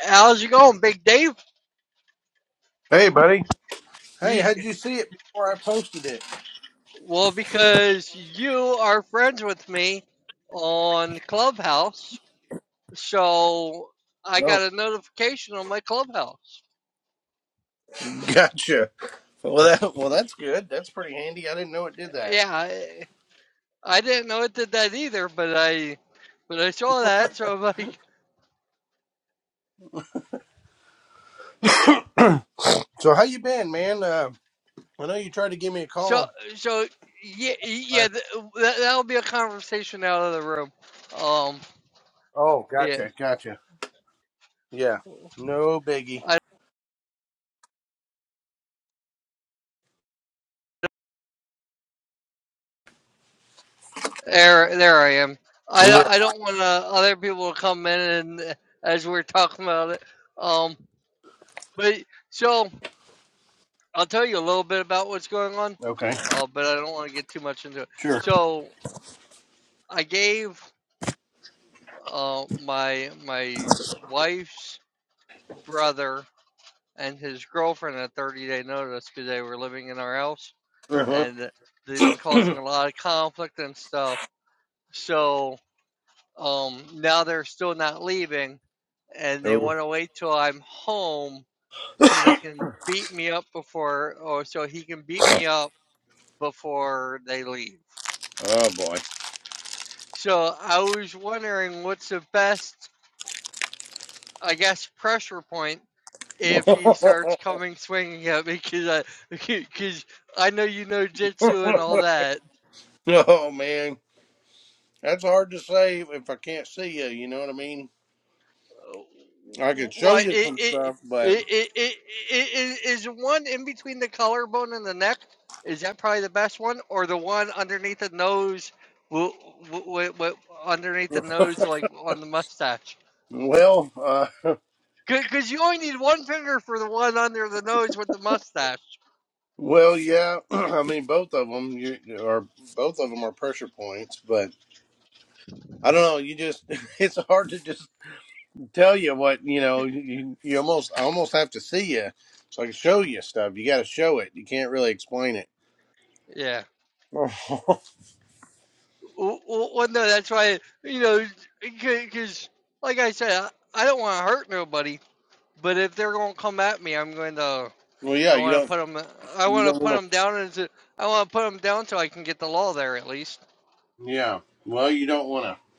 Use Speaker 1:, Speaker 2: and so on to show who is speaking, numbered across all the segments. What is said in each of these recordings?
Speaker 1: How's it going, Big Dave?
Speaker 2: Hey, buddy. Hey,
Speaker 1: You,
Speaker 2: how'd you see it before I posted it?
Speaker 1: well, because you are friends with me on Clubhouse, so I
Speaker 2: Oh,
Speaker 1: got a notification on my Clubhouse.
Speaker 2: gotcha. Well, that well, that's good. That's pretty handy. I didn't know it did that.
Speaker 1: Yeah, I, I didn't know it did that either, but I but I saw that, so I'm like,
Speaker 2: So, how you been, man? Uh, I know you tried to give me a
Speaker 1: so
Speaker 2: call.
Speaker 1: so yeah
Speaker 2: I,
Speaker 1: yeah th- that, that'll be a conversation out of the room. Um,
Speaker 2: oh,
Speaker 1: yeah,
Speaker 2: gotcha, gotcha. Yeah, no biggie.
Speaker 1: I There, there I am. I,
Speaker 2: Yeah.
Speaker 1: I don't want uh, other people to come in and as we're talking about it. Um, but so I'll tell you a little bit about what's going on,
Speaker 2: Okay,
Speaker 1: uh, but I don't want to get too much into it.
Speaker 2: sure.
Speaker 1: So I gave uh, my my wife's brother and his girlfriend a 30 day notice because they were living in our house
Speaker 2: Uh-huh.
Speaker 1: and they've been causing a lot of conflict and stuff. So Um, now they're still not leaving, and they
Speaker 2: Oh,
Speaker 1: want to wait till I'm home so they can beat me up before, or so he can beat me up before they leave.
Speaker 2: oh boy.
Speaker 1: So I was wondering what's the best, I guess, pressure point if he starts coming swinging at me because I because I know you know jitsu and all that.
Speaker 2: oh man, that's hard to say if I can't see you. You know what I mean? I could show
Speaker 1: What
Speaker 2: you
Speaker 1: it
Speaker 2: some
Speaker 1: it
Speaker 2: stuff, but
Speaker 1: it it, it, it is, is one in between the collarbone and the neck? Is that probably the best one, or the one underneath the nose? What, what, underneath the nose, like on the mustache?
Speaker 2: well, uh,
Speaker 1: Because you only need one finger for the one under the nose with the mustache.
Speaker 2: Well, yeah, I mean both of them you, are both of them are pressure points, but I don't know. You just it's hard to just tell you what you know. You, you almost I almost have to see you so I can show you stuff. You got to show it. You can't really explain it.
Speaker 1: Yeah.
Speaker 2: well,
Speaker 1: W- w- Well, no, that's why you know, because like I said, I I don't want to hurt nobody, but if they're gonna come at me, I'm going to.
Speaker 2: yeah,
Speaker 1: I
Speaker 2: you
Speaker 1: want to
Speaker 2: don't
Speaker 1: put them. I
Speaker 2: you
Speaker 1: want to
Speaker 2: don't
Speaker 1: put
Speaker 2: want
Speaker 1: them down into. I want to put them down so I can get the law there at least.
Speaker 2: to. Yeah, well, you don't want to.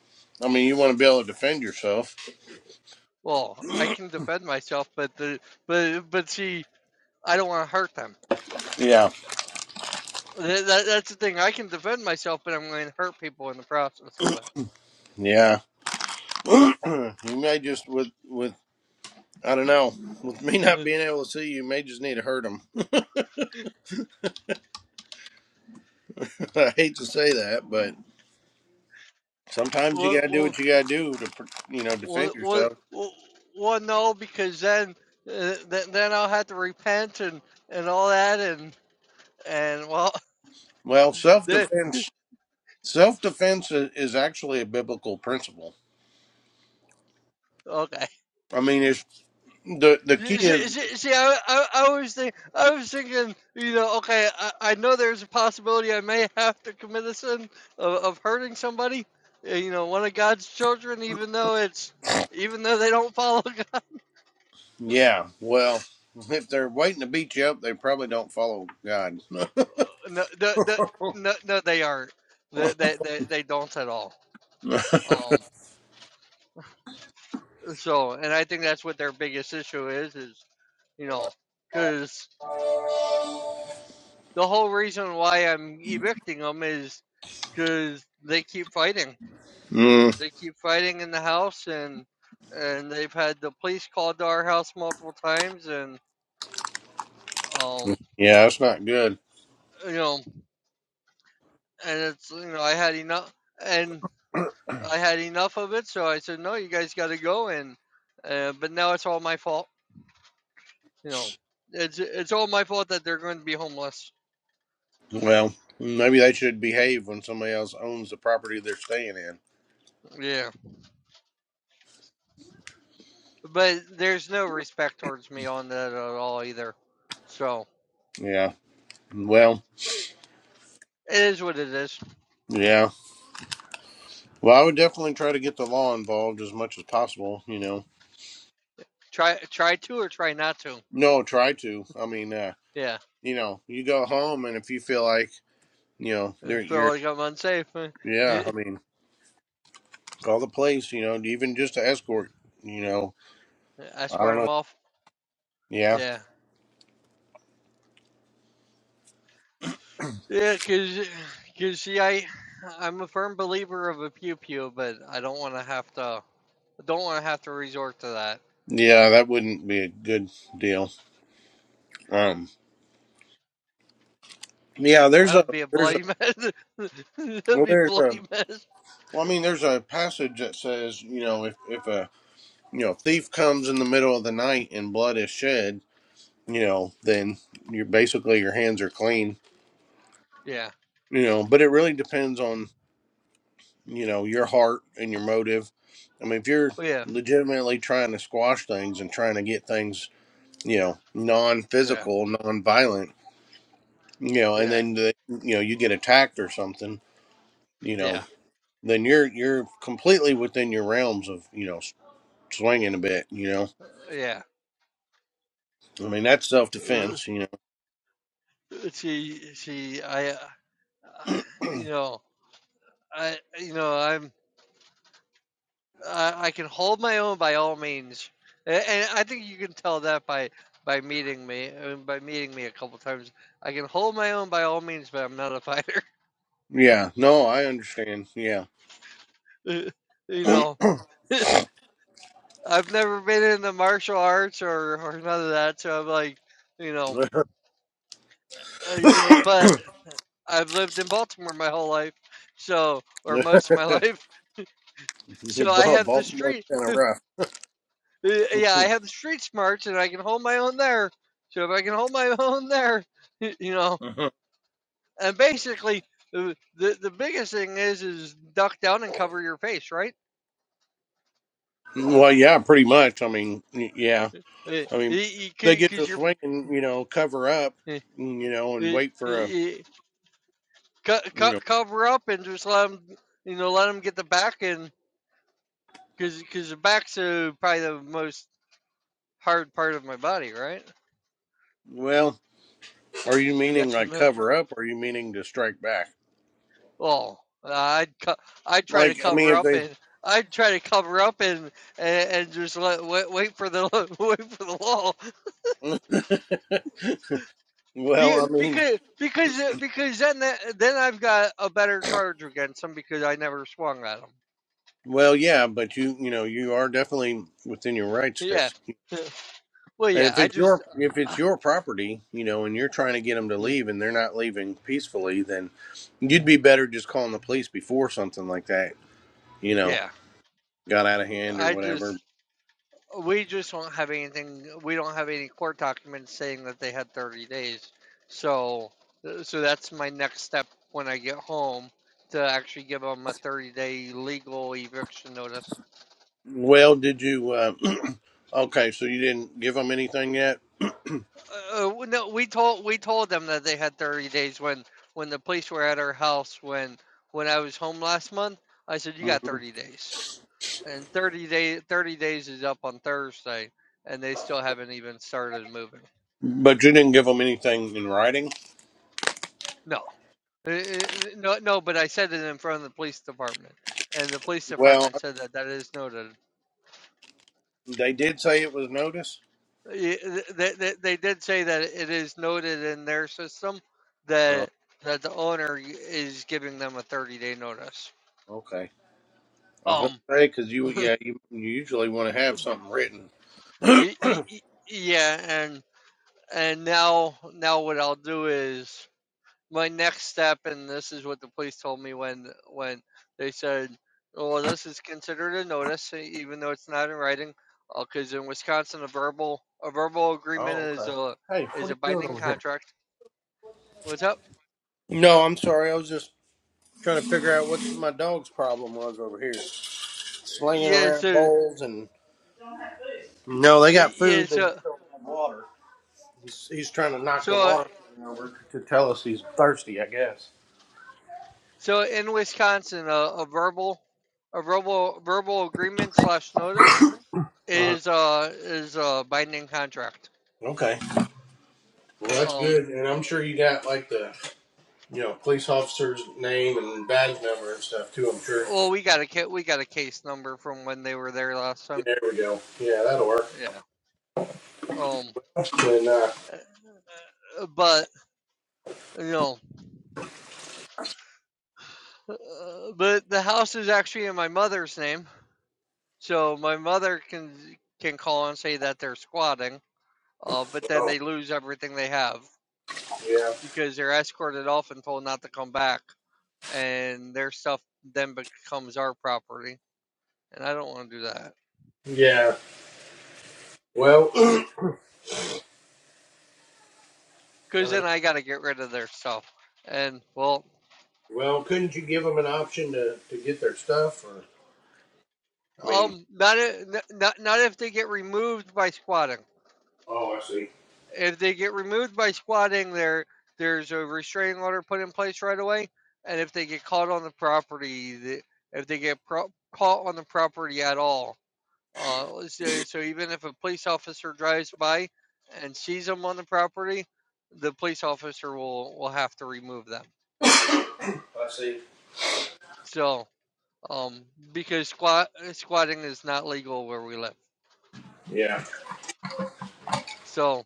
Speaker 2: I mean, you want to be able to defend yourself.
Speaker 1: Well, I can defend myself, but the but but see, I don't want to hurt them.
Speaker 2: Yeah,
Speaker 1: That, that, that's the thing. I can defend myself, but I'm going to hurt people in the process of
Speaker 2: yeah. you may just with with I don't know with me not
Speaker 1: it.
Speaker 2: being able to see you, you may just need to hurt them. I hate to say that, but. Sometimes you got
Speaker 1: Well,
Speaker 2: to do
Speaker 1: well,
Speaker 2: what you got to do to, pr- you know, defend
Speaker 1: well, well,
Speaker 2: yourself.
Speaker 1: well, well no, because then uh, th- then I'll have to repent and and all that, and and well,
Speaker 2: Well, self defense, self defense is, is actually a biblical principle.
Speaker 1: okay.
Speaker 2: I mean, it's the the key
Speaker 1: See,
Speaker 2: is,
Speaker 1: see, see I, I, I was think, I was thinking, you know, okay, I, I know there's a possibility I may have to commit a sin of, of hurting somebody, uh, you know, one of God's children, even though it's, even though they don't follow God.
Speaker 2: yeah. Well, if they're waiting to beat you up, they probably don't follow God.
Speaker 1: No, no, no, no, no they aren't. They, they, they, they don't at all. Um, so, and I think that's what their biggest issue is, is, you know, because the whole reason why I'm evicting them is because they keep fighting
Speaker 2: mm,
Speaker 1: they keep fighting in the house and and they've had the police called to our house multiple times and um
Speaker 2: yeah, that's not good.
Speaker 1: you know and it's you know I had enough and I had enough of it so I said no you guys got to go and uh, but now it's all my fault you know it's it's all my fault that they're going to be homeless
Speaker 2: Well, maybe they should behave when somebody else owns the property they're staying in.
Speaker 1: yeah but there's no respect towards me on that at all either so
Speaker 2: Yeah. Well.
Speaker 1: it is what it is
Speaker 2: Yeah. Well, I would definitely try to get the law involved as much as possible. You know.
Speaker 1: try try to or try not to
Speaker 2: No, try to. I mean, uh,
Speaker 1: yeah
Speaker 2: you know, you go home, and if you feel like, you know,
Speaker 1: I
Speaker 2: there
Speaker 1: feel
Speaker 2: you're,
Speaker 1: like I'm unsafe
Speaker 2: yeah, I mean, call the police, you know, even just to escort, you know,
Speaker 1: Yeah, I
Speaker 2: I don't
Speaker 1: scored him
Speaker 2: know.
Speaker 1: off.
Speaker 2: Yeah.
Speaker 1: Yeah. Yeah, cause, cause see, I, I'm a firm believer of a pew pew, but I don't want to have to, I don't want to have to resort to that.
Speaker 2: Yeah, that wouldn't be a good deal. Um, yeah, there's
Speaker 1: That
Speaker 2: a,
Speaker 1: would be a
Speaker 2: there's a,
Speaker 1: bloody mess. That'd
Speaker 2: well,
Speaker 1: be a
Speaker 2: there's a,
Speaker 1: bloody mess.
Speaker 2: well, I mean, there's a passage that says, you know, if, if a, you know, thief comes in the middle of the night and blood is shed, you know, then you're basically your hands are clean,
Speaker 1: Yeah.
Speaker 2: you know, but it really depends on you know your heart and your motive i mean if you're
Speaker 1: Yeah.
Speaker 2: legitimately trying to squash things and trying to get things you know
Speaker 1: Yeah.
Speaker 2: non-physical non-violent you know and
Speaker 1: Yeah.
Speaker 2: then the, you know you get attacked or something you know
Speaker 1: Yeah.
Speaker 2: then you're you're completely within your realms of you know s- swinging a bit you know
Speaker 1: Yeah.
Speaker 2: i mean that's
Speaker 1: Uh,
Speaker 2: self-defense you know
Speaker 1: See, see, I, uh, you know, I, you know, I'm, uh, I can hold my own by all means, A- and I think you can tell that by by meeting me uh, by meeting me a couple times. I can hold my own by all means, but I'm not a fighter.
Speaker 2: yeah no i understand yeah
Speaker 1: you know, I've never been in the martial arts or or none of that, so I'm like, you know, uh, you know, but I've lived in Baltimore my whole life, so or most of my life, so I
Speaker 2: Ba-
Speaker 1: have the
Speaker 2: Baltimore's
Speaker 1: street.
Speaker 2: kind of rough.
Speaker 1: uh, Yeah, I have the street smarts, and I can hold my own there. So if I can hold my own there, you know, and basically the, the biggest thing is is duck down and cover your face right
Speaker 2: well, yeah, pretty much. I mean, y- yeah. I mean, they get to
Speaker 1: because you're
Speaker 2: swing and you know cover up,
Speaker 1: eh,
Speaker 2: and, you know, and
Speaker 1: eh,
Speaker 2: wait for a
Speaker 1: eh, co-
Speaker 2: you
Speaker 1: co-
Speaker 2: know.
Speaker 1: cover up and just let them you know let them get the back and because because the back's uh, probably the most hard part of my body right
Speaker 2: Well, are you meaning
Speaker 1: yes or
Speaker 2: like
Speaker 1: no
Speaker 2: cover up, or are you meaning to strike back?
Speaker 1: well i'd co- i'd try to
Speaker 2: Like, I mean,
Speaker 1: cover
Speaker 2: if
Speaker 1: up
Speaker 2: they.
Speaker 1: and I'd try to cover up and and, and just let, wait, wait for the wait for the wall
Speaker 2: well,
Speaker 1: Be-
Speaker 2: I mean,
Speaker 1: because because because then that, then I've got a better charge against them because I never swung at them.
Speaker 2: well, yeah, but you you know you are definitely within your rights to.
Speaker 1: Yeah.
Speaker 2: s-
Speaker 1: Well,
Speaker 2: And
Speaker 1: yeah.
Speaker 2: if
Speaker 1: I
Speaker 2: it's
Speaker 1: just
Speaker 2: your if it's
Speaker 1: uh,
Speaker 2: your property, you know, and you're trying to get them to
Speaker 1: yeah
Speaker 2: leave, and they're not leaving peacefully, then you'd be better just calling the police before something like that, you know,
Speaker 1: yeah.
Speaker 2: got out of hand or
Speaker 1: I
Speaker 2: whatever.
Speaker 1: just we just don't have anything. We don't have any court documents saying that they had 30 days. So so that's my next step when I get home to actually give them a 30 day legal eviction notice.
Speaker 2: Well, did you? Uh, okay, so you didn't give them anything yet,
Speaker 1: Uh, no, we told we told them that they had 30 days when when the police were at our house when when I was home last month. I said you
Speaker 2: hmm
Speaker 1: got 30 days, and 30 day 30 days is up on Thursday, and they still haven't even started moving.
Speaker 2: but you didn't give them anything in writing.
Speaker 1: No, Uh, uh, no, no. But I said it in front of the police department, and the police
Speaker 2: Well,
Speaker 1: department said that that is noted.
Speaker 2: they did say it was notice.
Speaker 1: Y- They, they, they did say that it is noted in their system
Speaker 2: Oh,
Speaker 1: that that the owner is giving them a 30 day notice.
Speaker 2: okay. I was gonna
Speaker 1: Um,
Speaker 2: say because you, yeah, you, you usually want to have something written.
Speaker 1: Y- y- y- yeah and and now now what i'll do is my next step and this is what the police told me when when they said well this is considered a notice e- even though it's not in writing because in wisconsin a verbal a verbal agreement
Speaker 2: Oh,
Speaker 1: is
Speaker 2: okay.
Speaker 1: a
Speaker 2: Hey, what
Speaker 1: is a
Speaker 2: are you doing
Speaker 1: binding
Speaker 2: over here?
Speaker 1: contract what's up
Speaker 2: No, I'm sorry. I was just trying to figure out what my dog's problem was over here, slinging
Speaker 1: yeah
Speaker 2: around
Speaker 1: so
Speaker 2: bowls and. No, they got
Speaker 1: yeah
Speaker 2: food. They
Speaker 1: so
Speaker 2: just don't have water. He's, he's trying to knock the
Speaker 1: so
Speaker 2: water over to tell us he's thirsty, I guess.
Speaker 1: so in wisconsin a, a verbal a verbal verbal agreement slash notice
Speaker 2: Uh-huh.
Speaker 1: is uh is a binding contract.
Speaker 2: Okay. Well, that's
Speaker 1: Um.
Speaker 2: good. And I'm sure you got like the, you know, police officer's name and badge number and stuff too, I'm sure.
Speaker 1: Well, we got a ca- we got a case number from when they were there last time.
Speaker 2: There we go. Yeah, that'll work.
Speaker 1: Yeah. Um.
Speaker 2: And, uh,
Speaker 1: uh, But you know, uh, but the house is actually in my mother's name, so my mother can can call and say that they're squatting. Uh, but then
Speaker 2: oh,
Speaker 1: they lose everything they have
Speaker 2: yeah.
Speaker 1: because they're escorted off and told not to come back, and their stuff then becomes our property, and I don't want to do that.
Speaker 2: Yeah. Well,
Speaker 1: See,
Speaker 2: I
Speaker 1: because
Speaker 2: don't know.
Speaker 1: then I got to get rid of their stuff. And well,
Speaker 2: Well, couldn't you give them an option to, to get their stuff or, I mean,
Speaker 1: um, not i- n- not not if they get removed by squatting.
Speaker 2: oh, I see.
Speaker 1: If they get removed by squatting, there there's a restraining order put in place right away. And if they get caught on the property, the, if they get pro- caught on the property at all, uh, so, so even if a police officer drives by and sees them on the property, the police officer will will have to remove them.
Speaker 2: I see.
Speaker 1: So um, because squat squatting is not legal where we live.
Speaker 2: Yeah.
Speaker 1: So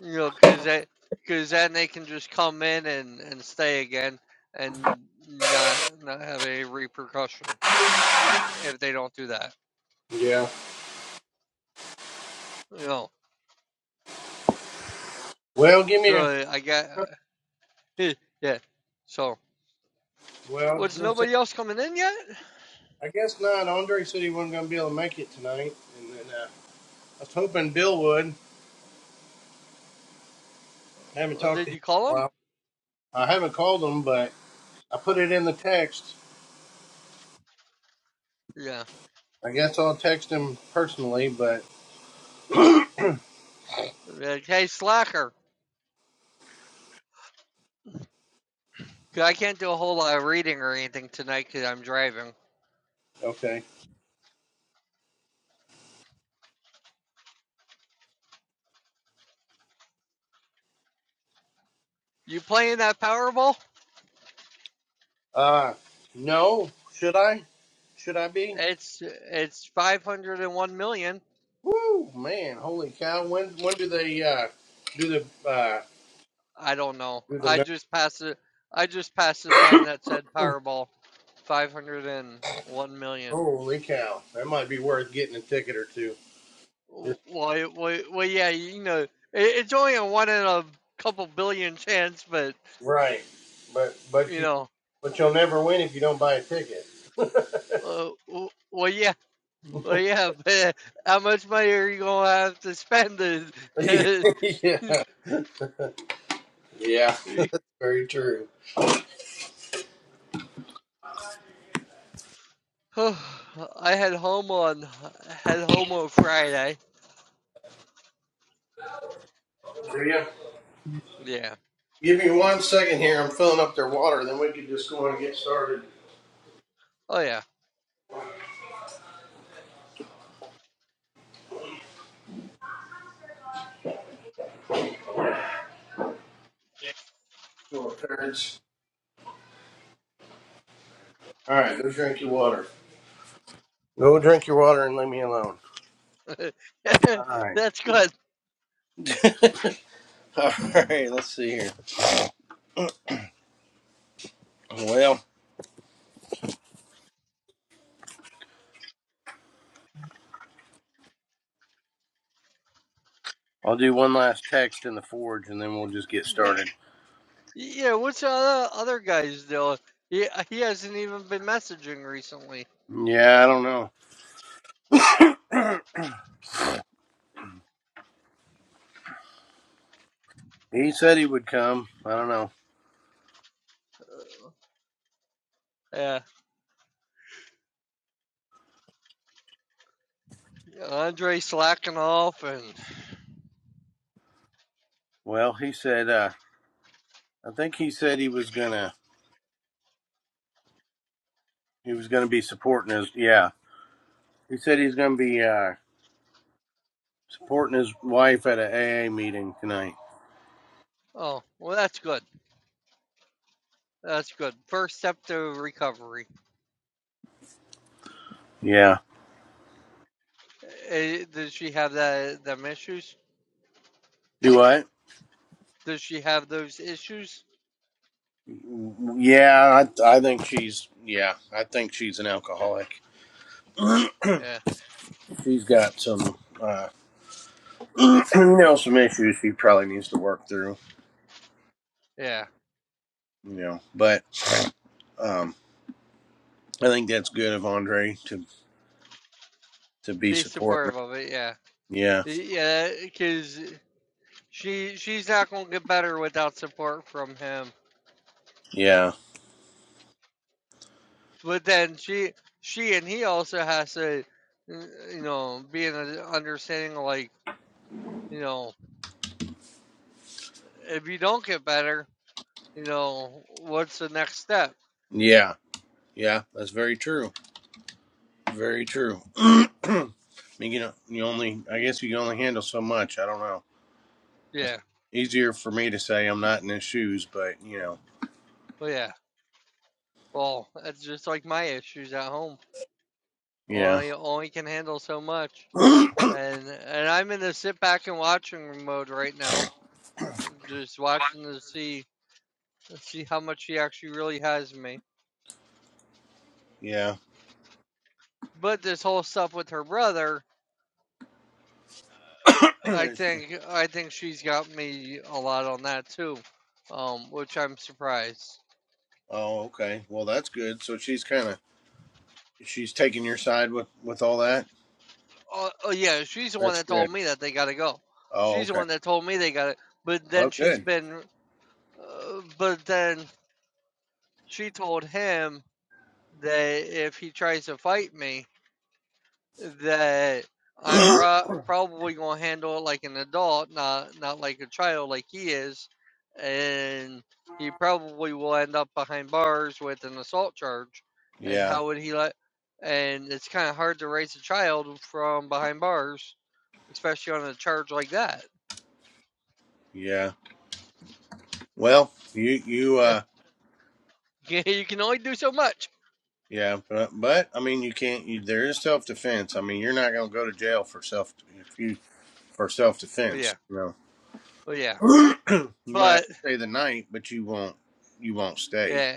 Speaker 1: you know, because that because then they can just come in and and stay again and not not have a repercussion if they don't do that.
Speaker 2: Yeah.
Speaker 1: You know,
Speaker 2: Well, give me a,
Speaker 1: so I got yeah. So was
Speaker 2: well,
Speaker 1: nobody else coming in yet?
Speaker 2: I guess not. Andre said he wasn't going to be able to make it tonight, and then uh, I was hoping Bill would. I haven't
Speaker 1: Or
Speaker 2: talked to
Speaker 1: Did
Speaker 2: him
Speaker 1: you
Speaker 2: in
Speaker 1: call
Speaker 2: a
Speaker 1: them?
Speaker 2: while. I haven't called him, but I put it in the text.
Speaker 1: Yeah.
Speaker 2: I guess I'll text him personally, but
Speaker 1: Like, hey, slacker. 'Cause I can't do a whole lot of reading or anything tonight because I'm driving.
Speaker 2: okay.
Speaker 1: You playing that Powerball?
Speaker 2: Uh, no, should I? Should I be?
Speaker 1: It's it's 501 million.
Speaker 2: Woo, man, holy cow! When when do they uh do the uh
Speaker 1: I don't know.
Speaker 2: do the
Speaker 1: I
Speaker 2: number?
Speaker 1: just passed it. I just passed a sign that said Powerball, 501 million.
Speaker 2: Holy cow! That might be worth getting a ticket or two.
Speaker 1: W-
Speaker 2: Just,
Speaker 1: Well, it- well, well yeah, you know, it, it's only a one in a couple billion chance, but
Speaker 2: right, but but
Speaker 1: you
Speaker 2: you
Speaker 1: know,
Speaker 2: but you'll never win if you don't buy a ticket.
Speaker 1: uh, w- well, yeah, well, yeah, but how much money are you gonna have to spend to,
Speaker 2: yeah,
Speaker 1: to
Speaker 2: yeah, very true.
Speaker 1: I had homo on had homo Friday.
Speaker 2: Yeah.
Speaker 1: Yeah.
Speaker 2: Give me one second here. I'm filling up their water. Then we can just go on and get started.
Speaker 1: Oh yeah.
Speaker 2: Come on, parents. All right, go drink your water. Go drink your water and leave me alone. All right.
Speaker 1: That's good.
Speaker 2: All right. Let's see here. Well, I'll do one last text in the forge, and then we'll just get started.
Speaker 1: Yeah, what's the other other guys doing? He he hasn't even been messaging recently.
Speaker 2: Yeah, I don't know. He said he would come. I don't know.
Speaker 1: Yeah, Andre slacking off, and
Speaker 2: Well, he said. uh I think he said he was gonna. He was gonna be supporting us. Yeah. He said he's gonna be. uh Supporting his wife at an a AA meeting tonight.
Speaker 1: oh, well, that's good. That's good. First step to recovery.
Speaker 2: Yeah.
Speaker 1: Eh, does she have that them issues?
Speaker 2: Do what?
Speaker 1: Does she have those issues?
Speaker 2: Yeah, I, I think she's. Yeah, I think she's an alcoholic.
Speaker 1: Yeah,
Speaker 2: She's got some, uh, you know, some issues she probably needs to work through.
Speaker 1: yeah.
Speaker 2: You know, but um, I think that's good of Andre to to be
Speaker 1: Be
Speaker 2: supporting. Her.
Speaker 1: supportive of it. Yeah,
Speaker 2: Yeah,
Speaker 1: yeah, because she she's not gonna get better without support from him
Speaker 2: yeah,
Speaker 1: but then she she and he also has to uh, you know be in an understanding like you know if you don't get better you know what's the next step
Speaker 2: yeah, yeah. That's very true. Very true. I mean, you know, you only. I guess you can only handle so much. I don't know. It's
Speaker 1: yeah
Speaker 2: easier for me to say I'm not in his shoes, but you know,
Speaker 1: well yeah well it's just like my issues at home
Speaker 2: yeah,
Speaker 1: i only can handle so much and and i'm in the sit back and watching mode right now just watching to see see how much she actually really has in me
Speaker 2: yeah.
Speaker 1: but this whole stuff with her brother I
Speaker 2: oh,
Speaker 1: think I think she's got me a lot on that too, um, which I'm surprised.
Speaker 2: okay. Well, that's good. So she's kind of she's taking your side with with all that.
Speaker 1: Oh, oh yeah, she's the one
Speaker 2: That's
Speaker 1: that
Speaker 2: good.
Speaker 1: told me that they gotta go.
Speaker 2: Oh,
Speaker 1: She's the
Speaker 2: okay.
Speaker 1: one that told me they gotta. But
Speaker 2: Well,
Speaker 1: then she's
Speaker 2: good.
Speaker 1: been, uh, but then she told him that if he tries to fight me, that I'm pro- probably gonna handle it like an adult, not not like a child, like he is, and he probably will end up behind bars with an assault charge. And
Speaker 2: yeah,
Speaker 1: how would he let? And it's kind of hard to raise a child from behind bars, especially on a charge like that.
Speaker 2: yeah. Well, you you uh
Speaker 1: you can only do so much.
Speaker 2: yeah, but but I mean, you can't. You, there is self defense. I mean, you're not going to go to jail for self if you for self
Speaker 1: Well,
Speaker 2: defense.
Speaker 1: yeah,
Speaker 2: You
Speaker 1: well, yeah,
Speaker 2: know, you might have
Speaker 1: but
Speaker 2: to stay the night, but you won't you won't stay.
Speaker 1: yeah.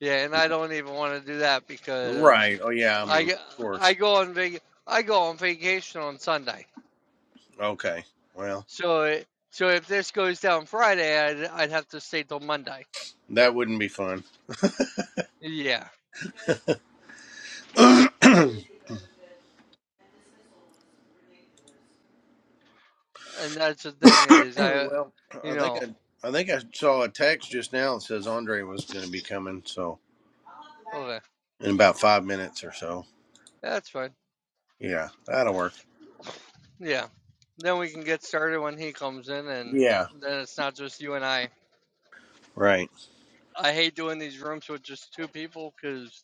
Speaker 1: Yeah, and I don't even want to do that because
Speaker 2: Right. Oh yeah. I
Speaker 1: I I
Speaker 2: mean, of course.
Speaker 1: go on vac- I go on vacation on Sunday.
Speaker 2: Okay. Well,
Speaker 1: So it, so if this goes down Friday, I'd I'd have to stay till Monday.
Speaker 2: that wouldn't be fun.
Speaker 1: Yeah,
Speaker 2: well,
Speaker 1: and that's the thing is I,
Speaker 2: I
Speaker 1: you
Speaker 2: think
Speaker 1: know,
Speaker 2: I, I think I saw a text just now that says Andre was going to be coming, so
Speaker 1: okay,
Speaker 2: in about five minutes or so.
Speaker 1: that's fine.
Speaker 2: Yeah, that'll work.
Speaker 1: Yeah, then we can get started when he comes in, and
Speaker 2: Yeah.
Speaker 1: then it's not just you and I.
Speaker 2: Right.
Speaker 1: I hate doing these rooms with just two people because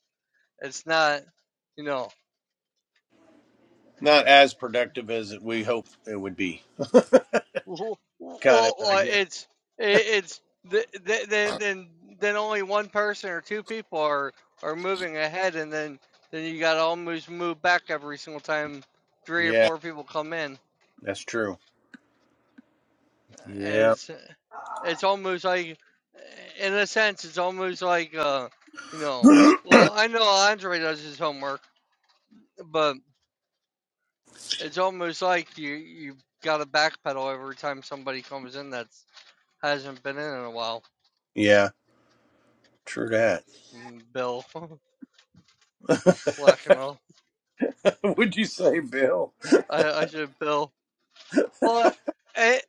Speaker 1: it's not, you know,
Speaker 2: Not as productive as we hope it would be.
Speaker 1: Well, well,
Speaker 2: Kind of. I
Speaker 1: well,
Speaker 2: guess.
Speaker 1: it's it's th- th- then then then only one person or two people are are moving ahead, and then then you got to almost move back every single time three or
Speaker 2: Yeah.
Speaker 1: four people come in.
Speaker 2: That's true. Yeah.
Speaker 1: As it's it's almost like, in a sense, it's almost like uh, you know. Well, I know Andre does his homework, but it's almost like you you got to backpedal every time somebody comes in that hasn't been in in a while.
Speaker 2: yeah. True that.
Speaker 1: Mm, Bill. slacking off.
Speaker 2: would you say, Bill?
Speaker 1: I, I should bill. Well, I,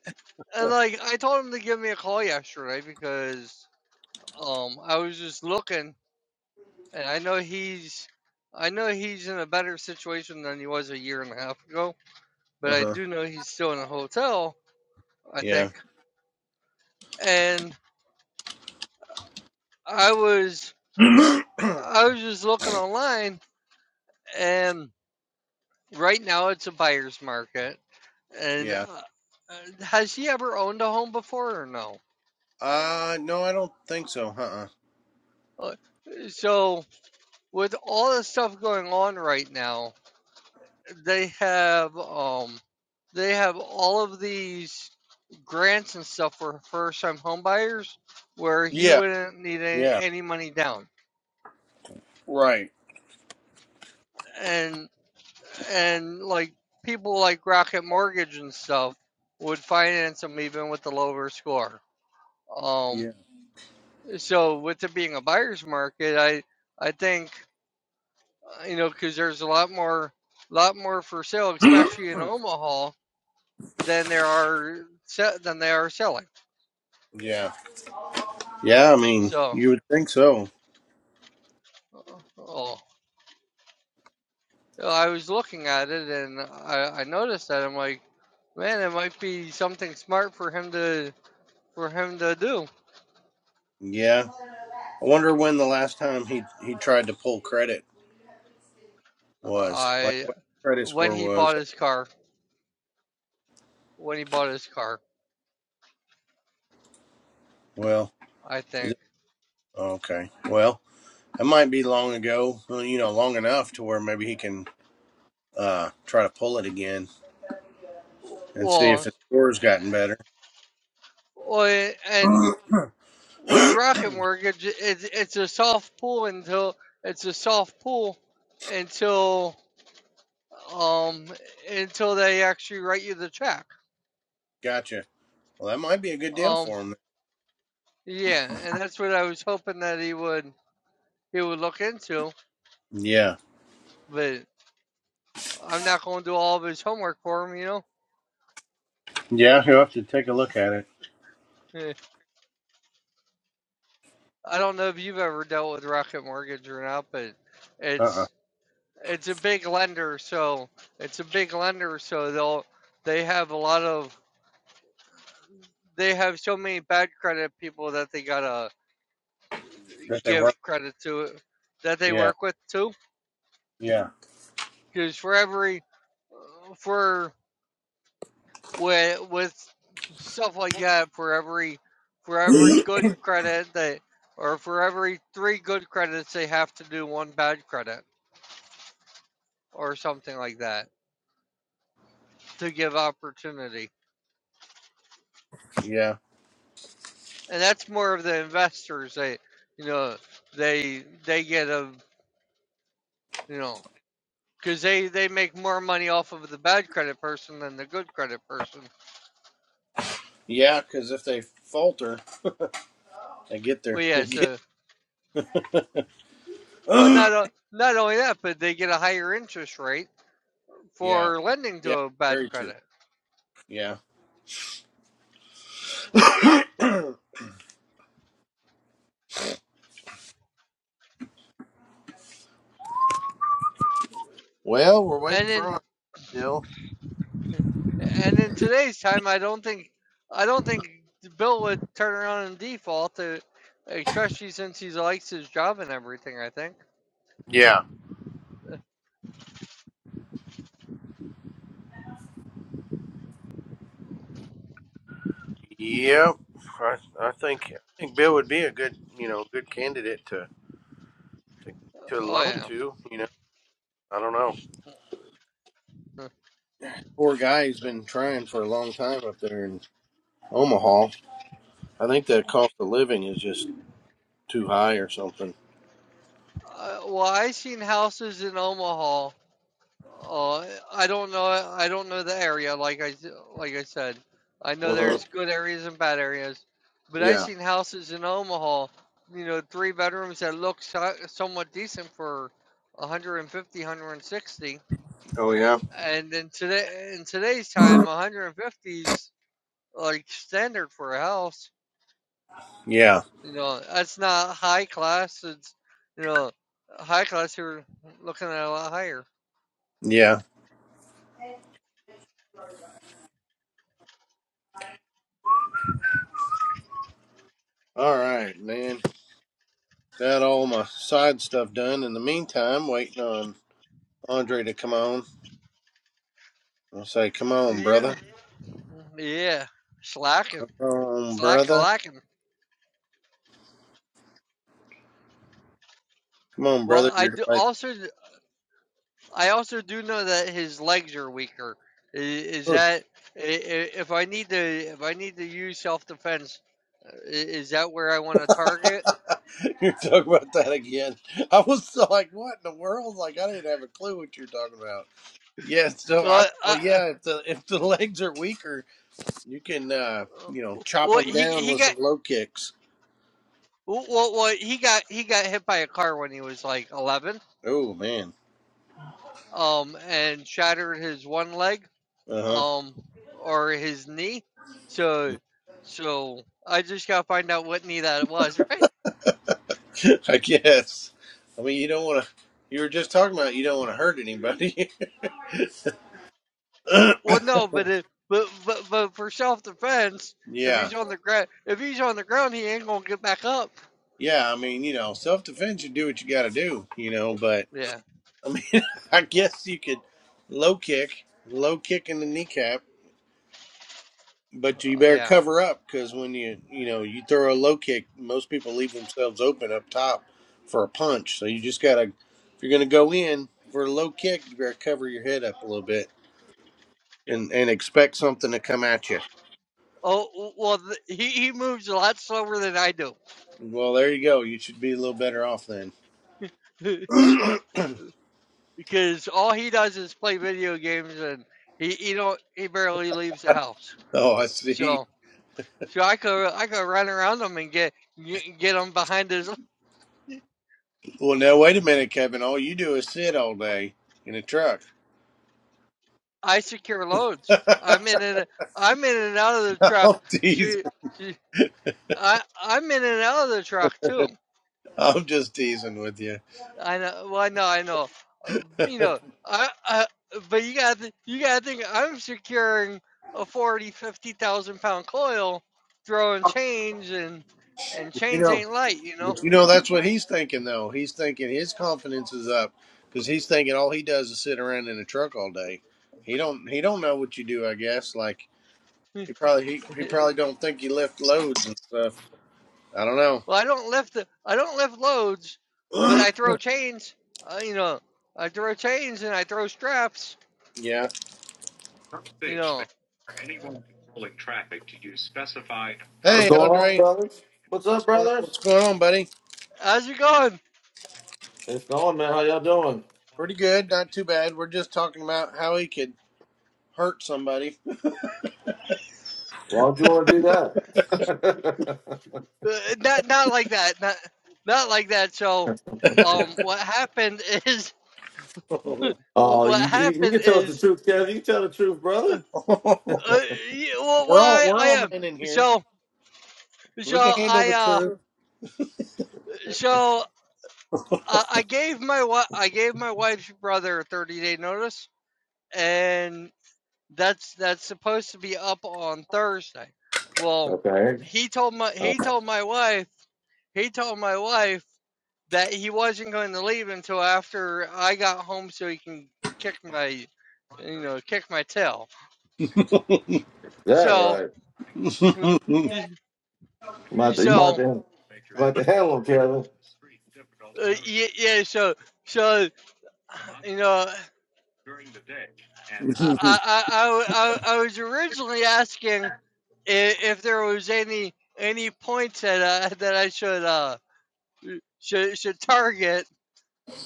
Speaker 1: and like I told him to give me a call yesterday because um I was just looking, and I know he's I know he's in a better situation than he was a year and a half ago, but
Speaker 2: Uh
Speaker 1: I
Speaker 2: huh.
Speaker 1: do know he's still in a hotel. I
Speaker 2: Yeah.
Speaker 1: think, and I was I was just looking online, and right now it's a buyer's market, and.
Speaker 2: yeah.
Speaker 1: Uh, uh, has he ever owned a home before or no?
Speaker 2: Uh, no, I don't think so. Uh-uh.
Speaker 1: Uh, So with all the stuff going on right now, they have um they have all of these grants and stuff for first time homebuyers where he
Speaker 2: Yeah,
Speaker 1: wouldn't need any,
Speaker 2: yeah,
Speaker 1: any money down.
Speaker 2: right.
Speaker 1: And and like people like Rocket Mortgage and stuff would finance him even with the lower score. Um
Speaker 2: Yeah,
Speaker 1: so with it being a buyer's market, I I think uh, you know cuz there's a lot more lot more for sale especially in Omaha than there are than they are selling.
Speaker 2: yeah, yeah. I mean,
Speaker 1: So,
Speaker 2: you would think so.
Speaker 1: oh, well, I was looking at it and I, I noticed that I'm like, man, it might be something smart for him to for him to do.
Speaker 2: Yeah. I wonder when the last time he he tried to pull credit was, like
Speaker 1: I
Speaker 2: what his credit
Speaker 1: when
Speaker 2: score
Speaker 1: he
Speaker 2: was.
Speaker 1: bought his car, when he bought his car,
Speaker 2: Well,
Speaker 1: I
Speaker 2: is
Speaker 1: think.
Speaker 2: it, okay. Well, it might be long ago. Well, you know, long enough to where maybe he can uh try to pull it again and see if
Speaker 1: Well,
Speaker 2: his score's gotten
Speaker 1: eh,
Speaker 2: better.
Speaker 1: well, eh, and with Rocket Mortgage, it's it's a soft pool until it's a soft pool until um, until they actually write you the check.
Speaker 2: gotcha. Well, that might be a good deal
Speaker 1: Um,
Speaker 2: for him.
Speaker 1: yeah, and that's what I was hoping that he would he would look into,
Speaker 2: Yeah.
Speaker 1: but I'm not going to do all of his homework for him. You know,
Speaker 2: Yeah, he'll have to take a look at it.
Speaker 1: Eh, I don't know if you've ever dealt with Rocket Mortgage or not, but
Speaker 2: Uh uh
Speaker 1: it's it's a big lender, so it's a big lender, so they'll they have a lot of they have so many bad credit people that they gotta
Speaker 2: that they work.
Speaker 1: give credit to that they
Speaker 2: Yeah,
Speaker 1: work with too
Speaker 2: yeah,
Speaker 1: because for every for with with stuff like that for every for every good credit they or for every three good credits they have to do one bad credit or something like that to give opportunity
Speaker 2: yeah,
Speaker 1: and that's more of the investors they you know they they get a you know because they they make more money off of the bad credit person than the good credit person
Speaker 2: yeah. Because if they falter, they get
Speaker 1: well
Speaker 2: there.
Speaker 1: yeah
Speaker 2: They get.
Speaker 1: so well not o- not only that but they get a higher interest rate
Speaker 2: yeah,
Speaker 1: for lending to
Speaker 2: yeah.
Speaker 1: a bad
Speaker 2: Very true.
Speaker 1: credit.
Speaker 2: Yeah. Well, we're waiting
Speaker 1: And
Speaker 2: for
Speaker 1: in
Speaker 2: him still.
Speaker 1: and in today's time, I don't think I don't think Bill would turn around and default, uh especially since he likes his job and everything. I think.
Speaker 2: Yeah. Yep. I, I think I think Bill would be a good you know good candidate to to, to
Speaker 1: Oh
Speaker 2: loan
Speaker 1: yeah.
Speaker 2: to. You know, I don't know. Poor guy. He's been trying for a long time up there in Omaha. I think the cost of living is just too high or something.
Speaker 1: Uh, well, I seen houses in Omaha Uh, I don't know. I don't know the area. Like I s- like I said, I know
Speaker 2: Uh huh.
Speaker 1: there's good areas and bad areas, but I
Speaker 2: Yeah.
Speaker 1: seen houses in Omaha, you know, three bedrooms that look so, somewhat decent for 150, 160,
Speaker 2: Oh yeah.
Speaker 1: and then today in today's time, 150 is like standard for a house.
Speaker 2: Yeah.
Speaker 1: You know, that's not high class. It's you know, high class you're looking at a lot higher.
Speaker 2: Yeah. All right, man. Got all my side stuff done. In the meantime, waiting on Andre to come on. I'll say, come on,
Speaker 1: Yeah.
Speaker 2: brother.
Speaker 1: Yeah, slacking,
Speaker 2: Come on,
Speaker 1: slacking,
Speaker 2: brother.
Speaker 1: lacking.
Speaker 2: Come on,
Speaker 1: Well,
Speaker 2: brother.
Speaker 1: I
Speaker 2: You're
Speaker 1: do
Speaker 2: like,
Speaker 1: also. I also do know that his legs are weaker. I- Is
Speaker 2: you're
Speaker 1: that i- i- if I need to if I need to use self defense, is that where I want to target?
Speaker 2: talking about that again. I was so like, what in the world? Like, I didn't have a clue what you're talking about. Yeah, so I
Speaker 1: Well,
Speaker 2: oh
Speaker 1: uh, uh,
Speaker 2: yeah, if the if the legs are weaker, you can uh you know
Speaker 1: w-
Speaker 2: chop them
Speaker 1: he
Speaker 2: down
Speaker 1: he
Speaker 2: with
Speaker 1: got.
Speaker 2: some low kicks.
Speaker 1: well Well, well, he got he got hit by a car when he was like eleven,
Speaker 2: Oh man,
Speaker 1: um, and shattered his one leg.
Speaker 2: uh huh.
Speaker 1: um or his knee. So so I just gotta find out what knee that was, right?
Speaker 2: I guess. I mean, you don't want to. You were just talking about you don't want to hurt anybody.
Speaker 1: Well no, but it, but but but for self defense, if
Speaker 2: yeah,
Speaker 1: he's on the ground if he's on the ground he ain't gonna get back up.
Speaker 2: yeah. I mean, you know, self defense. You do what you got to do. You know, but
Speaker 1: Yeah.
Speaker 2: I mean, I guess you could low kick, low kick in the kneecap, but you
Speaker 1: Uh,
Speaker 2: better
Speaker 1: yeah.
Speaker 2: cover up because when you you know you throw a low kick, most people leave themselves open up top for a punch. So you just gotta if you're gonna go in for a low kick, you better cover your head up a little bit and and expect something to come at you.
Speaker 1: Oh well th- he, he moves a lot slower than I do.
Speaker 2: Well, there you go. You should be a little better off then. oh,
Speaker 1: because all he does is play video games and he, he don't he barely leaves the house.
Speaker 2: I see.
Speaker 1: So so I could I could run around him and get get get him behind his
Speaker 2: Well, now wait a minute, Kevin. All you do is sit all day in a truck.
Speaker 1: I secure loads. I'm
Speaker 2: I'm
Speaker 1: in and I'm in and out of the truck.
Speaker 2: teasing.
Speaker 1: She, she, I, I'm in and out of the truck too.
Speaker 2: I'm just teasing with you.
Speaker 1: I know. Well, I know. I know. Uh, you know. I, I. But you got. to You got to think. I'm securing a forty, fifty thousand pound coil, throwing chains and and
Speaker 2: You
Speaker 1: chains
Speaker 2: know,
Speaker 1: ain't light. You know.
Speaker 2: but you know that's what he's thinking though. He's thinking his confidence is up because he's thinking all he does is sit around in a truck all day. He don't he don't know what you do. I guess like he probably he, he probably don't think you lift loads and stuff. I don't
Speaker 1: well, I don't lift. The, I don't lift loads, but
Speaker 2: know.
Speaker 1: I throw chains. Uh, you know. I throw chains and I throw straps.
Speaker 2: yeah.
Speaker 1: You know.
Speaker 3: What's
Speaker 2: Hey,
Speaker 3: going on,
Speaker 2: Andre,
Speaker 3: brothers? What's up,
Speaker 2: what's going on? What's
Speaker 3: brothers?
Speaker 2: going on, buddy?
Speaker 1: How's it going?
Speaker 3: It's going, man. How y'all doing?
Speaker 2: Pretty good, not too bad. We're just talking about how he could hurt somebody.
Speaker 3: Why don't you want to do that?
Speaker 1: Uh, not not like that. Not not like that. So, um, what happened is
Speaker 2: we're
Speaker 3: oh,
Speaker 1: what
Speaker 3: you, you, you
Speaker 1: happened
Speaker 3: can tell us the
Speaker 1: is
Speaker 3: truth, Kev. You can tell the truth, brother.
Speaker 1: uh, y- well, well,
Speaker 2: all
Speaker 1: I,
Speaker 2: we're
Speaker 1: I
Speaker 2: all
Speaker 1: am.
Speaker 2: men in here.
Speaker 1: So
Speaker 2: We can
Speaker 1: so
Speaker 2: handle
Speaker 1: I
Speaker 2: the
Speaker 1: uh
Speaker 2: truth.
Speaker 1: so uh, I gave my wa- I gave my wife's brother a thirty day notice, and that's that's supposed to be up on Thursday. Well,
Speaker 3: Okay.
Speaker 1: he told my
Speaker 3: All
Speaker 1: he
Speaker 3: right.
Speaker 1: told my wife he told my wife that he wasn't going to leave until after I got home so he can kick my, you know, kick my tail.
Speaker 3: Is that
Speaker 1: So,
Speaker 3: right? You might, you might,
Speaker 1: so
Speaker 3: you might have to handle him, Kevin.
Speaker 1: uh, yeah, yeah, so so you know, I, I, I, I I was originally asking if, if there was any any points that uh, that I should uh should should target,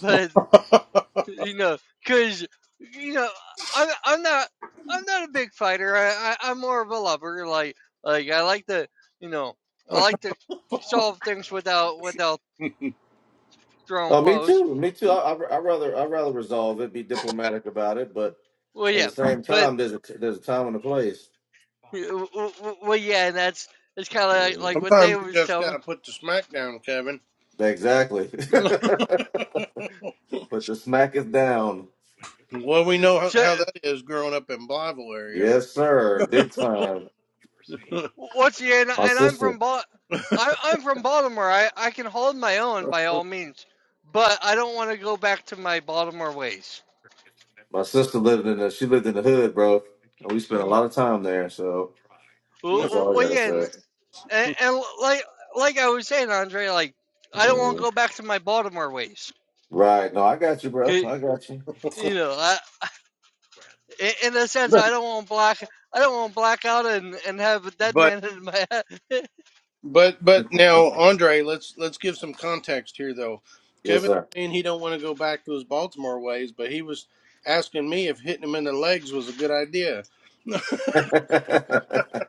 Speaker 1: but
Speaker 2: Sometimes
Speaker 1: you know, because you know, I'm I'm not I'm not a big fighter. I, I I'm more of a lover. Like like I like to you know I like to solve things without without throwing
Speaker 3: Oh, me
Speaker 1: blows.
Speaker 3: too. Me too. I, I, I rather I rather resolve it, be diplomatic about it, but
Speaker 1: Well,
Speaker 3: at the
Speaker 1: yeah,
Speaker 3: same
Speaker 1: but
Speaker 3: time, there's a there's a time and a place.
Speaker 1: w- w- w- well, yeah, and that's it's kind of like, like what they
Speaker 2: you
Speaker 1: was
Speaker 2: just
Speaker 1: telling
Speaker 2: gotta put the smack down, Kevin.
Speaker 3: Exactly. Put the smack is down.
Speaker 2: well, we
Speaker 1: me.
Speaker 2: know how,
Speaker 1: So
Speaker 2: how that is growing up in Blyville area.
Speaker 3: Yes, sir. Big time.
Speaker 1: what's the and,
Speaker 3: My
Speaker 1: and I'm
Speaker 3: sister.
Speaker 1: from Bal- I, I'm from Baltimore. I, I can hold my own by all means, but I don't want to go back to my Baltimore ways.
Speaker 3: My sister lived in the she lived in the hood, bro. And we spent a lot of time there, so
Speaker 1: Well,
Speaker 3: that's
Speaker 1: well,
Speaker 3: all I
Speaker 1: well,
Speaker 3: gotta
Speaker 1: yeah, and,
Speaker 3: say.
Speaker 1: and, and l- like like I was saying, Andre, like I don't want to
Speaker 3: Mhm.
Speaker 1: go back to my Baltimore ways.
Speaker 3: Right. No, I got you, bro.
Speaker 1: 'Kay,
Speaker 3: I got you.
Speaker 1: You know, I, i- in a sense, I don't want black. I don't want black out and, and have a dead
Speaker 2: but
Speaker 1: man in my head.
Speaker 2: But but now, Andre, let's let's give some context here though.
Speaker 3: Yes,
Speaker 2: Kevin
Speaker 3: sir.
Speaker 2: saying he don't want to go back to his Baltimore ways, but he was asking me if hitting him in the legs was a good idea.
Speaker 3: I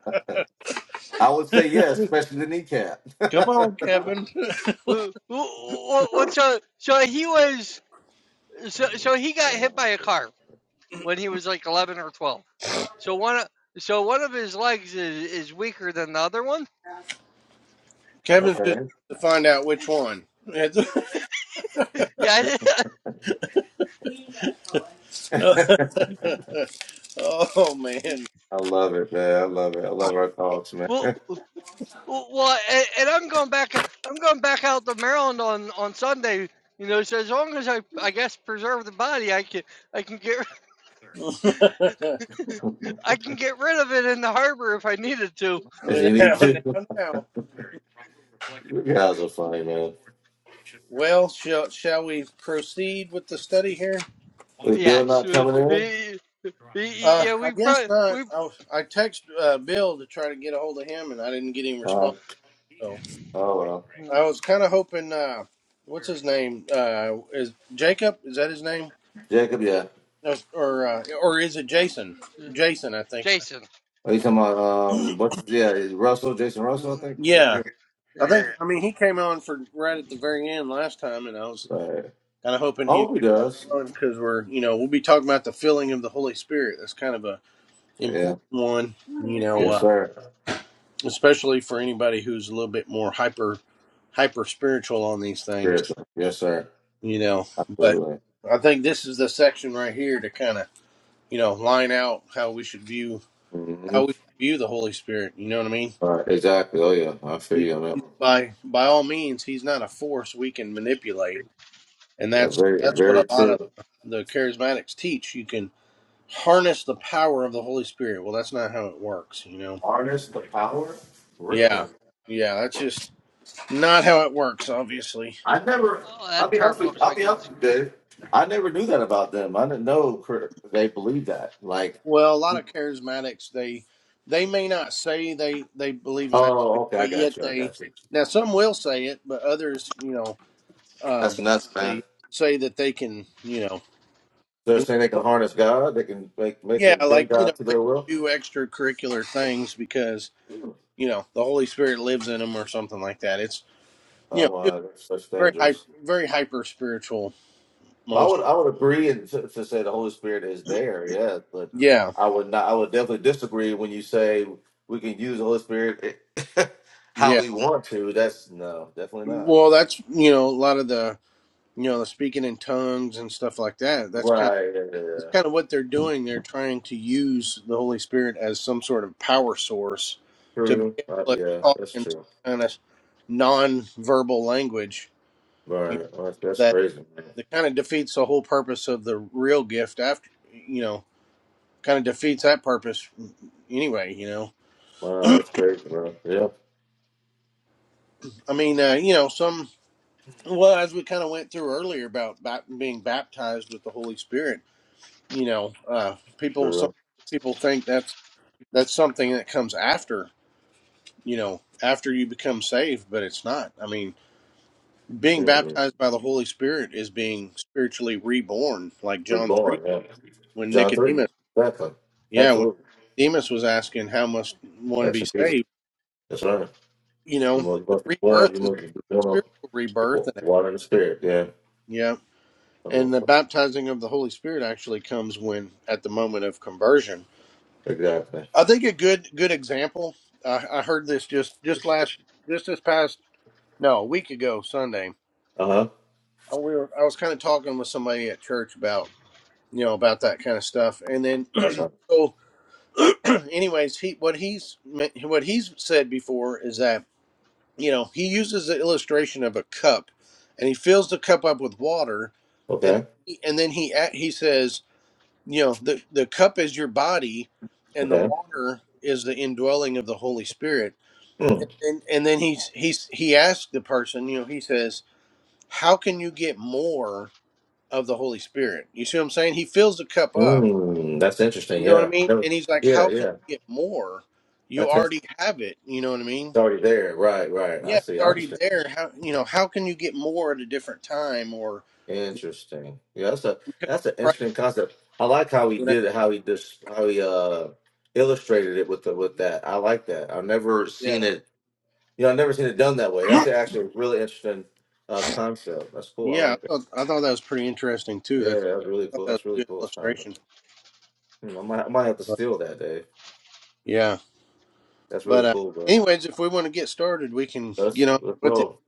Speaker 3: would say yes, especially the kneecap.
Speaker 2: Come on, Kevin.
Speaker 1: Wh- wh- wh- wh- So so he was so so he got hit by a car when he was like eleven or twelve. So one of so one of his legs is, is weaker than the other one.
Speaker 2: Kevin's
Speaker 3: okay.
Speaker 2: just to find out which one.
Speaker 1: Yeah. I-
Speaker 2: oh man.
Speaker 3: I love it, man. I love it. I love our talks, man.
Speaker 1: Well, Well, well and, and I'm going back. I'm going back out to Maryland on on Sunday. You know, so as long as I, I guess, preserve the body, I can, I can get, I can get rid of it in the harbor if I needed to.
Speaker 3: If you need
Speaker 2: now,
Speaker 3: to.
Speaker 2: now, now.
Speaker 3: You guys are funny, man.
Speaker 2: Well, shall shall we proceed with the study here?
Speaker 3: Is Bill
Speaker 1: Yes.
Speaker 3: not
Speaker 1: uh,
Speaker 3: coming in?
Speaker 1: y- y- y-
Speaker 2: Uh,
Speaker 1: Yeah,
Speaker 2: I
Speaker 1: we
Speaker 2: guess
Speaker 1: probably
Speaker 2: not.
Speaker 1: we.
Speaker 2: I, was- I texted uh, Bill to try to get a hold of him, and I didn't get any response.
Speaker 3: Uh,
Speaker 2: So
Speaker 3: oh well.
Speaker 2: I
Speaker 1: mm,
Speaker 2: was kind of hoping, uh, what's his name? Uh, is Jacob? Is that his name?
Speaker 3: Jacob, yeah.
Speaker 2: No, Or uh, or is it Jason?
Speaker 1: uh,
Speaker 2: Jason, I think.
Speaker 1: Jason.
Speaker 3: Are you talking about um what's yeah, is Russell, Jason Russell, I
Speaker 1: mm,
Speaker 3: think. I think, yeah.
Speaker 2: Yeah, I think.
Speaker 1: Yeah.
Speaker 2: I mean, he came on for right at the very end last time, and I was
Speaker 3: Right.
Speaker 2: kind of hoping
Speaker 3: I
Speaker 2: he'd
Speaker 3: hope he
Speaker 2: get back
Speaker 3: does.
Speaker 2: on because we're, you know, we'll be talking about the filling of the Holy Spirit. That's kind of a
Speaker 3: Yeah.
Speaker 2: important one, you know,
Speaker 3: Yes,
Speaker 2: uh,
Speaker 3: sir.
Speaker 2: especially for anybody who's a little bit more hyper hyper spiritual on these things,
Speaker 3: Seriously. Yes, sir.
Speaker 2: you know. But
Speaker 3: Absolutely.
Speaker 2: I think this is the section right here to kind of you know, line out how we should view
Speaker 3: Mm-hmm.
Speaker 2: how we view the Holy Spirit. You know what I mean?
Speaker 3: Right. Exactly. Oh yeah. I feel you on that.
Speaker 2: By by all means, he's not a force we can manipulate, and
Speaker 3: Yeah,
Speaker 2: that's
Speaker 3: very
Speaker 2: that's what a
Speaker 3: very
Speaker 2: lot of
Speaker 3: true.
Speaker 2: the charismatics teach. You can harness the power of the Holy Spirit. Well, that's not how it works. You know?
Speaker 3: Harness the power? Really?
Speaker 2: Yeah, yeah, that's just not how it works. Obviously.
Speaker 3: I never.
Speaker 1: Oh,
Speaker 3: I'll
Speaker 1: that
Speaker 3: be honest
Speaker 1: tarp
Speaker 3: with.
Speaker 1: looks
Speaker 3: I'll
Speaker 1: like
Speaker 3: be honest
Speaker 1: it's.
Speaker 3: with you, Dave. I never knew that about them. I didn't know cr- they believed that. Like,
Speaker 2: Well, a lot of charismatics they they may not say they they believe in that, but,
Speaker 3: oh, okay, I
Speaker 2: but
Speaker 3: got
Speaker 2: yet
Speaker 3: you. I
Speaker 2: they
Speaker 3: got you.
Speaker 2: now some will say it, but others, you know uh,
Speaker 3: That's nuts, man.
Speaker 2: basically say that they can, you know,
Speaker 3: They're
Speaker 2: in,
Speaker 3: saying they can harness God. They can make make
Speaker 2: yeah,
Speaker 3: and bend
Speaker 2: like you know,
Speaker 3: God to
Speaker 2: they
Speaker 3: their
Speaker 2: can
Speaker 3: will.
Speaker 2: do extracurricular things because you know the Holy Spirit lives in them or something like that. It's you know
Speaker 3: Oh
Speaker 2: just
Speaker 3: my, that's such
Speaker 2: very hyper,
Speaker 3: dangerous.
Speaker 2: very hyper spiritual
Speaker 3: Well, I
Speaker 2: most.
Speaker 3: would I would agree and to, to say the Holy Spirit is there, yeah, but
Speaker 2: Yeah,
Speaker 3: I would not. I would definitely disagree when you say we can use the Holy Spirit how
Speaker 2: yeah.
Speaker 3: we want to. That's no, definitely not.
Speaker 2: Well, that's you know a lot of the you know the speaking in tongues and stuff like that. That's kind That's
Speaker 3: Right.
Speaker 2: kind of what they're doing. They're trying to use the Holy Spirit as some sort of power source to be
Speaker 3: True. Uh,
Speaker 2: able to
Speaker 3: yeah,
Speaker 2: talk
Speaker 3: that's
Speaker 2: in some
Speaker 3: true.
Speaker 2: kind of non-verbal language you
Speaker 3: Right. Well, that's,
Speaker 2: know, that
Speaker 3: crazy, man.
Speaker 2: that kind of defeats the whole purpose of the real gift. After you know, kind of defeats that purpose anyway. You know,
Speaker 3: Wow, that's crazy, bro. Yeah,
Speaker 2: I mean, uh, you know, some well as we kind of went through earlier about bap- being baptized with the Holy Spirit. You know, uh, people some
Speaker 3: true.
Speaker 2: people think that's that's something that comes after you know, after you become saved, but it's not. I mean, being
Speaker 3: Mm-mm.
Speaker 2: baptized by the Holy Spirit is being spiritually reborn, like
Speaker 3: Be
Speaker 2: John 3
Speaker 3: boring,
Speaker 2: said,
Speaker 3: yeah.
Speaker 2: when
Speaker 3: John 3.
Speaker 2: Nicodemus,
Speaker 3: Exactly.
Speaker 2: yeah, when
Speaker 3: Absolutely.
Speaker 2: Nicodemus was asking, how must one be
Speaker 3: Action Peter.
Speaker 2: saved?
Speaker 3: That's right.
Speaker 2: You
Speaker 3: You
Speaker 2: know,
Speaker 3: must, you
Speaker 2: the
Speaker 3: must be born. You
Speaker 2: rebirth is
Speaker 3: must
Speaker 2: a
Speaker 3: be born of
Speaker 2: spiritual rebirth.
Speaker 3: wa-
Speaker 2: And,
Speaker 3: water and the spirit. Yeah.
Speaker 2: yeah.
Speaker 3: Oh,
Speaker 2: And the
Speaker 3: fuck.
Speaker 2: baptizing of the Holy Spirit actually comes when, at the moment of conversion.
Speaker 3: Exactly.
Speaker 2: I think a good, good example, I I heard this just, just last, just this past, no, a week ago, Sunday
Speaker 3: Uh huh.
Speaker 2: Uh, we were, I was kind of talking with somebody at church about you know about that kind of stuff, and then
Speaker 3: Exactly.
Speaker 2: so anyways, he what he's me- what he's said before is that you know he uses the illustration of a cup, and he fills the cup up with water, and
Speaker 3: Okay.
Speaker 2: and then he a- he says you know the the cup is your body, and the
Speaker 3: Okay.
Speaker 2: water is the indwelling of the Holy Spirit, and
Speaker 3: Mm.
Speaker 2: then, and then he's he's he asked the person you know he says how can you get more of the Holy Spirit. You see what I'm saying? He fills the cup up.
Speaker 3: Mm. That's interesting.
Speaker 2: You know what I
Speaker 3: Yeah.
Speaker 2: mean?
Speaker 3: Never,
Speaker 2: And he's like,
Speaker 3: yeah,
Speaker 2: How can
Speaker 3: yeah.
Speaker 2: you get more? You
Speaker 3: That's interesting.
Speaker 2: already have it. You know what I mean?
Speaker 3: It's already there. Right, right. I
Speaker 2: Yeah,
Speaker 3: see.
Speaker 2: it's
Speaker 3: I
Speaker 2: already
Speaker 3: understand.
Speaker 2: there. How you know, how can you get more at a different time or because
Speaker 3: Interesting. Yeah, that's a
Speaker 2: you
Speaker 3: that's an
Speaker 2: pray?
Speaker 3: interesting concept. I like how he
Speaker 2: Whatever.
Speaker 3: did it, how he just how he uh illustrated it with the with that. I like that. I've never
Speaker 2: Yeah.
Speaker 3: seen it. You know, I've never seen it done that way. That's actually a really interesting uh concept. That's cool. I
Speaker 2: Yeah, I
Speaker 3: like that.
Speaker 2: thought, I thought that was pretty interesting too.
Speaker 3: Yeah,
Speaker 2: That's
Speaker 3: yeah, that's really
Speaker 2: I thought
Speaker 3: cool.
Speaker 2: that was
Speaker 3: That's
Speaker 2: a
Speaker 3: really
Speaker 2: good
Speaker 3: cool, Stomach.
Speaker 2: illustration.
Speaker 3: Hmm, I might I might have to
Speaker 2: But
Speaker 3: steal that, Dave.
Speaker 2: yeah.
Speaker 3: That's
Speaker 2: But
Speaker 3: really
Speaker 2: uh
Speaker 3: cool, bro.
Speaker 2: anyways, if we want to get started, we can
Speaker 3: Let's
Speaker 2: get on
Speaker 3: Let's
Speaker 2: with it.
Speaker 3: roll.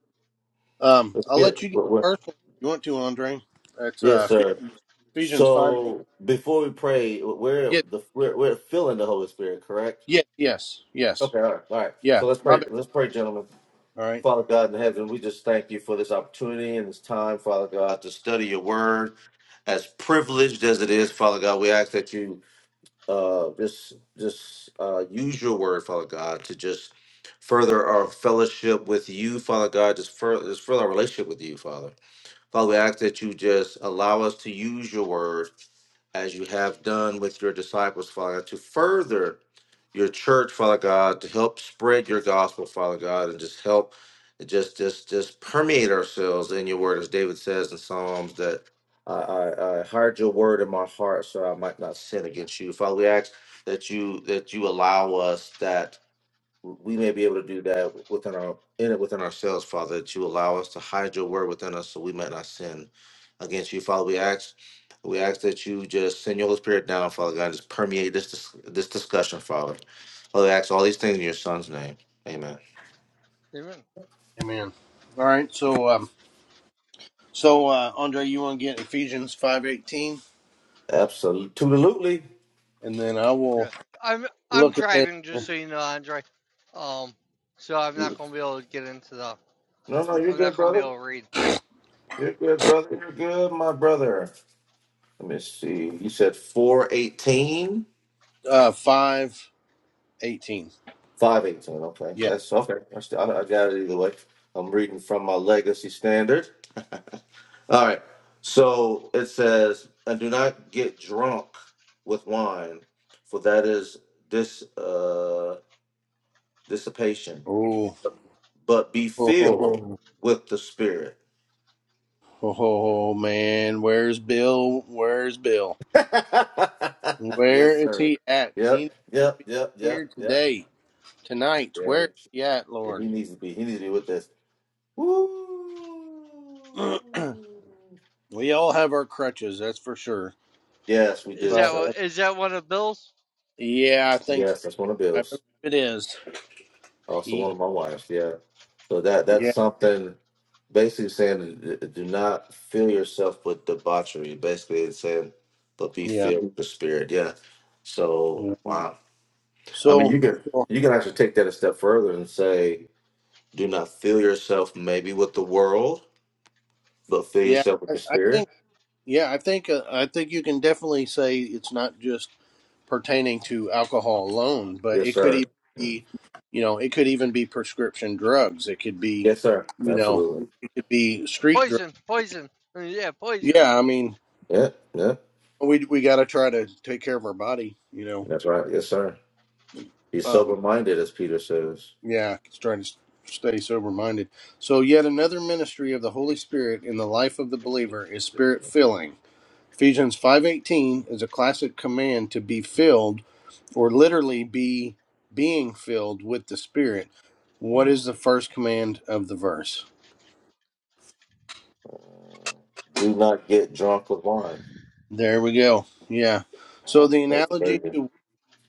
Speaker 2: Um
Speaker 3: Let's
Speaker 2: I'll let
Speaker 3: get
Speaker 2: you get
Speaker 3: we're, we're-
Speaker 2: the first one if you want to, Andre. That's
Speaker 3: yes,
Speaker 2: uh
Speaker 3: sir.
Speaker 2: Ephesians five.
Speaker 3: So before we pray, we're
Speaker 2: Yeah,
Speaker 3: the we're, we're filling the Holy Spirit, correct?
Speaker 2: Yes, yes, yes.
Speaker 3: Okay, all right, all right.
Speaker 2: Yeah,
Speaker 3: So let's
Speaker 2: my
Speaker 3: pray.
Speaker 2: bad.
Speaker 3: Let's pray, gentlemen.
Speaker 2: All right.
Speaker 3: Father God in heaven, we just thank you for this opportunity and this time, Father God, to study your word. As privileged as it is, Father God, we ask that you uh, just just uh, use your word, Father God, to just further our fellowship with you, Father God, just further, just further our relationship with you, Father. Father, we ask that you just allow us to use your word as you have done with your disciples, Father God, to further your church, Father God, to help spread your gospel, Father God, and just help just just just permeate ourselves in your word, as David says in Psalms that I, I, I hide your word in my heart so I might not sin against you. Father, we ask that you that you allow us that we may be able to do that within our in it within ourselves, Father, that you allow us to hide your word within us so we might not sin against you, Father. We ask we ask that you just send your Holy Spirit down, Father God, and just permeate this dis- this discussion, Father. Father, we ask all these things in your son's name. Amen.
Speaker 1: Amen.
Speaker 2: Amen. All right. So um so uh Andre, you want to get Ephesians 5:18
Speaker 3: Absolutely.
Speaker 2: and then I
Speaker 1: Yeah.
Speaker 2: will
Speaker 1: I'm I'm
Speaker 2: look ahead
Speaker 1: driving just so you know, Andre. Um, so I'm
Speaker 3: No,
Speaker 1: not gonna be able to get into the.
Speaker 3: no, you're
Speaker 1: I'm
Speaker 3: good,
Speaker 1: not gonna be
Speaker 3: brother.
Speaker 1: able to read it.
Speaker 3: You're good, brother. You're good, my brother. Let me see. You said 418.
Speaker 2: uh 5:18.
Speaker 3: Five eighteen. Okay,
Speaker 2: Yeah.
Speaker 3: that's okay. I, st- I I got it either way. I'm reading from my legacy standard. All right. So it says, and do not get drunk with wine, for that is dis uh, dissipation,
Speaker 2: Oh.
Speaker 3: but be
Speaker 2: Oh, oh,
Speaker 3: filled
Speaker 2: oh,
Speaker 3: with the Spirit.
Speaker 2: oh, oh, oh, man, where's Bill? Where's Bill?
Speaker 3: yes,
Speaker 2: Where is
Speaker 3: sir.
Speaker 2: he at? He
Speaker 3: Yep.
Speaker 2: needs
Speaker 3: Yep. Yep.
Speaker 2: to be
Speaker 3: Yep.
Speaker 2: here
Speaker 3: Yep.
Speaker 2: today, tonight.
Speaker 3: Yeah.
Speaker 2: Where is he at,
Speaker 3: yeah. He
Speaker 2: Lord?
Speaker 3: needs to be. He needs to be with this. Woo.
Speaker 2: we all have our crutches, that's for sure.
Speaker 3: Yes, we
Speaker 1: Is
Speaker 3: do,
Speaker 1: that
Speaker 2: But
Speaker 3: sir.
Speaker 2: I,
Speaker 1: what, is that one of Bill's?
Speaker 2: yeah, I think
Speaker 3: Yes, that's one of
Speaker 2: I believe
Speaker 3: Bill's.
Speaker 2: it is.
Speaker 3: Also one of
Speaker 2: He,
Speaker 3: my wife's. Yeah. So that that's
Speaker 2: yeah,
Speaker 3: something basically saying uh, do not fill yourself with debauchery. Basically it's saying but be
Speaker 2: yeah.
Speaker 3: filled with the spirit. Yeah. So
Speaker 2: yeah.
Speaker 3: wow. I mean
Speaker 2: So,
Speaker 3: you can
Speaker 2: so,
Speaker 3: you can actually take that a step further and say do not fill yourself maybe with the world, but fill
Speaker 2: yeah,
Speaker 3: yourself with
Speaker 2: I,
Speaker 3: the
Speaker 2: I
Speaker 3: spirit.
Speaker 2: think, yeah, I think, uh, I think you can definitely say it's not just pertaining to alcohol alone, but
Speaker 3: Yes,
Speaker 2: it could even
Speaker 3: sir. Mm.
Speaker 2: be, you know, it could even be prescription drugs. It could be,
Speaker 3: Yes, sir.
Speaker 2: you know,
Speaker 3: Absolutely.
Speaker 2: it could be street drugs.
Speaker 1: Poison, poison. Uh, Yeah, poison.
Speaker 2: Yeah, I mean,
Speaker 3: Yeah, yeah.
Speaker 2: we we got to try to take care of our body, you know.
Speaker 3: That's right. Yes, sir. Be
Speaker 2: um,
Speaker 3: sober minded as Peter says.
Speaker 2: Yeah, just trying to stay sober minded. So, yet another ministry of the Holy Spirit in the life of the believer is spirit filling. Ephesians 5:18 is a classic command to be filled or literally be being filled with the Spirit. What
Speaker 3: Mm.
Speaker 2: is the first command of the verse?
Speaker 3: Do not get drunk with wine.
Speaker 2: There we go. Yeah. So
Speaker 3: Uh,
Speaker 2: the
Speaker 3: that's
Speaker 2: analogy
Speaker 3: crazy.
Speaker 2: to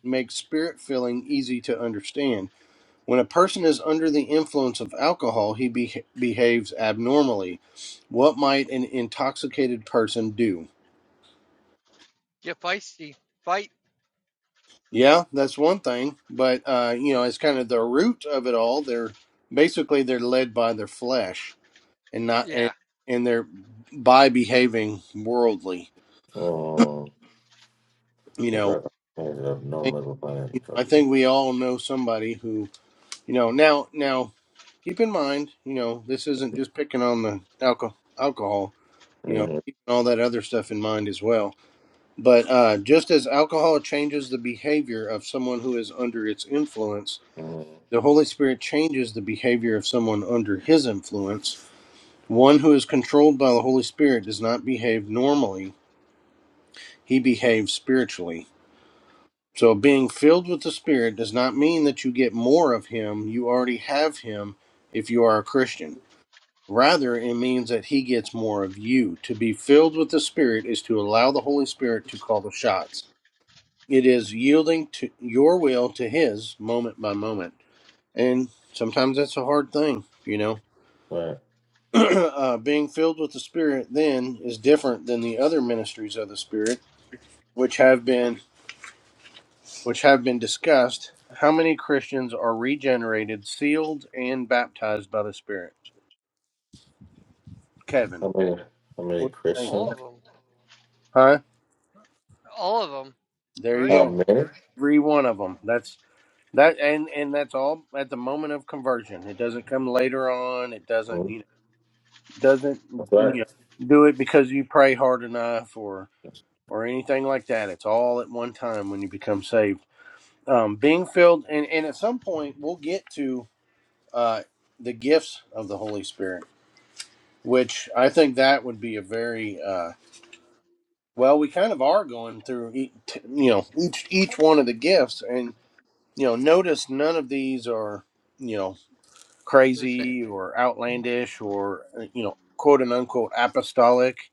Speaker 2: makes spirit filling easy to understand. When a person is under the influence of alcohol, he be- behaves abnormally. What might an intoxicated person do?
Speaker 1: Get feisty. Fight.
Speaker 2: Yeah, that's one thing, but uh, you know, it's kind of the root of it all. They're basically they're led by their flesh and not and,
Speaker 1: Yeah,
Speaker 2: and they're by behaving worldly.
Speaker 3: Oh,
Speaker 2: You
Speaker 3: because
Speaker 2: know,
Speaker 3: I ended up
Speaker 2: I
Speaker 3: normally with wine.
Speaker 2: think, I think we all know somebody who you know now now keep in mind you know this isn't just picking on the alcohol alcohol. you know,
Speaker 3: Mm-hmm.
Speaker 2: keeping all that other stuff in mind as well. But uh, just as alcohol changes the behavior of someone who is under its influence,
Speaker 3: hmm
Speaker 2: the Holy Spirit changes the behavior of someone under his influence. One who is controlled by the Holy Spirit does not behave normally, he behaves spiritually. So, being filled with the Spirit does not mean that you get more of him, you already have him if you are a Christian. Rather, it means that he gets more of you. To be filled with the Spirit is to allow the Holy Spirit to call the shots. It is yielding to your will to his moment by moment. And sometimes that's a hard thing, you know.
Speaker 3: Right.
Speaker 2: uh, being filled with the Spirit then is different than the other ministries of the Spirit, which have been which have been discussed. How many Christians are regenerated, sealed, and baptized by the Spirit? Kevin,
Speaker 3: How many? How many
Speaker 2: what do you think?
Speaker 1: all
Speaker 3: Christians?
Speaker 2: Kevin?
Speaker 1: of them.
Speaker 2: Huh?
Speaker 1: All of them,
Speaker 2: There you
Speaker 1: right?
Speaker 3: How
Speaker 2: go.
Speaker 3: many?
Speaker 2: every one of them that's that and and that's all at the moment of conversion it doesn't come later on it doesn't
Speaker 3: hmm
Speaker 2: you know doesn't
Speaker 3: That's right.
Speaker 2: you know do it because you pray hard enough or or anything like that it's all at one time when you become saved um being filled and and at some point we'll get to uh the gifts of the holy spirit which i think that would be a very uh well we kind of are going through each, you know each each one of the gifts and. you know, notice none of these are, you know,
Speaker 1: The same.
Speaker 2: crazy or outlandish or, uh, you know, quote and unquote apostolic.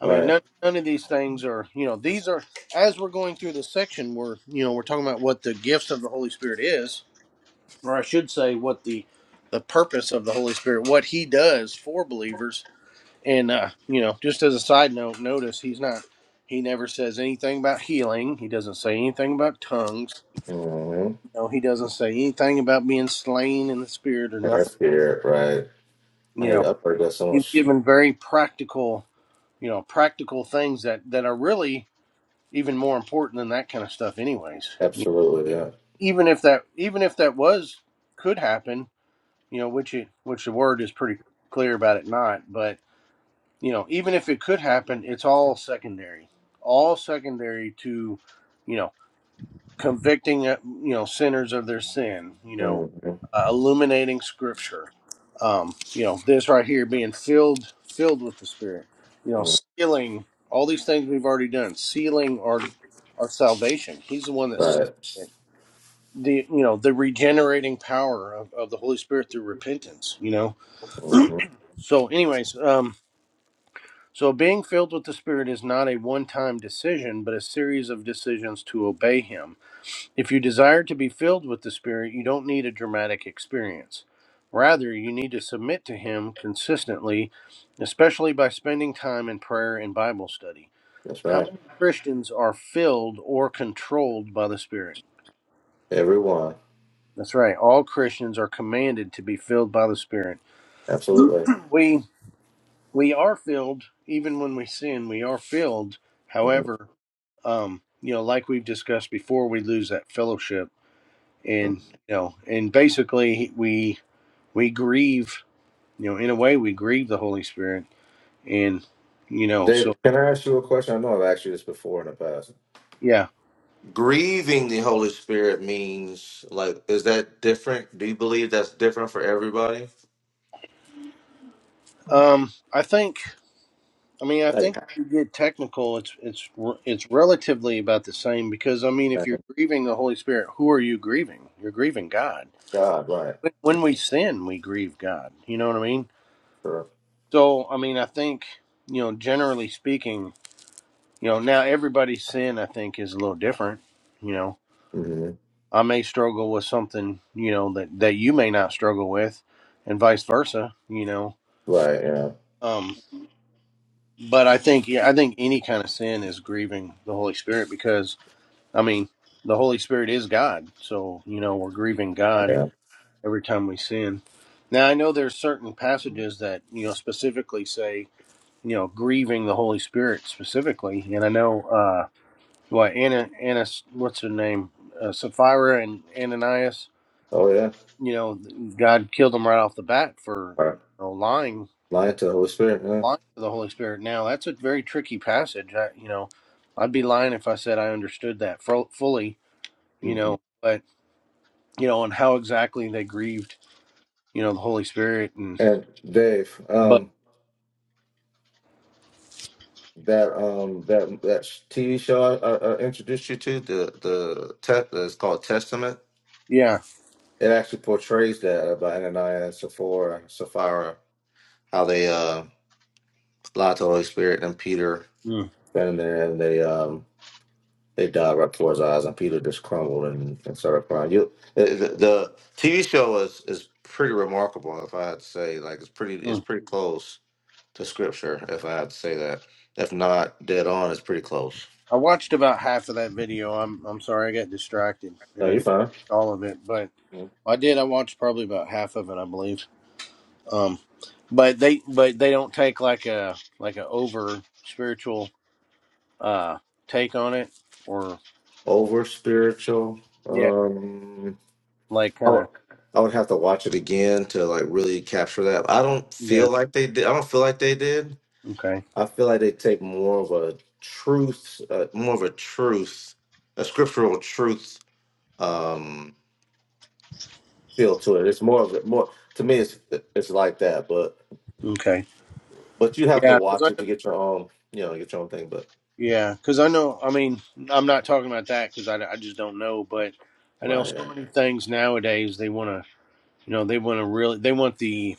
Speaker 2: I mean,
Speaker 3: Right.
Speaker 2: none, none of these things are, you know, these are, as we're going through this section, we're, you know, we're talking about what the gifts of the Holy Spirit is, or I should say, what the, the purpose of the Holy Spirit, what he does for believers. And, uh, you know, just as a side note, notice he's not, he never says anything about healing. He doesn't say anything about tongues
Speaker 3: Mm-hmm.
Speaker 2: no, he doesn't say anything about being slain in the spirit or
Speaker 3: And
Speaker 2: nothing.
Speaker 3: that's weird, right? I
Speaker 2: You
Speaker 3: heard.
Speaker 2: know,
Speaker 3: I've heard that so
Speaker 2: he's
Speaker 3: much.
Speaker 2: given very practical, you know, practical things that that are really even more important than that kind of stuff, anyways. You know,
Speaker 3: Absolutely. Yeah.
Speaker 2: Even if that, even if that was could happen, you know, which it which the word is pretty clear about it not, but you know, even if it could happen, it's all secondary, all secondary to, you know, convicting uh, you know sinners of their sin you know
Speaker 3: Mm-hmm.
Speaker 2: uh, illuminating scripture um you know this right here being filled filled with the spirit you know
Speaker 3: mm
Speaker 2: sealing all these things we've already done sealing our our salvation he's the one that's
Speaker 3: Right.
Speaker 2: the you know the regenerating power of, of the holy spirit through repentance you know
Speaker 3: Mm-hmm.
Speaker 2: so anyways um so being filled with the spirit is not a one-time decision but a series of decisions to obey him if you desire to be filled with the Spirit, you don't need a dramatic experience. Rather, you need to submit to Him consistently, especially by spending time in prayer and Bible study.
Speaker 3: That's
Speaker 2: How
Speaker 3: right.
Speaker 2: many Christians are filled or controlled by the Spirit?
Speaker 3: Everyone.
Speaker 2: That's right. All Christians are commanded to be filled by the Spirit.
Speaker 3: Absolutely.
Speaker 2: We we are filled even when we sin. We are filled.
Speaker 3: Mm-hmm.
Speaker 2: However, um, you know, like we've discussed before, we lose that fellowship, and you know, and basically we we grieve you know in a way we grieve the holy spirit and you know so
Speaker 3: David, can I ask you a question? I know I've asked you this before in the past.
Speaker 2: yeah
Speaker 3: Grieving the Holy Spirit means like is that different? Do you believe that's different for everybody?
Speaker 2: um i think i mean i
Speaker 3: Thank
Speaker 2: think if you get technical it's it's re- it's relatively about the same because i mean
Speaker 3: uh,
Speaker 2: if you're grieving the holy spirit who are you grieving you're grieving god
Speaker 3: God, right?
Speaker 2: when when we sin we grieve god you know what i mean
Speaker 3: Sure.
Speaker 2: so i mean i think you know generally speaking you know now everybody's sin i think is a little different you know
Speaker 3: hmm
Speaker 2: I may struggle with something, you know, that that you may not struggle with, and vice versa, you know.
Speaker 3: Right. Yeah.
Speaker 2: Um, but I think, yeah, I think any kind of sin is grieving the Holy Spirit because, I mean, the Holy Spirit is God, so you know we're grieving God
Speaker 3: Yeah.
Speaker 2: every time we sin. Now I know there's certain passages that you know specifically say, you know, grieving the Holy Spirit specifically, and I know uh, what Anna, Anna, what's her name, uh, Sapphira and Ananias
Speaker 3: Oh yeah.
Speaker 2: you know, God killed him right off the bat for you
Speaker 3: Right.
Speaker 2: know, lying,
Speaker 3: Lying to the Holy Spirit.
Speaker 2: lying to the Holy Spirit. Now that's a very tricky passage. I, you know, I'd be lying if I said I understood that fu- fully.
Speaker 3: Yeah.
Speaker 2: You
Speaker 3: hmm
Speaker 2: know, but you know, and how exactly they grieved, you know, the Holy Spirit, and
Speaker 3: And Dave,
Speaker 2: but
Speaker 3: um, that um that that TV show I, I, I introduced you to the the te- it's called Testament.
Speaker 2: yeah,
Speaker 3: It actually portrays that about Ananias, Sapphira, Sapphira, how they uh lied to the Holy Spirit and Peter
Speaker 2: mm,
Speaker 3: standing there and they um they dive right towards our eyes and Peter just crumbled and, and started crying. You the, the the TV show is is pretty remarkable if I had to say like it's pretty it's
Speaker 2: mm.
Speaker 3: pretty close to scripture if I had to say that. If not dead on, it's pretty close.
Speaker 2: I watched about half of that video. I'm I'm sorry, I got distracted
Speaker 3: No,
Speaker 2: and I
Speaker 3: you're
Speaker 2: didn't
Speaker 3: fine.
Speaker 2: watch all of it, but
Speaker 3: Mhm.
Speaker 2: I did. I watched probably about half of it, I believe. Um, but they but they don't take like a like a over spiritual uh take on it or
Speaker 3: Over spiritual.
Speaker 2: Yeah.
Speaker 3: Um,
Speaker 2: like
Speaker 3: I
Speaker 2: kind
Speaker 3: would
Speaker 2: of
Speaker 3: I would have to watch it again to like really capture that. I don't
Speaker 2: yeah
Speaker 3: feel like they did. I don't feel like they did
Speaker 2: okay
Speaker 3: I feel like they take more of a truth, uh, more of a truth, a scriptural truth um, feel to it. It's more of it, more to me. It's it's like that, but
Speaker 2: okay
Speaker 3: but you have to
Speaker 2: yeah because
Speaker 3: watch
Speaker 2: i
Speaker 3: it
Speaker 2: know
Speaker 3: to get your own, you know, get your own thing. But
Speaker 2: yeah because i know i mean i'm not talking about that because I, I just don't know but i know
Speaker 3: right,
Speaker 2: so
Speaker 3: yeah.
Speaker 2: many things nowadays they want to you know they want to really they want the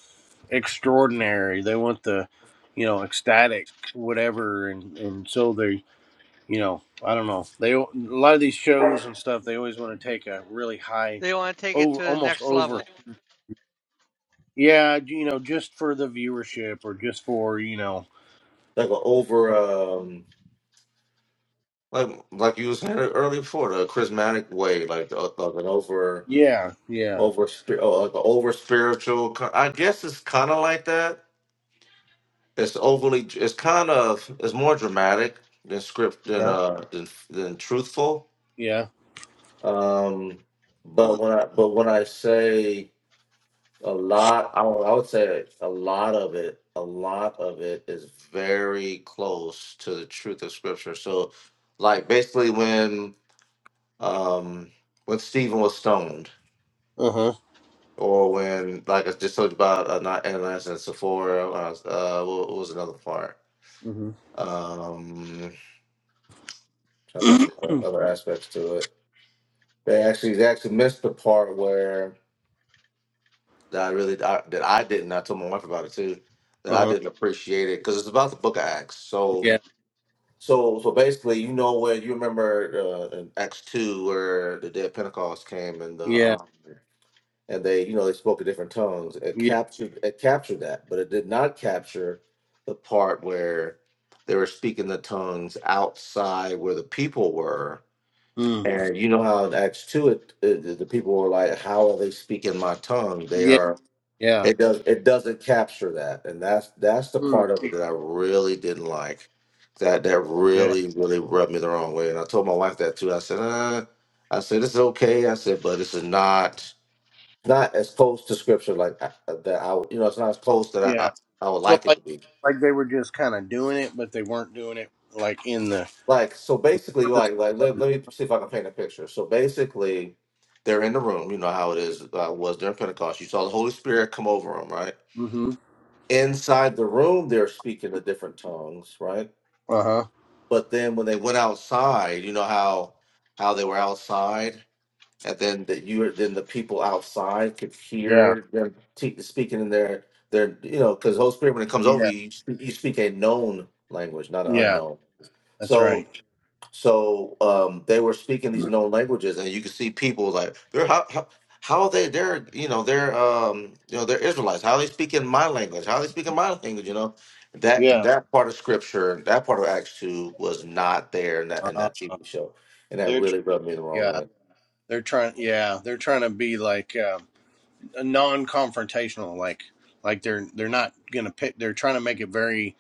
Speaker 2: extraordinary they want the you know ecstatic whatever and and so they you know i don't know they a lot of these shows and stuff they always want to take a really high
Speaker 1: They want to take it
Speaker 2: over
Speaker 1: to the
Speaker 2: almost
Speaker 1: next level.
Speaker 2: Yeah, you know, just for the viewership or just for, you know.
Speaker 3: like a over, um, like like you was saying earlier before the charismatic way, like the, like an over
Speaker 2: Yeah, yeah,
Speaker 3: over spirit, oh, like an over spiritual. I guess it's kind of like that It's overly. It's kind of. It's more dramatic than script than
Speaker 2: yeah,
Speaker 3: uh than, than truthful.
Speaker 2: yeah.
Speaker 3: Um, but when I but when I say a lot, I would, I would say a lot of it. A lot of it is very close to the truth of scripture. So, like basically when um when Stephen was stoned,
Speaker 2: Uh huh.
Speaker 3: or when like I just talked about uh, not Ananias and Sephora. Uh, what was another part?
Speaker 2: Mm-hmm.
Speaker 3: Um. Trying to think of some other
Speaker 2: uh
Speaker 3: other aspects to it. They actually they actually missed the part where that I really I, that I didn't. I told my wife about it too. That I
Speaker 2: huh.
Speaker 3: didn't appreciate it because it's about the Book of Acts. So
Speaker 2: Yeah,
Speaker 3: so so basically, you know where you remember uh, in Acts two where the day of Pentecost came and the
Speaker 2: yeah,
Speaker 3: um, and they you know they spoke in different tongues. It
Speaker 2: yeah.
Speaker 3: captured it captured that, but it did not capture the part where they were speaking the tongues outside where the people were
Speaker 2: Mm.
Speaker 3: And you know how in Acts two, it, it the the people were like, "How are they speaking my tongue?" They
Speaker 2: Yeah,
Speaker 3: are.
Speaker 2: yeah.
Speaker 3: It does. It doesn't capture that, and that's that's the
Speaker 2: Mm.
Speaker 3: part of it that I really didn't like. That that
Speaker 2: Yeah,
Speaker 3: really really rubbed me the wrong way, and I told my wife that too. I said, uh, "I said this is okay." I said, "But this is not not as close to scripture like I, that. I would- you know, it's not as close that I,
Speaker 2: yeah.
Speaker 3: I I would
Speaker 2: So,
Speaker 3: like it
Speaker 2: like,
Speaker 3: to be."
Speaker 2: like they were just kind of doing it, but they weren't doing it, like, in the
Speaker 3: like so
Speaker 2: in the
Speaker 3: basically
Speaker 2: purpose
Speaker 3: like like
Speaker 2: of
Speaker 3: let,
Speaker 2: it.
Speaker 3: let me see if i can paint a picture so basically they're in the room you know how it is uh, was during pentecost you saw the holy spirit come over them right
Speaker 2: Mm hmm.
Speaker 3: inside the room they're speaking the different tongues right
Speaker 2: Uh huh.
Speaker 3: but then when they went outside you know how how they were outside and then that you then the people outside could
Speaker 2: Yeah,
Speaker 3: hear them te- speaking in their their you know because holy spirit when it comes over
Speaker 2: yeah,
Speaker 3: you you speak, you speak a known language not an
Speaker 2: yeah.
Speaker 3: unknown
Speaker 2: That's
Speaker 3: so
Speaker 2: right.
Speaker 3: so um, they were speaking these known languages, and you could see people like they're how, how how are they they're you know they're um you know they're Israelites. How are they speaking my language? How are they speaking my language? You know that
Speaker 2: Yeah.
Speaker 3: that part of scripture, that part of Acts two was not there in that in
Speaker 2: Uh,
Speaker 3: that TV show, and that
Speaker 2: they're, tr-
Speaker 3: really rubbed me the wrong
Speaker 2: yeah,
Speaker 3: way.
Speaker 2: they're trying, yeah, they're trying to be like, Um, a non-confrontational like like they're they're not gonna pick they're trying to make it very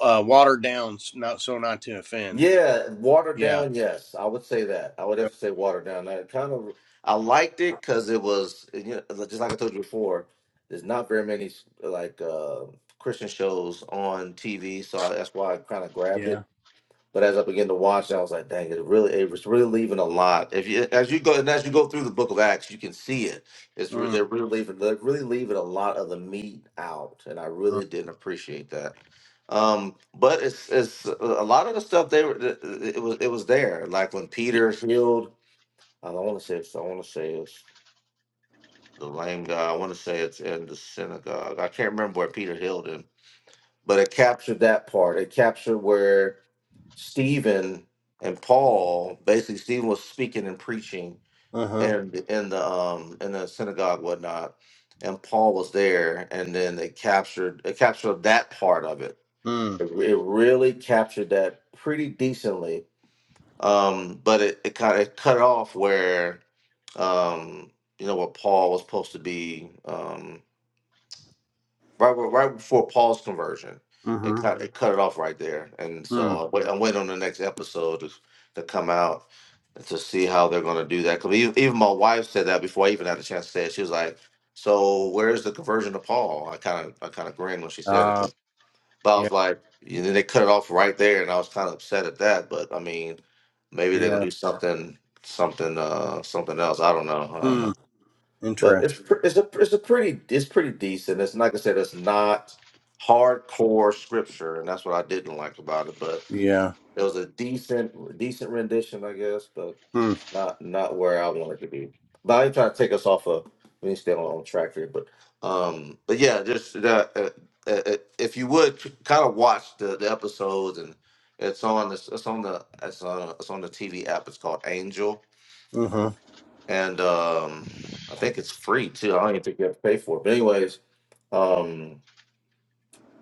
Speaker 2: uh watered down not so not to offend
Speaker 3: Yeah, watered
Speaker 2: yeah
Speaker 3: down. Yes, I would say that. I would have
Speaker 2: Yep.
Speaker 3: to say watered down. I kind of I liked it because it was you know like, just like I told you before. There's not very many like uh, Christian shows on TV, so I, that's why I kind of grabbed it.
Speaker 2: yeah
Speaker 3: But as I began to watch, I was like, dang, it really, it was really leaving a lot. If you, as you go, and as you go through the book of Acts, you can see it. It's re-
Speaker 2: mm.
Speaker 3: they're really leaving, they're really leaving a lot of the meat out, and I
Speaker 2: uh,
Speaker 3: really didn't appreciate that. Um, but it's it's a lot of the stuff they were, it was it was there. Like when Peter healed, I don't want to say it's, I want to say it's the lame guy. I want to say it's in the synagogue. I can't remember where Peter healed him, but it captured that part. It captured where Stephen and Paul, basically Stephen was speaking and preaching
Speaker 2: uh-huh
Speaker 3: in in the um in the synagogue whatnot, and Paul was there, and then they captured they captured that part of it.
Speaker 2: mm.
Speaker 3: It, it really captured that pretty decently, um, but it, it kind of cut off where um you know what Paul was supposed to be. Um, right, right right before Paul's conversion. It
Speaker 2: mm-hmm
Speaker 3: cut it cut it off right there, and so
Speaker 2: mm.
Speaker 3: I wait, I'm waiting on the next episode to, to come out to see how they're going to do that. Because even, even my wife said that before I even had a chance to say it. She was like, "So where's the conversion to Paul?" I kind of I kind of grinned when she said it,
Speaker 2: uh
Speaker 3: but I
Speaker 2: yeah
Speaker 3: was like, and then they cut it off right there, and I was kind of upset at that. But I mean, maybe they're gonna
Speaker 2: yeah
Speaker 3: do something something uh something else. I don't know. I don't know
Speaker 2: mm.
Speaker 3: but
Speaker 2: interesting
Speaker 3: it's pr- it's a it's a pretty it's pretty decent. It's like I said, it's not hardcore scripture, and that's what I didn't like about it. But
Speaker 2: yeah
Speaker 3: it was a decent decent rendition, I guess, but
Speaker 2: mm.
Speaker 3: not not where I wanted to be. But I ain't trying to take us off of we need to stay on, on track here. But um, but yeah, just that. Uh, uh, uh, if you would kind of watch the, the episodes and it's on this it's on the it's on it's on the TV app it's called Angel
Speaker 2: mm-hmm
Speaker 3: and um, I think it's free too. I don't even think you have to pay for it. But anyways, um,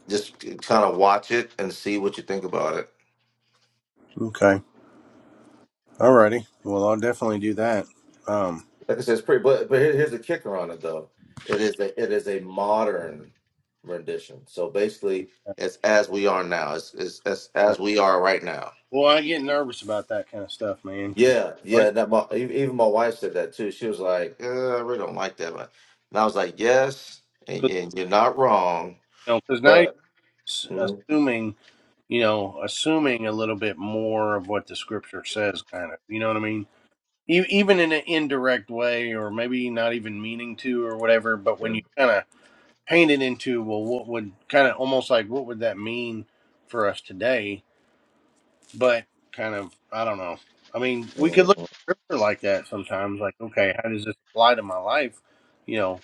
Speaker 3: just kind of watch it and see what you think about it.
Speaker 2: okay alrighty well i'll definitely do that um
Speaker 3: Like I said, it's pretty. But but here- here's the kicker on it though. It is a it is a modern rendition. So basically, it's as we are now. It's it's, it's
Speaker 2: yeah.
Speaker 3: as we are right now.
Speaker 2: well i get nervous about that kind of stuff man because
Speaker 3: Yeah, yeah.
Speaker 2: you
Speaker 3: That my, e- even my wife said that too. She was like, uh, "I really don't like that," but and I was like, "Yes, and, and you're not wrong."
Speaker 2: know, 'cause now you're
Speaker 3: But
Speaker 2: s-
Speaker 3: Mhm.
Speaker 2: assuming you know, assuming a little bit more of what the scripture says, kind of. You know what I mean? E- Even in an indirect way, or maybe not even meaning to, or whatever. But when you kind of paint it into, well, what would kind of almost like what would that mean for us today? But kind of, I don't know. I mean, we could
Speaker 3: mhm,
Speaker 2: look at scripture like that sometimes. Like, okay, how does this apply to my life? You know,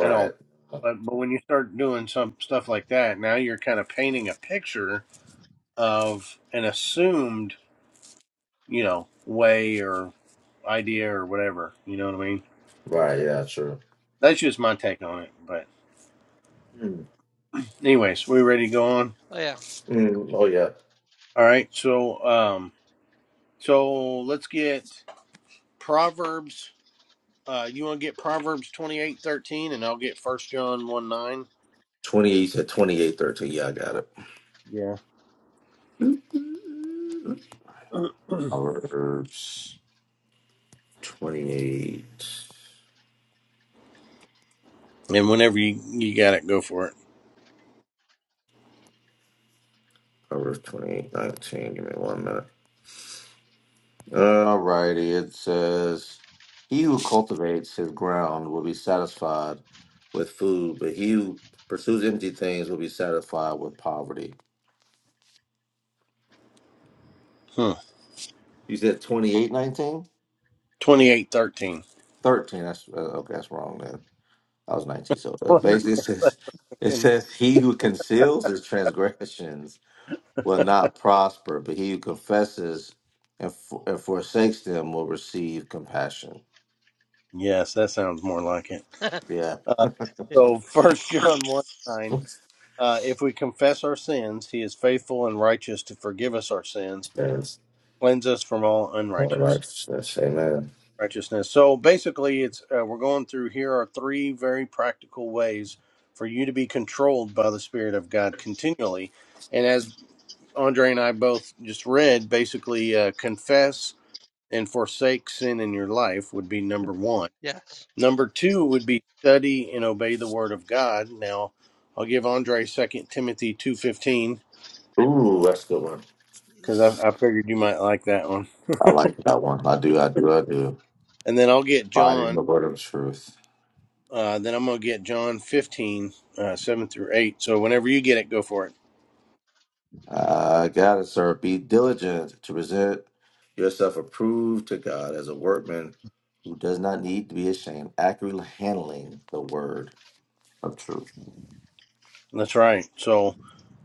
Speaker 2: and all. that. But but when you start doing some stuff like that, now you're kind of painting a picture of an assumed you know, way or idea or whatever. You know what I mean?
Speaker 3: Right. Yeah. True.
Speaker 2: That's just my take on it. But
Speaker 3: Hmm.
Speaker 2: anyways, we ready to go on?
Speaker 1: Oh, yeah.
Speaker 3: Mm. Oh yeah.
Speaker 2: All right. So um so let's get Proverbs uh you wanna get Proverbs twenty eight thirteen and I'll get first John one nine.
Speaker 3: Twenty eight to twenty eight thirteen. Yeah, I got it.
Speaker 2: Yeah.
Speaker 3: Proverbs twenty eight.
Speaker 2: And whenever you, you got it, go for it.
Speaker 3: Proverbs twenty eight nineteen. Give me one minute. Alrighty. It says, "He who cultivates his ground will be satisfied with food, but he who pursues empty things will be satisfied with poverty."
Speaker 2: Hmm.
Speaker 3: You said twenty eight nineteen.
Speaker 2: Twenty eight thirteen.
Speaker 3: Thirteen. That's uh, okay. That's wrong. Then. I was 19. So uh, basically, it
Speaker 2: Wonderful
Speaker 3: says, it
Speaker 2: thing.
Speaker 3: says, He who conceals his transgressions will not prosper, but he who confesses and, for, and forsakes them will receive compassion.
Speaker 2: Yes, that sounds more like it.
Speaker 3: Yeah.
Speaker 2: Uh, so first John one nine. Uh, if we confess our sins, he is faithful and righteous to forgive us our sins,
Speaker 3: Yes.
Speaker 2: cleanse us from all
Speaker 3: All
Speaker 2: unrighteous
Speaker 3: righteousness. Amen.
Speaker 2: righteousness. So basically, it's uh, we're going through here are three very practical ways for you to be controlled by the Spirit of God continually. And as Andre and I both just read, basically uh, confess and forsake sin in your life would be number one.
Speaker 1: yes.
Speaker 2: Number two would be study and obey the Word of God. Now, I'll give Andre Second Timothy two fifteen
Speaker 3: Ooh, that's a good one.
Speaker 2: because I, I figured you might like that one.
Speaker 3: I like that one. I do. I do. I do.
Speaker 2: And then I'll get
Speaker 3: Fighting
Speaker 2: John.
Speaker 3: the word of truth.
Speaker 2: Uh, then I'm going to get John 15, uh, 7 through 8. So whenever you get it, go for it.
Speaker 3: I got it, sir. Be diligent to present yourself approved to God as a workman who does not need to be ashamed, accurately handling the word of truth.
Speaker 2: That's right. So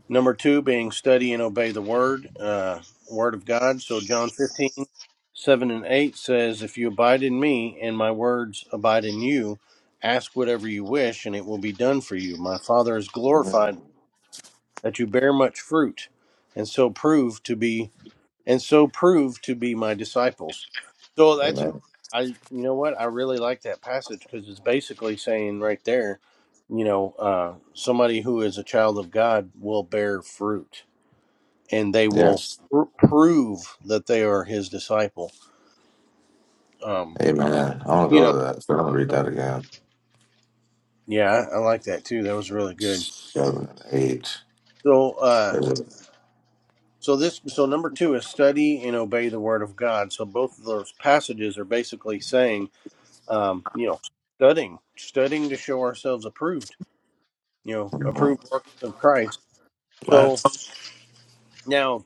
Speaker 2: number two being study and obey the word, uh, word of God. So John 15, 7 and 8 says, If you abide in me and my words abide in you, ask whatever you wish and it will be done for you. My Father is glorified
Speaker 3: Mm.
Speaker 2: that you bear much fruit and so prove to be and so prove to be my disciples. So that's
Speaker 3: Amen.
Speaker 2: I you know what I really like that passage because it's basically saying right there, you know, uh, somebody who is a child of God will bear fruit and they will
Speaker 3: Yes.
Speaker 2: pr- prove that they are His disciple. Um,
Speaker 3: Amen. I want to
Speaker 2: you
Speaker 3: go
Speaker 2: know,
Speaker 3: to that. So I'm going to read
Speaker 2: so,
Speaker 3: that again.
Speaker 2: yeah, I, I like that too. That was really good.
Speaker 3: Seven and eight.
Speaker 2: So, uh, so this so number two is study and obey the Word of God. So both of those passages are basically saying um, you know, studying, studying to show ourselves approved, you know, approved
Speaker 3: Mm-hmm.
Speaker 2: works of Christ.
Speaker 3: Right.
Speaker 2: So now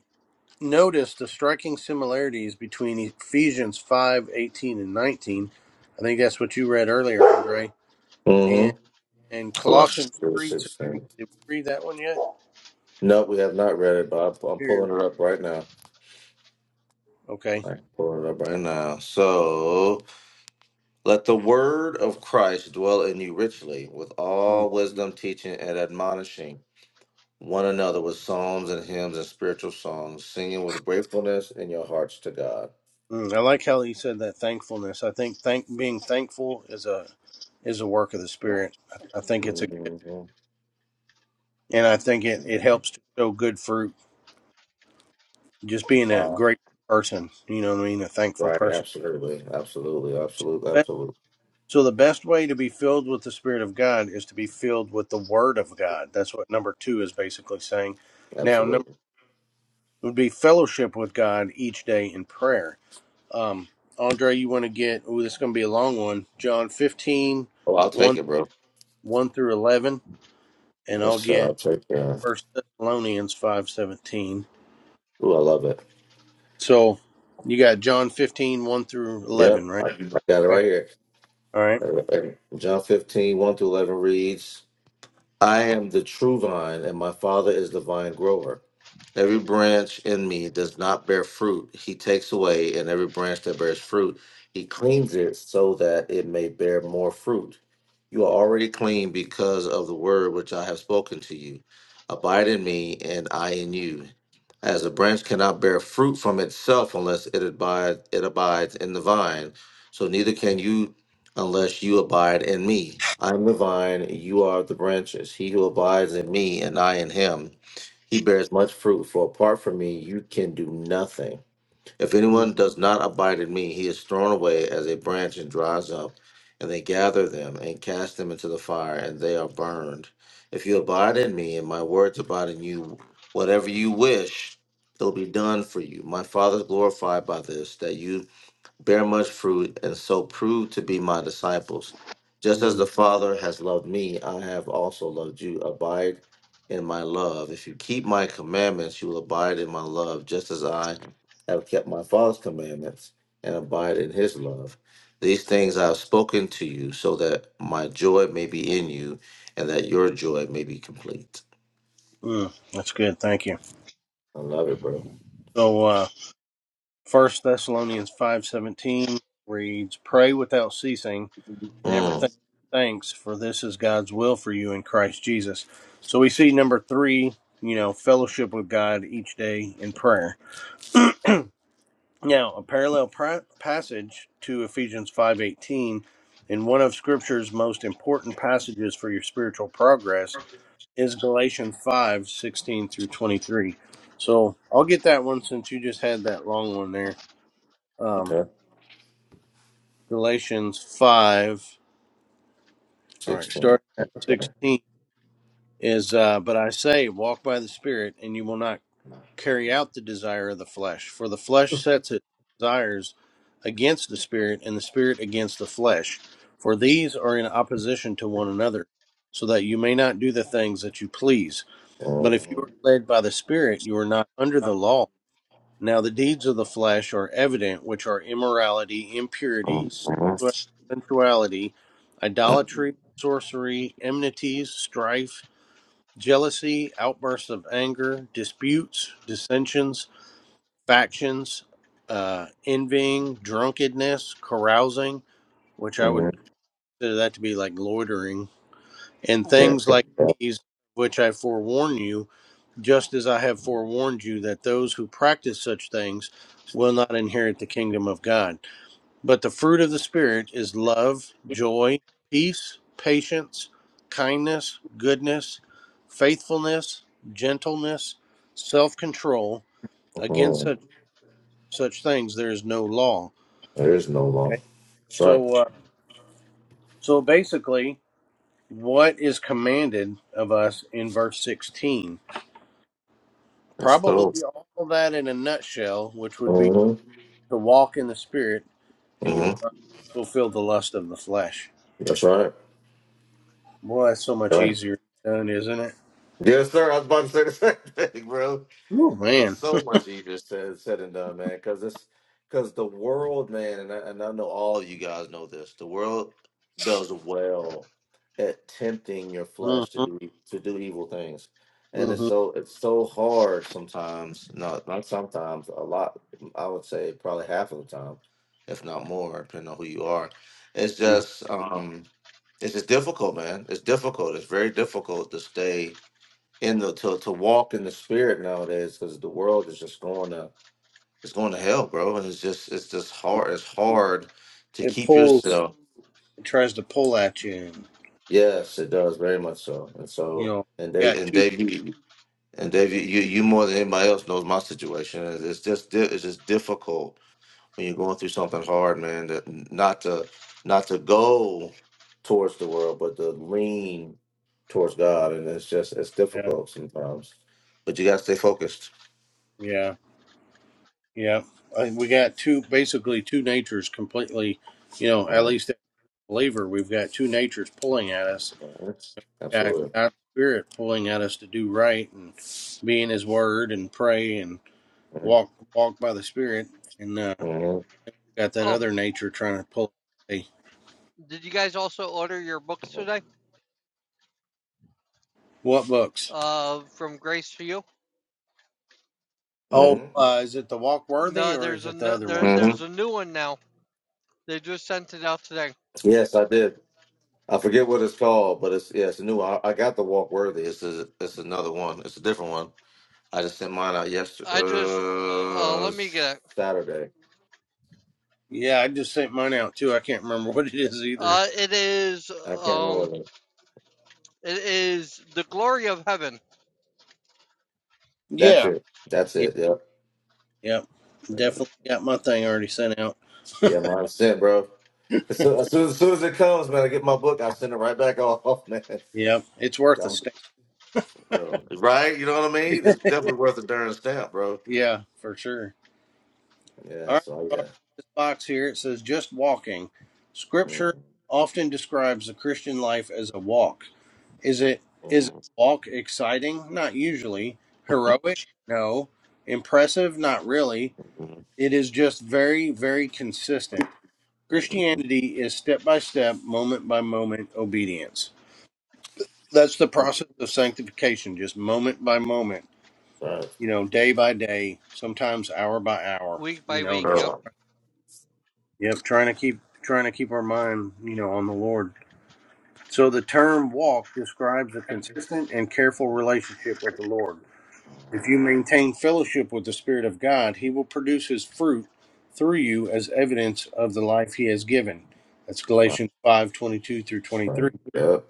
Speaker 2: notice the striking similarities between Ephesians 5 18 and 19. I think that's what you read earlier, Andre. And
Speaker 3: Mm-hmm.
Speaker 2: and
Speaker 3: Colossians
Speaker 2: Colossians
Speaker 3: 3,
Speaker 2: 3, 16.
Speaker 3: 16.
Speaker 2: Did we read that one yet?
Speaker 3: No, we have not read it, but I'm I'm
Speaker 2: Here.
Speaker 3: pulling it up right now.
Speaker 2: Okay.
Speaker 3: I'm pulling it up right now. So. Let the word of Christ dwell in you richly, with
Speaker 2: Mm.
Speaker 3: all wisdom, teaching, and admonishing one another with psalms and hymns and spiritual songs, singing with gratefulness in your hearts to God.
Speaker 2: Mm. I like how he said that thankfulness. I think thank being thankful is a is a work of the spirit. I, I think it's a gift.
Speaker 3: Mhm.
Speaker 2: And I think it, it helps to show good fruit just being a
Speaker 3: Wow.
Speaker 2: great person, you know what I mean, a thankful
Speaker 3: Right.
Speaker 2: person.
Speaker 3: Absolutely. Absolutely. Absolutely.
Speaker 2: That-
Speaker 3: Absolutely.
Speaker 2: So the best way to be filled with the Spirit of God is to be filled with the Word of God. That's what number two is basically saying. Now, number
Speaker 3: Absolutely.
Speaker 2: would be fellowship with God each day in prayer. Um, Andre, you want to get, oh, this is going to be a long one, John fifteen,
Speaker 3: Oh, I'll take
Speaker 2: one
Speaker 3: it, bro.
Speaker 2: 1, through 11, and
Speaker 3: Yes,
Speaker 2: I'll
Speaker 3: sir.
Speaker 2: get
Speaker 3: I'll take it.
Speaker 2: First Thessalonians 5 17.
Speaker 3: Ooh, I love it.
Speaker 2: So you got John fifteen one through 11,
Speaker 3: Yep.
Speaker 2: right?
Speaker 3: I, I got it right
Speaker 2: Okay.
Speaker 3: here.
Speaker 2: All right.
Speaker 3: Uh, John fifteen one 1 through 11 reads, I am the true vine, and my Father is the vine grower. Every branch in me does not bear fruit, he takes away, and every branch that bears fruit, he cleans it so that it may bear more fruit. You are already clean because of the word which I have spoken to you. Abide in me, and I in you. As a branch cannot bear fruit from itself unless it abide it abides in the vine, so neither can you unless you abide in me. I am the vine, you are the branches. He who abides in me, and I in him he bears much fruit, for apart from me, you can do nothing. If anyone does not abide in me, he is thrown away as a branch and dries up, and they gather them and cast them into the fire, and they are burned. If you abide in me, and my words abide in you, whatever you wish, it'll be done for you. My Father is glorified by this, that you bear much fruit, and so prove to be my disciples. Just
Speaker 2: Mm-hmm.
Speaker 3: as the Father has loved me, I have also loved you. Abide in my love. If you keep my commandments, you will abide in my love, just as I have kept my Father's commandments and abide in his love. These things I have spoken to you, so that my joy may be in you and that your joy may be complete.
Speaker 2: Mm, that's good. Thank you.
Speaker 3: I love it, bro.
Speaker 2: So, uh, First Thessalonians five seventeen reads, "Pray without ceasing, and everything
Speaker 3: Mm,
Speaker 2: thanks, for this is God's will for you in Christ Jesus." So we see number three, you know, fellowship with God each day in prayer. Now, a parallel pra- passage to Ephesians five eighteen, in one of Scripture's most important passages for your spiritual progress is Galatians five sixteen through 23. So I'll get that one since you just had that long one there. Um,
Speaker 3: okay.
Speaker 2: Galatians 5, all right,
Speaker 3: 16.
Speaker 2: starting at
Speaker 3: Okay.
Speaker 2: 16 is, uh, But I say, walk by the Spirit, and you will not carry out the desire of the flesh. For the flesh sets its desires against the Spirit, and the Spirit against the flesh. For these are in opposition to one another, so that you may not do the things that you please. But if you are
Speaker 3: Mhm.
Speaker 2: led by the Spirit, you are not under the law. Now the deeds of the flesh are evident, which are immorality, impurity,
Speaker 3: Mhm.
Speaker 2: sensuality, idolatry, sorcery, enmities, strife, jealousy, outbursts of anger, disputes, dissensions, factions, uh, envying, drunkenness, carousing, which I
Speaker 3: Mhm.
Speaker 2: would consider that to be like loitering, and
Speaker 3: There,
Speaker 2: things like these, which I forewarn you just as I have forewarned you that those who practice such things will not inherit the kingdom of God. But the fruit of the Spirit is love, joy, peace, patience, kindness, goodness, faithfulness, gentleness, self control. Against
Speaker 3: Mhm.
Speaker 2: such, such things, there is no law.
Speaker 3: there is no law.
Speaker 2: Okay.
Speaker 3: That's right.
Speaker 2: So, uh, so basically, what is commanded of us in verse 16?
Speaker 3: Let's go.
Speaker 2: Probably all that in a nutshell, which would be
Speaker 3: hmm
Speaker 2: to walk in the spirit and you
Speaker 3: hmm
Speaker 2: will not fulfill the lust of the flesh.
Speaker 3: That's right.
Speaker 2: Boy, that's so much
Speaker 3: Right.
Speaker 2: easier done, isn't it?
Speaker 3: Yes, sir. I was about to say the same thing, bro.
Speaker 2: Oh
Speaker 3: It's
Speaker 2: man.
Speaker 3: so much easier said said and done, man. Because it's because the world, man, and I, and I know all of you guys know this. The world does well at tempting your
Speaker 2: hmm
Speaker 3: flesh to do e, to do evil things, and it's
Speaker 2: hmm
Speaker 3: so it's so hard sometimes. Not not sometimes. A lot. I would say probably half of the time, if not more, depending on who you are. It's
Speaker 2: hmm
Speaker 3: just um, it's just difficult, man. It's difficult. It's very difficult to stay in the to, to walk in the spirit nowadays because the world is just going to it's going to hell, bro. And it's just it's just hard. It's hard to
Speaker 2: It
Speaker 3: keep
Speaker 2: pulls
Speaker 3: yourself.
Speaker 2: it tries to pull at you and
Speaker 3: Yes, it does very much so. And
Speaker 2: you
Speaker 3: so
Speaker 2: know,
Speaker 3: and
Speaker 2: you
Speaker 3: Dave
Speaker 2: got
Speaker 3: and
Speaker 2: two
Speaker 3: Dave you, and Dave you you you more than anybody else knows my situation. It's it's just di- it's just difficult when you're going through something hard, man. That not to not to go towards the world, but to lean towards God, and it's just it's
Speaker 2: yeah,
Speaker 3: difficult sometimes. But you gotta stay focused.
Speaker 2: yeah, yeah. I, we got two basically two natures completely you know, at least as a believer, we've got two natures pulling at us.
Speaker 3: Mhm.
Speaker 2: Got
Speaker 3: Absolutely.
Speaker 2: God's spirit pulling at us to do right and be in his word and pray and
Speaker 3: hmm
Speaker 2: walk walk by the spirit. and uh,
Speaker 3: hmm
Speaker 2: Got that
Speaker 1: Oh,
Speaker 2: other nature trying to pull. Hey,
Speaker 1: did you guys also order your books today?
Speaker 2: what books?
Speaker 1: Uh, from Grace for You?
Speaker 2: Oh,
Speaker 3: hmm
Speaker 2: uh, is it the Walk Worthy
Speaker 1: No,
Speaker 2: or is
Speaker 1: there's a
Speaker 2: it the
Speaker 1: n-
Speaker 2: other
Speaker 1: there,
Speaker 2: one?
Speaker 3: hmm
Speaker 1: there's a new one now. They just sent it out today.
Speaker 3: Yes, I did. I forget what it's called, but it's yeah, it's a new. I, I got the Walk Worthy. It's a, it's another one. It's a different one. I just sent mine out yesterday,
Speaker 1: I just uh, uh,
Speaker 3: uh,
Speaker 1: let me get it.
Speaker 3: Saturday.
Speaker 2: Yeah, I just sent mine out too. I can't remember what it is either.
Speaker 1: Uh, it is
Speaker 3: I can't remember
Speaker 1: um,
Speaker 3: what it.
Speaker 1: it is the glory of heaven
Speaker 3: That's
Speaker 2: Yeah,
Speaker 3: it. That's
Speaker 2: yeah,
Speaker 3: it. Yep.
Speaker 2: yep. Definitely got my thing already sent out.
Speaker 3: Yeah, mine sent, bro. As soon, as soon as soon as it comes, man, I get my book. I send it right back off, man.
Speaker 2: Yep, it's worth a
Speaker 3: I'm,
Speaker 2: stamp.
Speaker 3: bro, right? You know what I mean? It's definitely worth a darn stamp, bro.
Speaker 2: Yeah, for sure.
Speaker 3: Yeah.
Speaker 2: All right,
Speaker 3: So
Speaker 2: so I'll read
Speaker 3: yeah.
Speaker 2: this box here it says just walking.
Speaker 3: Mm-hmm.
Speaker 2: Scripture often describes the Christian life as a walk. Is it is
Speaker 3: Right.
Speaker 2: a walk exciting? Not usually. Heroic? No. Impressive? Not really. It is just very, very consistent. Christianity is step by step, moment by moment obedience. That's the process of sanctification, just moment by moment,
Speaker 3: Right.
Speaker 2: you know, day by day, sometimes hour by hour,
Speaker 1: Week
Speaker 2: you
Speaker 1: by
Speaker 2: know,
Speaker 1: week,
Speaker 2: just
Speaker 1: yep.
Speaker 3: Oh,
Speaker 2: yep, trying to keep trying to keep our mind, you know, on the Lord. So the term walk describes a consistent and careful relationship with the Lord. If you maintain fellowship with the Spirit of God, He will produce His fruit through you as evidence of the life He has given. That's
Speaker 3: Right.
Speaker 2: Galatians five twenty-two through 23.
Speaker 3: Right. Yep.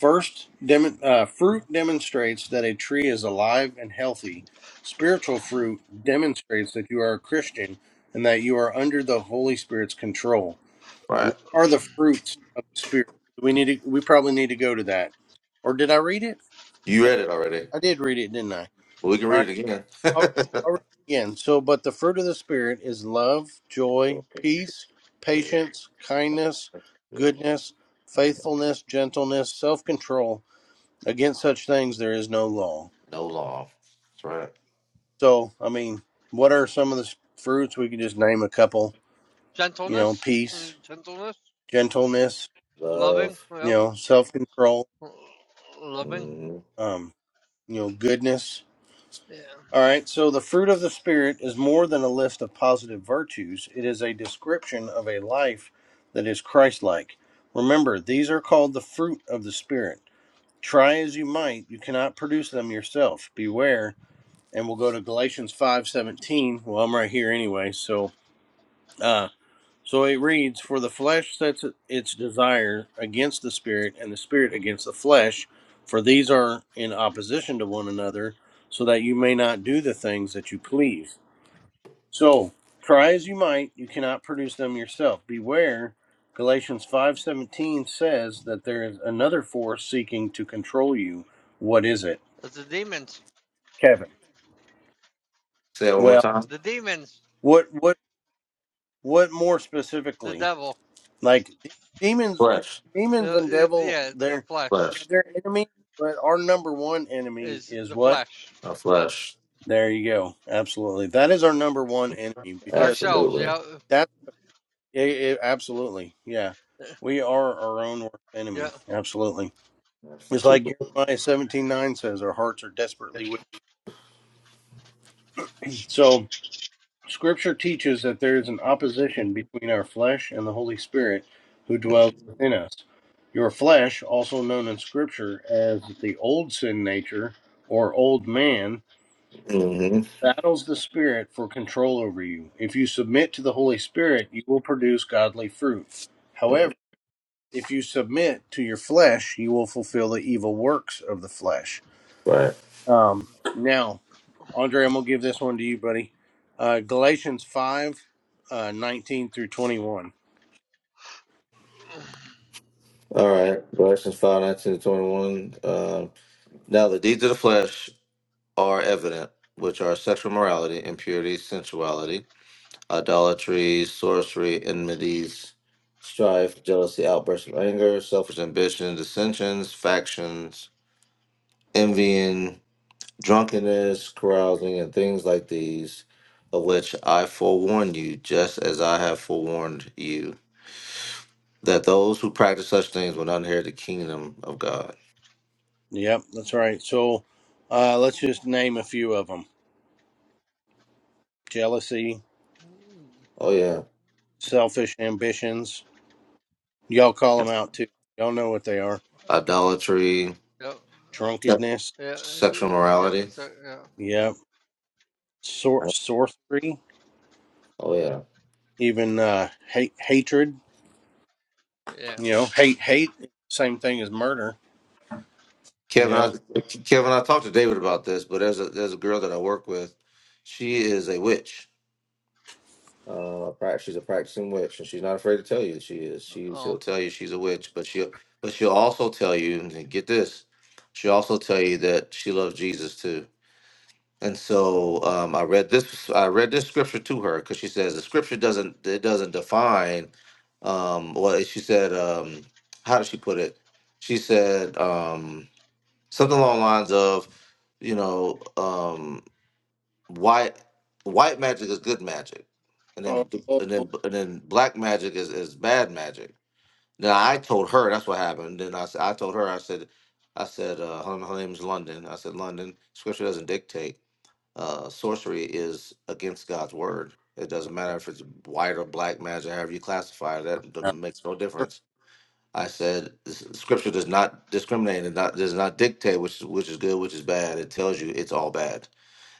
Speaker 2: First, dem- uh, fruit demonstrates that a tree is alive and healthy. Spiritual fruit demonstrates that you are a Christian and that you are under the Holy Spirit's control.
Speaker 3: Right.
Speaker 2: What are the fruits of the Spirit? We need to, we probably need to go to that. Or did I read it?
Speaker 3: You
Speaker 2: I,
Speaker 3: read it already.
Speaker 2: I did read it, didn't I?
Speaker 3: Well, we can
Speaker 2: All right.
Speaker 3: read it again.
Speaker 2: I'll read, I'll read it again. So, but the fruit of the Spirit is love, joy, peace, patience, kindness, goodness, faithfulness, gentleness, self control. Against such things there is no law.
Speaker 3: no law. That's right.
Speaker 2: So, I mean, what are some of the s- fruits? We could just name a couple. You know,
Speaker 1: Gentleness, mm,
Speaker 2: peace,
Speaker 1: gentleness,
Speaker 2: gentleness,
Speaker 1: loving,
Speaker 3: Love.
Speaker 2: you
Speaker 1: yep.
Speaker 2: know, self control,
Speaker 1: Loving,
Speaker 3: Mhm.
Speaker 2: um, you know, goodness.
Speaker 1: yeah.
Speaker 2: All right, so the fruit of the Spirit is more than a list of positive virtues, it is a description of a life that is Christ like. Remember, these are called the fruit of the Spirit. Try as you might, you cannot produce them yourself. Beware. And we'll go to Galatians 5:17. Well, I'm right here anyway, so uh, so it reads, For the flesh sets its desire against the spirit, and the spirit against the flesh, for these are in opposition to one another, so that you may not do the things that you please. So try as you might, you cannot produce them yourself. Beware, Galatians five seventeen says that there is another force seeking to control you. What is it?
Speaker 1: It's the demons,
Speaker 2: Kevin.
Speaker 3: Say it one more
Speaker 2: Well,
Speaker 3: time.
Speaker 1: the demons,
Speaker 2: what what what more
Speaker 1: the
Speaker 2: specifically?
Speaker 1: devil,
Speaker 2: Like demons,
Speaker 3: Flesh.
Speaker 2: demons and
Speaker 1: the
Speaker 2: devil,
Speaker 1: yeah, the
Speaker 2: they're
Speaker 1: flesh
Speaker 2: yeah,
Speaker 3: Flesh.
Speaker 2: they're enemies. But our number one enemy
Speaker 1: is
Speaker 2: is
Speaker 1: the
Speaker 2: what?
Speaker 1: flesh.
Speaker 3: A flesh.
Speaker 2: There you go. Absolutely, that is our number one enemy because
Speaker 1: Ourselves,
Speaker 3: Absolutely.
Speaker 1: yeah,
Speaker 2: that. It, it, absolutely, yeah. We are our own worst
Speaker 1: yeah,
Speaker 2: enemy. Absolutely, it's like
Speaker 3: Absolutely.
Speaker 2: Jeremiah seventeen nine says, our hearts are desperately wicked. So Scripture teaches that there is an opposition between our flesh and the Holy Spirit who dwells within us. Your flesh, also known in Scripture as the old sin nature or old man,
Speaker 3: Mm-hmm.
Speaker 2: battles the Spirit for control over you. If you submit to the Holy Spirit, you will produce godly fruit. However, if you submit to your flesh, you will fulfill the evil works of the flesh.
Speaker 3: Right.
Speaker 2: Um, now, Andre, I'm gonna give this one to you, buddy. Uh, Galatians 5, uh, 19 through 21.
Speaker 3: All right. Galatians five nineteen to 21. Um, now the deeds of the flesh are evident, which are sexual morality, impurity, sensuality, idolatry, sorcery, enmities, strife, jealousy, outbursts of anger, selfish ambition, dissensions, factions, envying, drunkenness, carousing, and things like these, of which I forewarn you, just as I have forewarned you, that those who practice such things will not inherit the kingdom of God.
Speaker 2: Yep, that's right. So uh, let's just name a few of them: jealousy,
Speaker 3: Oh, yeah.
Speaker 2: selfish ambitions. Y'all call them out too. Y'all know what they are:
Speaker 3: Idolatry,
Speaker 1: yep, uh,
Speaker 3: Yep.
Speaker 2: drunkenness.
Speaker 1: yeah,
Speaker 3: sexual
Speaker 1: uh, yep,
Speaker 3: morality.
Speaker 1: so, yeah,
Speaker 2: Yep, sor- sorcery,
Speaker 3: Oh, yeah.
Speaker 2: even uh, hate, hatred.
Speaker 1: yeah,
Speaker 2: You know, hate, hate. Same thing as murder. You
Speaker 3: Kevin,
Speaker 2: know.
Speaker 3: I, Kevin, I talked to David about this, but there's a there's a girl that I work with. She is a witch. Uh, prac- she's a practicing witch, and she's not afraid to tell you that she is. She
Speaker 1: oh,
Speaker 3: she'll tell you she's a witch, but she'll but she'll also tell you and get this. She'll also tell you that she loves Jesus too. And so um, I read this I read this scripture to her because she says the scripture doesn't it doesn't define. Um, well, she said, um, how did she put it? She said. Um, something along the lines of, you know, um, white white magic is good magic, and then
Speaker 2: Oh, oh,
Speaker 3: and then
Speaker 2: oh.
Speaker 3: and then black magic is, is bad magic. Now I told her that's what happened. Then I s- I told her I said I said uh, her, her name's London. I said London. Scripture doesn't dictate. Uh, sorcery is against God's word. It doesn't matter if it's white or black magic, however you classify it. That doesn't- makes no difference I said "This- scripture does not discriminate and not does not dictate which is which is good, which is bad. It tells you it's all bad.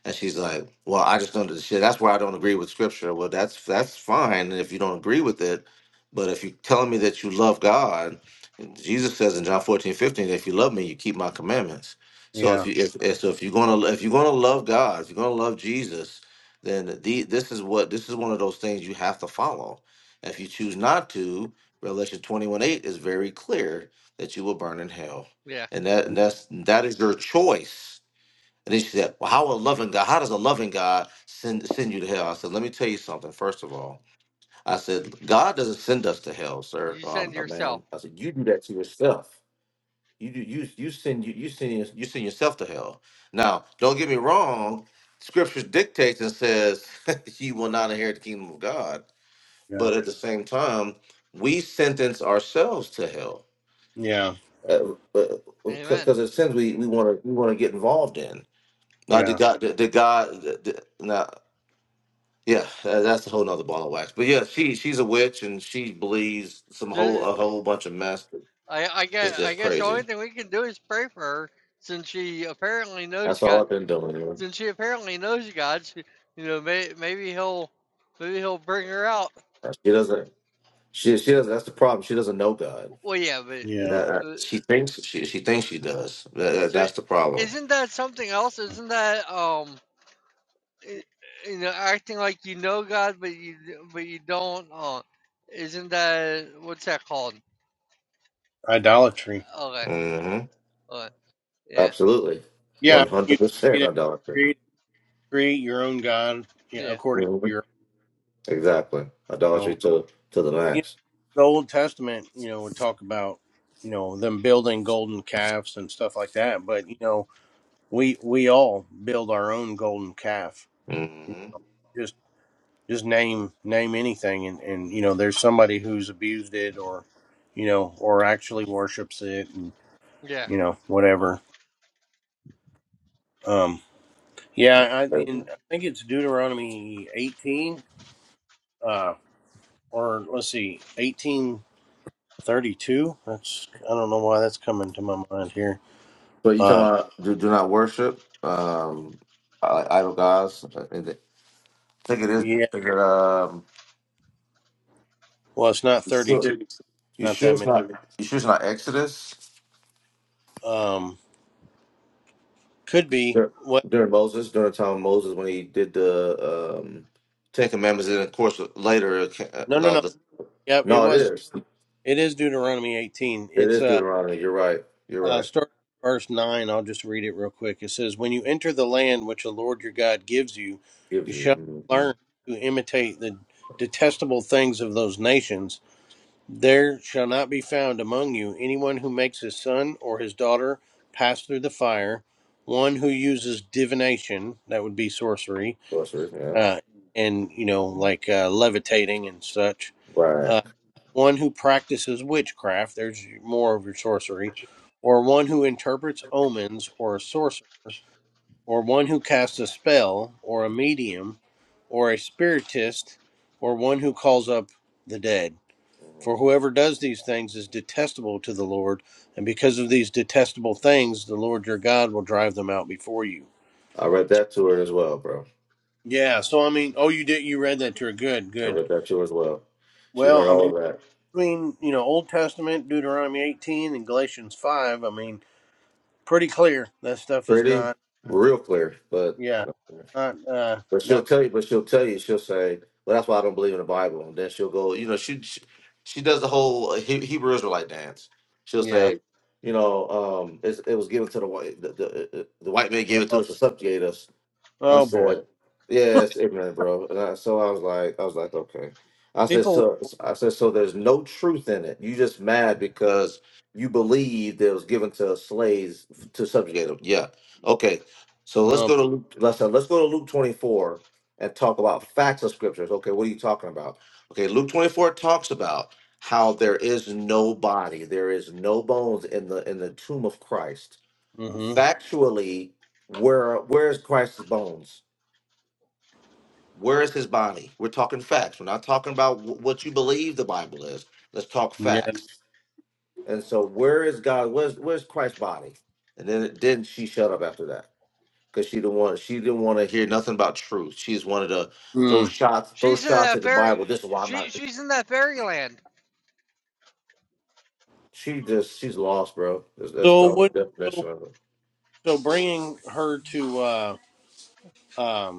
Speaker 3: And she's like, "Well, I just don't shit. That's why I don't agree with scripture. Well, that's that's fine if you don't agree with it, but if you're telling me that you love God, Jesus says in John 14 15, if you love me, you keep my commandments. So if
Speaker 2: yeah,
Speaker 3: you if, if so if you're gonna if you're gonna love God, if you're gonna love Jesus, then the, this is what this is one of those things you have to follow. If you choose not to, Revelation 21, 8 is very clear that you will burn in hell,
Speaker 1: yeah.
Speaker 3: and that and that's that is your choice." And then she said, Well, how a loving God, how does a loving God send send you to hell? I said, Let me tell you something, first of all. I said, God doesn't send us to hell, sir,
Speaker 1: You
Speaker 3: um,
Speaker 1: send
Speaker 3: or ma'am.
Speaker 1: yourself,
Speaker 3: I said, you do that to yourself. You do you you send you you send your- you send yourself to hell. Now, don't get me wrong, scripture dictates and says you will not inherit the kingdom of God.
Speaker 2: yeah,
Speaker 3: But at the same time, we sentence ourselves to hell.
Speaker 2: yeah,
Speaker 3: Because uh, uh, 'cause-
Speaker 1: amen.
Speaker 3: 'cause there's sins we, we want to we want to get involved in, uh, the
Speaker 2: yeah,
Speaker 3: guy, the, the guy, the, the, nah, yeah, uh, that's a whole nother ball of wax. But yeah, she she's a witch and she believes some whole
Speaker 1: Ju-
Speaker 3: a whole bunch of mess.
Speaker 1: I, I,
Speaker 3: It's
Speaker 1: guess, I
Speaker 3: just
Speaker 1: guess the only
Speaker 3: crazy.
Speaker 1: thing we can do is pray for her since she apparently knows
Speaker 3: That's
Speaker 1: God.
Speaker 3: all I've been doing. man.
Speaker 1: Since she apparently knows God, she- you know, may, maybe he'll maybe he'll bring her out.
Speaker 3: She doesn't. She she doesn't. That's the problem. She doesn't know God.
Speaker 1: Well, yeah, but
Speaker 3: That,
Speaker 2: yeah.
Speaker 3: that-
Speaker 1: uh,
Speaker 3: she thinks she she thinks she does. That, that-
Speaker 1: so
Speaker 3: that's the problem.
Speaker 1: isn't that something else? Isn't that um, i- you know, acting like you know God, but you but you don't? Uh, isn't that what's that called?
Speaker 2: Idolatry.
Speaker 1: Okay,
Speaker 3: hmm
Speaker 1: okay, yeah,
Speaker 3: Absolutely, one
Speaker 2: Yeah, you
Speaker 3: hundred percent
Speaker 2: create,
Speaker 3: idolatry.
Speaker 2: create, create your own God you know,
Speaker 1: yeah,
Speaker 2: according
Speaker 3: hmm
Speaker 2: to your,
Speaker 3: Exactly,
Speaker 2: you
Speaker 3: idolatry
Speaker 2: know,
Speaker 3: to to the
Speaker 2: you know,
Speaker 3: max.
Speaker 2: the Old Testament, you know, would talk about, you know, them building golden calves and stuff like that. But you know, we we all build our own golden calf.
Speaker 3: hmm
Speaker 2: Just just name name anything, and and you know, there's somebody who's abused it, or you know, or actually worships it, and
Speaker 1: yeah.
Speaker 2: you know, whatever. Um, yeah, I, in, I think it's Deuteronomy 18. uh, or let's see, 1832. That's I don't know why that's coming to my mind here.
Speaker 3: So you talking
Speaker 2: Uh,
Speaker 3: about do, do not worship um, i- idol gods? I think it
Speaker 2: yeah,
Speaker 3: is. Um,
Speaker 2: well, it's not
Speaker 3: So
Speaker 2: 32.
Speaker 3: you
Speaker 2: Not
Speaker 3: sure
Speaker 2: that
Speaker 3: it's
Speaker 2: many.
Speaker 3: not you sure it's not Exodus?
Speaker 2: Um, could be.
Speaker 3: Dur-
Speaker 2: Well,
Speaker 3: During Moses, during the time of Moses, when he did the um, Ten Commandments, and of course later, it ca-
Speaker 2: no, no,
Speaker 3: uh,
Speaker 2: no.
Speaker 3: the, the-
Speaker 2: Yep, it
Speaker 3: no, it
Speaker 2: was.
Speaker 3: is.
Speaker 2: It is Deuteronomy 18.
Speaker 3: It
Speaker 2: It's
Speaker 3: is
Speaker 2: uh,
Speaker 3: Deuteronomy. You're right. You're
Speaker 2: uh
Speaker 3: right.
Speaker 2: starting at verse nine. I'll just read it real quick. It says, "When you enter the land which the Lord your God gives you,
Speaker 3: Gives
Speaker 2: you
Speaker 3: you
Speaker 2: shall
Speaker 3: hmm
Speaker 2: learn to imitate the detestable things of those nations." There shall not be found among you anyone who makes his son or his daughter pass through the fire, one who uses divination, that would be sorcery,
Speaker 3: sorcery. Yeah.
Speaker 2: uh, and, you know, like uh, levitating and such,
Speaker 3: Right.
Speaker 2: uh, one who practices witchcraft, there's more of your sorcery, or one who interprets omens or a sorcerer, or one who casts a spell, or a medium, or a spiritist, or one who calls up the dead. For whoever does these things is detestable to the Lord, and because of these detestable things, the Lord your God will drive them out before you.
Speaker 3: I read
Speaker 2: So,
Speaker 3: that to her as well, bro.
Speaker 2: yeah, so I mean, oh, you did, you read that to her? Good,
Speaker 3: I
Speaker 2: good.
Speaker 3: read that to her as well. She
Speaker 2: Well,
Speaker 3: heard
Speaker 2: I
Speaker 3: all
Speaker 2: mean,
Speaker 3: of that.
Speaker 2: between, you know, Old Testament, Deuteronomy 18, and Galatians 5, I mean, pretty clear that stuff is
Speaker 3: Pretty,
Speaker 2: not,
Speaker 3: real clear, but.
Speaker 2: yeah, not, uh,
Speaker 3: But she'll
Speaker 2: not, com-
Speaker 3: tell you, but she'll tell you, she'll say, "Well, that's why I don't believe in the Bible." And then she'll go, you know, she she, she does the whole uh, He- Hebrew Israelite dance. She'll
Speaker 2: yeah.
Speaker 3: say, you know, um, it's, it was given to the white, the, the, uh, uh, the white man gave it to
Speaker 2: Oh,
Speaker 3: us to subjugate us I
Speaker 2: oh, boy.
Speaker 3: said, "Yeah, it's ignorant, bro." And I, so I was like, I was like, okay. I said,
Speaker 2: People,
Speaker 3: so I said, so there's no truth in it. You just mad because you believed it was given to slaves f- to subjugate them. Yeah. Okay. So let's
Speaker 2: oh,
Speaker 3: go to Luke. Let's uh, let's go to Luke 24 and talk about facts of scriptures. Okay, what are you talking about? Okay, Luke 24 talks about how there is no body, there is no bones in the in the tomb of Christ.
Speaker 2: mm-hmm,
Speaker 3: Factually, where where's Christ's bones? Where is his body? We're talking facts. We're not talking about wh- what you believe the Bible is. Let's talk
Speaker 2: yeah.
Speaker 3: facts. And so, where is God? Where's Where's Christ's body? And then, then she shut up after that because she didn't want she didn't want to hear nothing about truth. She just wanted to throw
Speaker 2: Mm.
Speaker 3: shots throw
Speaker 1: She's in
Speaker 3: shots at
Speaker 1: that
Speaker 3: the
Speaker 1: fairy.
Speaker 3: Bible. This is why I'm
Speaker 1: She
Speaker 3: not.
Speaker 1: she's in that fairyland.
Speaker 3: She just she's lost, bro. That's, that's the
Speaker 2: So,
Speaker 3: only
Speaker 2: what, so,
Speaker 3: definition of it.
Speaker 2: so bringing her to, uh, um,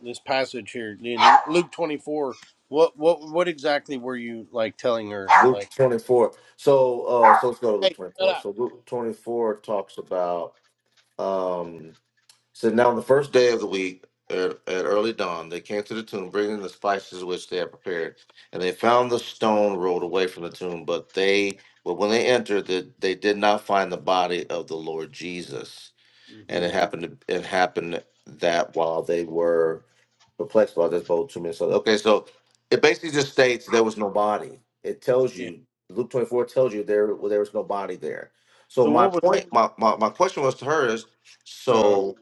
Speaker 2: this passage here in Luke 24 what what what exactly were you like telling her
Speaker 3: Luke
Speaker 2: like
Speaker 3: twenty four. So uh, so let's go to Luke
Speaker 2: hey
Speaker 3: twenty
Speaker 2: shut
Speaker 3: four.
Speaker 2: up
Speaker 3: So Luke twenty four talks about. um. So now on the first day of the week, at, at early dawn, they came to the tomb, bringing the spices which they had prepared, and they found the stone rolled away from the tomb. But they, but when they entered, the, they did not find the body of the Lord Jesus and
Speaker 2: hmm
Speaker 3: it happened it happened that while they were perplexed by this bold two minutes. Okay, so it basically just states there was no body. It tells
Speaker 2: yeah
Speaker 3: you Luke twenty four tells you there well, there was no body there. So
Speaker 2: so
Speaker 3: my
Speaker 2: what was
Speaker 3: point, my, my my question was to her is
Speaker 2: uh huh.
Speaker 3: so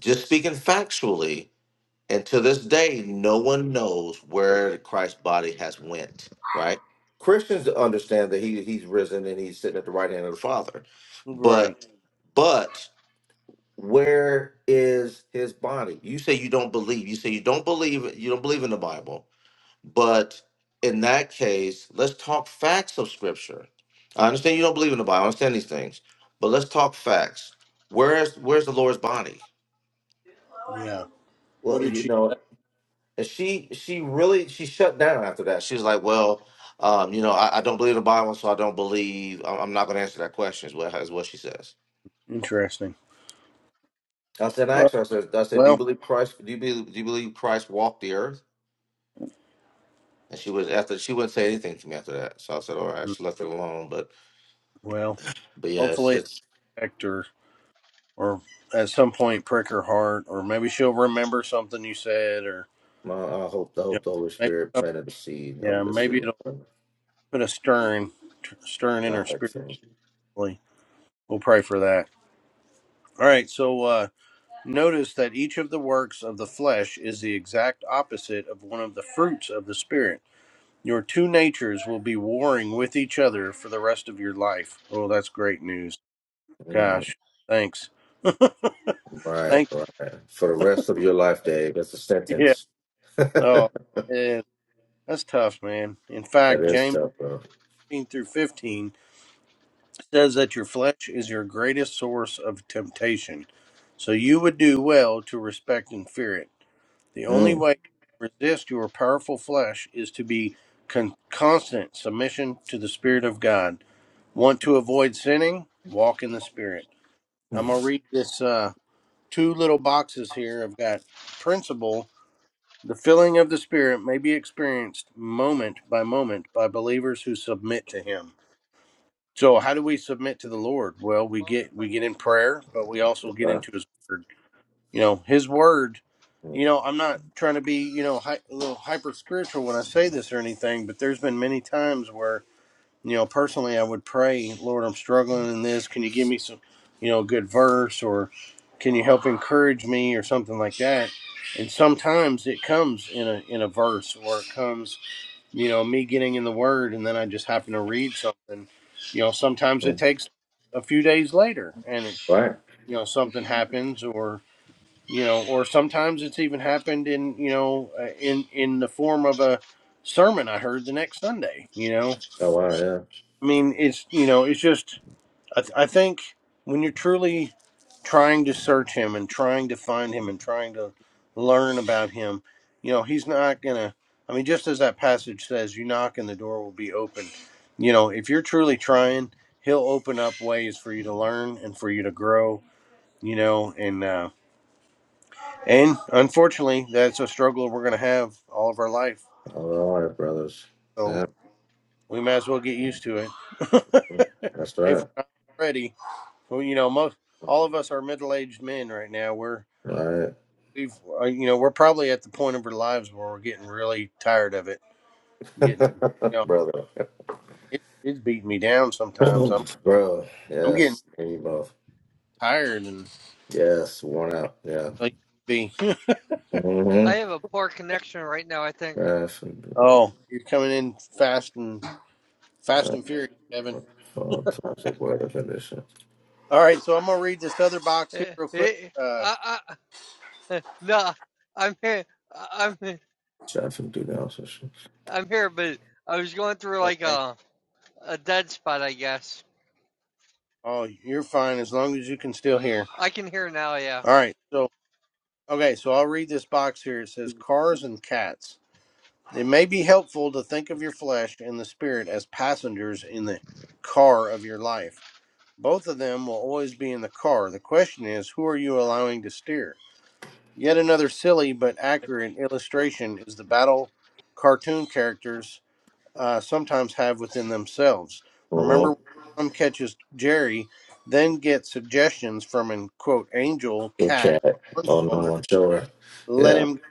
Speaker 3: just speaking factually, and to this day, no one knows where Christ's body has went. Right? Christians understand that he he's risen and he's sitting at the right hand of the Father,
Speaker 2: right
Speaker 3: but but where is his body you say you don't believe you say you don't believe it- you don't believe in the bible but in that case let's talk facts of scripture i understand you don't believe in the bible i understand these things but let's talk facts where's where's the lord's body
Speaker 2: yeah what
Speaker 3: well
Speaker 2: did
Speaker 3: you
Speaker 2: she
Speaker 3: know
Speaker 2: say?
Speaker 3: and she she really she shut down after that she was like well um, you know I, I don't believe the bible so i don't believe i'm I'm not going to answer that question is what, is what she says
Speaker 2: interesting
Speaker 3: i said i
Speaker 2: Uh,
Speaker 3: asked her i said i said do you
Speaker 2: well
Speaker 3: believe christ do you believe do you believe christ walked the earth And she was after she wouldn't say anything to me after that. So I said, all right,
Speaker 2: mm,
Speaker 3: she left it alone. But
Speaker 2: well
Speaker 3: but yeah, it's,
Speaker 2: hopefully it
Speaker 3: it's
Speaker 2: affect her or at some point prick her heart or maybe she'll remember something you said or
Speaker 3: my I hope the
Speaker 2: you
Speaker 3: hope the Holy
Speaker 2: know, maybe
Speaker 3: Spirit
Speaker 2: some-
Speaker 3: planted the seed
Speaker 2: yeah
Speaker 3: of this
Speaker 2: maybe
Speaker 3: seed.
Speaker 2: it'll put a stern stern in
Speaker 3: Yeah,
Speaker 2: her
Speaker 3: I think so.
Speaker 2: spiritually we'll pray for that all right so uh Notice that each of the works of the flesh is the exact opposite of one of the fruits of the Spirit. Your two natures will be warring with each other for the rest of your life. Oh, that's great news.
Speaker 3: Mhm.
Speaker 2: Gosh, thanks.
Speaker 3: Right,
Speaker 2: thanks.
Speaker 3: right. For the rest of your life, Dave. That's a
Speaker 2: Yeah.
Speaker 3: sentence. that
Speaker 2: Oh, yeah. That's tough, man. In fact,
Speaker 3: is
Speaker 2: James
Speaker 3: tough, bro.
Speaker 2: 15 through 15 says that your flesh is your greatest source of temptation. So you would do well to respect and fear it. The only
Speaker 3: Mm.
Speaker 2: way to resist your powerful flesh is to be con- constant submission to the Spirit of God. Want to avoid sinning? Walk in the Spirit. I'm
Speaker 3: Mm.
Speaker 2: gonna read this uh, two little boxes here. I've got principle. The filling of the Spirit may be experienced moment by moment by believers who submit to Him. So, how do we submit to the Lord? Well, we
Speaker 1: Moment
Speaker 2: get
Speaker 1: by
Speaker 2: we get in
Speaker 1: moment.
Speaker 2: prayer, but we also get
Speaker 3: Wow.
Speaker 2: into His Word you know his word you
Speaker 3: Mm.
Speaker 2: know i'm not trying to be you know hy- a little hyper spiritual when i say this or anything but there's been many times where you know personally i would pray lord i'm struggling in this can you give me some you know a good verse or can you help encourage me or something like that and sometimes it comes in a in a verse or it comes you know me getting in the word and then i just happen to read something you know sometimes it
Speaker 3: Mm.
Speaker 2: takes a few days later and it,
Speaker 3: Right.
Speaker 2: you know something happens or you know, or sometimes it's even happened in you know uh, in in the form of a sermon I heard the next Sunday. You know,
Speaker 3: Oh wow, yeah.
Speaker 2: I mean, it's you know, it's just I, th- I think when you're truly trying to search him and trying to find him and trying to learn about him, you know, he's not gonna. I mean, just as that passage says, you knock and the door will be open. You know, if you're truly trying, he'll open up ways for you to learn and for you to grow. You know, and uh, and unfortunately, that's a struggle we're going to have all of our life.
Speaker 3: All right, brothers.
Speaker 2: So
Speaker 3: Yeah.
Speaker 2: we might as well get used to it.
Speaker 3: Mm. That's
Speaker 2: if
Speaker 3: right.
Speaker 2: we're not ready, well, you know, most all
Speaker 3: Mm.
Speaker 2: of us are middle-aged men right now. We're
Speaker 3: All
Speaker 2: we've uh, you know we're probably at the point of our lives where we're getting really tired of it. Getting you
Speaker 3: right.
Speaker 2: know
Speaker 3: Brother.
Speaker 2: it, it's beating me down sometimes. I'm
Speaker 3: bro.
Speaker 2: I'm getting
Speaker 3: Yes. Here you both.
Speaker 2: tired and
Speaker 3: Yes. Worn out. Yeah.
Speaker 2: like be
Speaker 1: I
Speaker 3: Mm-hmm.
Speaker 1: have a poor connection right now. I think.
Speaker 3: Traffic.
Speaker 2: oh you're coming in fast and fast
Speaker 3: Uh,
Speaker 2: and furious, Kevin.
Speaker 3: all types of weather conditions.
Speaker 2: All right, so I'm gonna read this other box here
Speaker 1: Eh,
Speaker 2: real quick.
Speaker 1: eh,
Speaker 2: Uh,
Speaker 1: I, Uh, No, I'm here. I'm
Speaker 3: Traffic do
Speaker 1: I'm here, but I was going through like
Speaker 2: okay.
Speaker 1: a a dead spot, I guess.
Speaker 2: Oh, you're fine as long as you can still hear.
Speaker 1: I can hear now. Yeah,
Speaker 2: All right. So, okay, so I'll read this box here. It says cars and cats. It may be helpful to think of your flesh and the spirit as passengers in the car of your life. Both of them will always be in the car. The question is, who are you allowing to steer? Yet another silly but accurate illustration is the battle cartoon characters uh, sometimes have within themselves. Remember,
Speaker 3: now.
Speaker 2: when Tom catches Jerry, then gets suggestions from an quote angel
Speaker 3: Good
Speaker 2: cat
Speaker 3: chat.
Speaker 2: on one
Speaker 3: Oh
Speaker 2: shoulder,
Speaker 3: no, I'm sure.
Speaker 2: let
Speaker 3: Yeah,
Speaker 2: him go,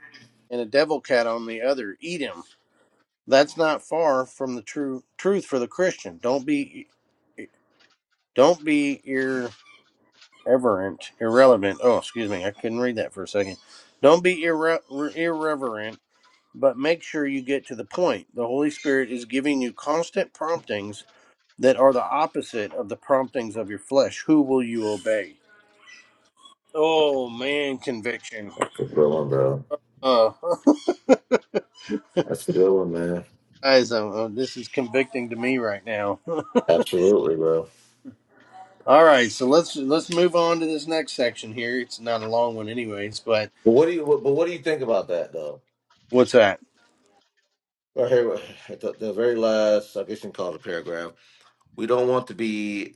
Speaker 2: and a devil cat on the other, eat him. That's not far from the true truth for the Christian. Don't be, e, e, don't be irreverent, irrelevant. Oh, excuse me, I couldn't read that for a second. Don't be irre- irreverent, but make sure you get to the point. The Holy Spirit is giving you constant promptings that are the opposite of the promptings of your flesh, who will you obey? Oh man, conviction.
Speaker 3: that's a good one, bro.
Speaker 2: Uh,
Speaker 3: That's a good one, man.
Speaker 2: guys, uh, uh, this is convicting to me right now.
Speaker 3: Absolutely, bro.
Speaker 2: All right, so let's let's move on to this next section here. It's not a long one, anyways. But
Speaker 3: But what do you? But what do you think about that, though?
Speaker 2: what's that?
Speaker 3: Right here, at the, the very last, I guess you can call it a paragraph. We don't want to be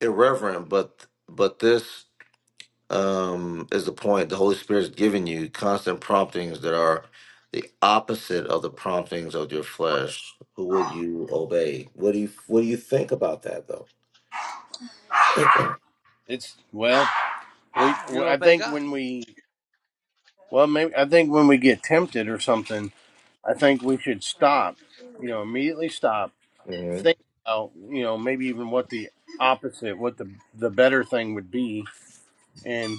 Speaker 3: irreverent, but but this um is the point. The Holy Spirit's giving you constant promptings that are the opposite of the promptings of your flesh. Who will you obey? What do you What do you think about that, though?
Speaker 2: It's well, we,
Speaker 1: you
Speaker 2: I
Speaker 1: obey
Speaker 2: think
Speaker 1: God.
Speaker 2: when we well, maybe I think when we get tempted or something, I think we should stop. You know, immediately stop.
Speaker 3: Mhm.
Speaker 2: Think about you know maybe even what the opposite, what the the better thing would be And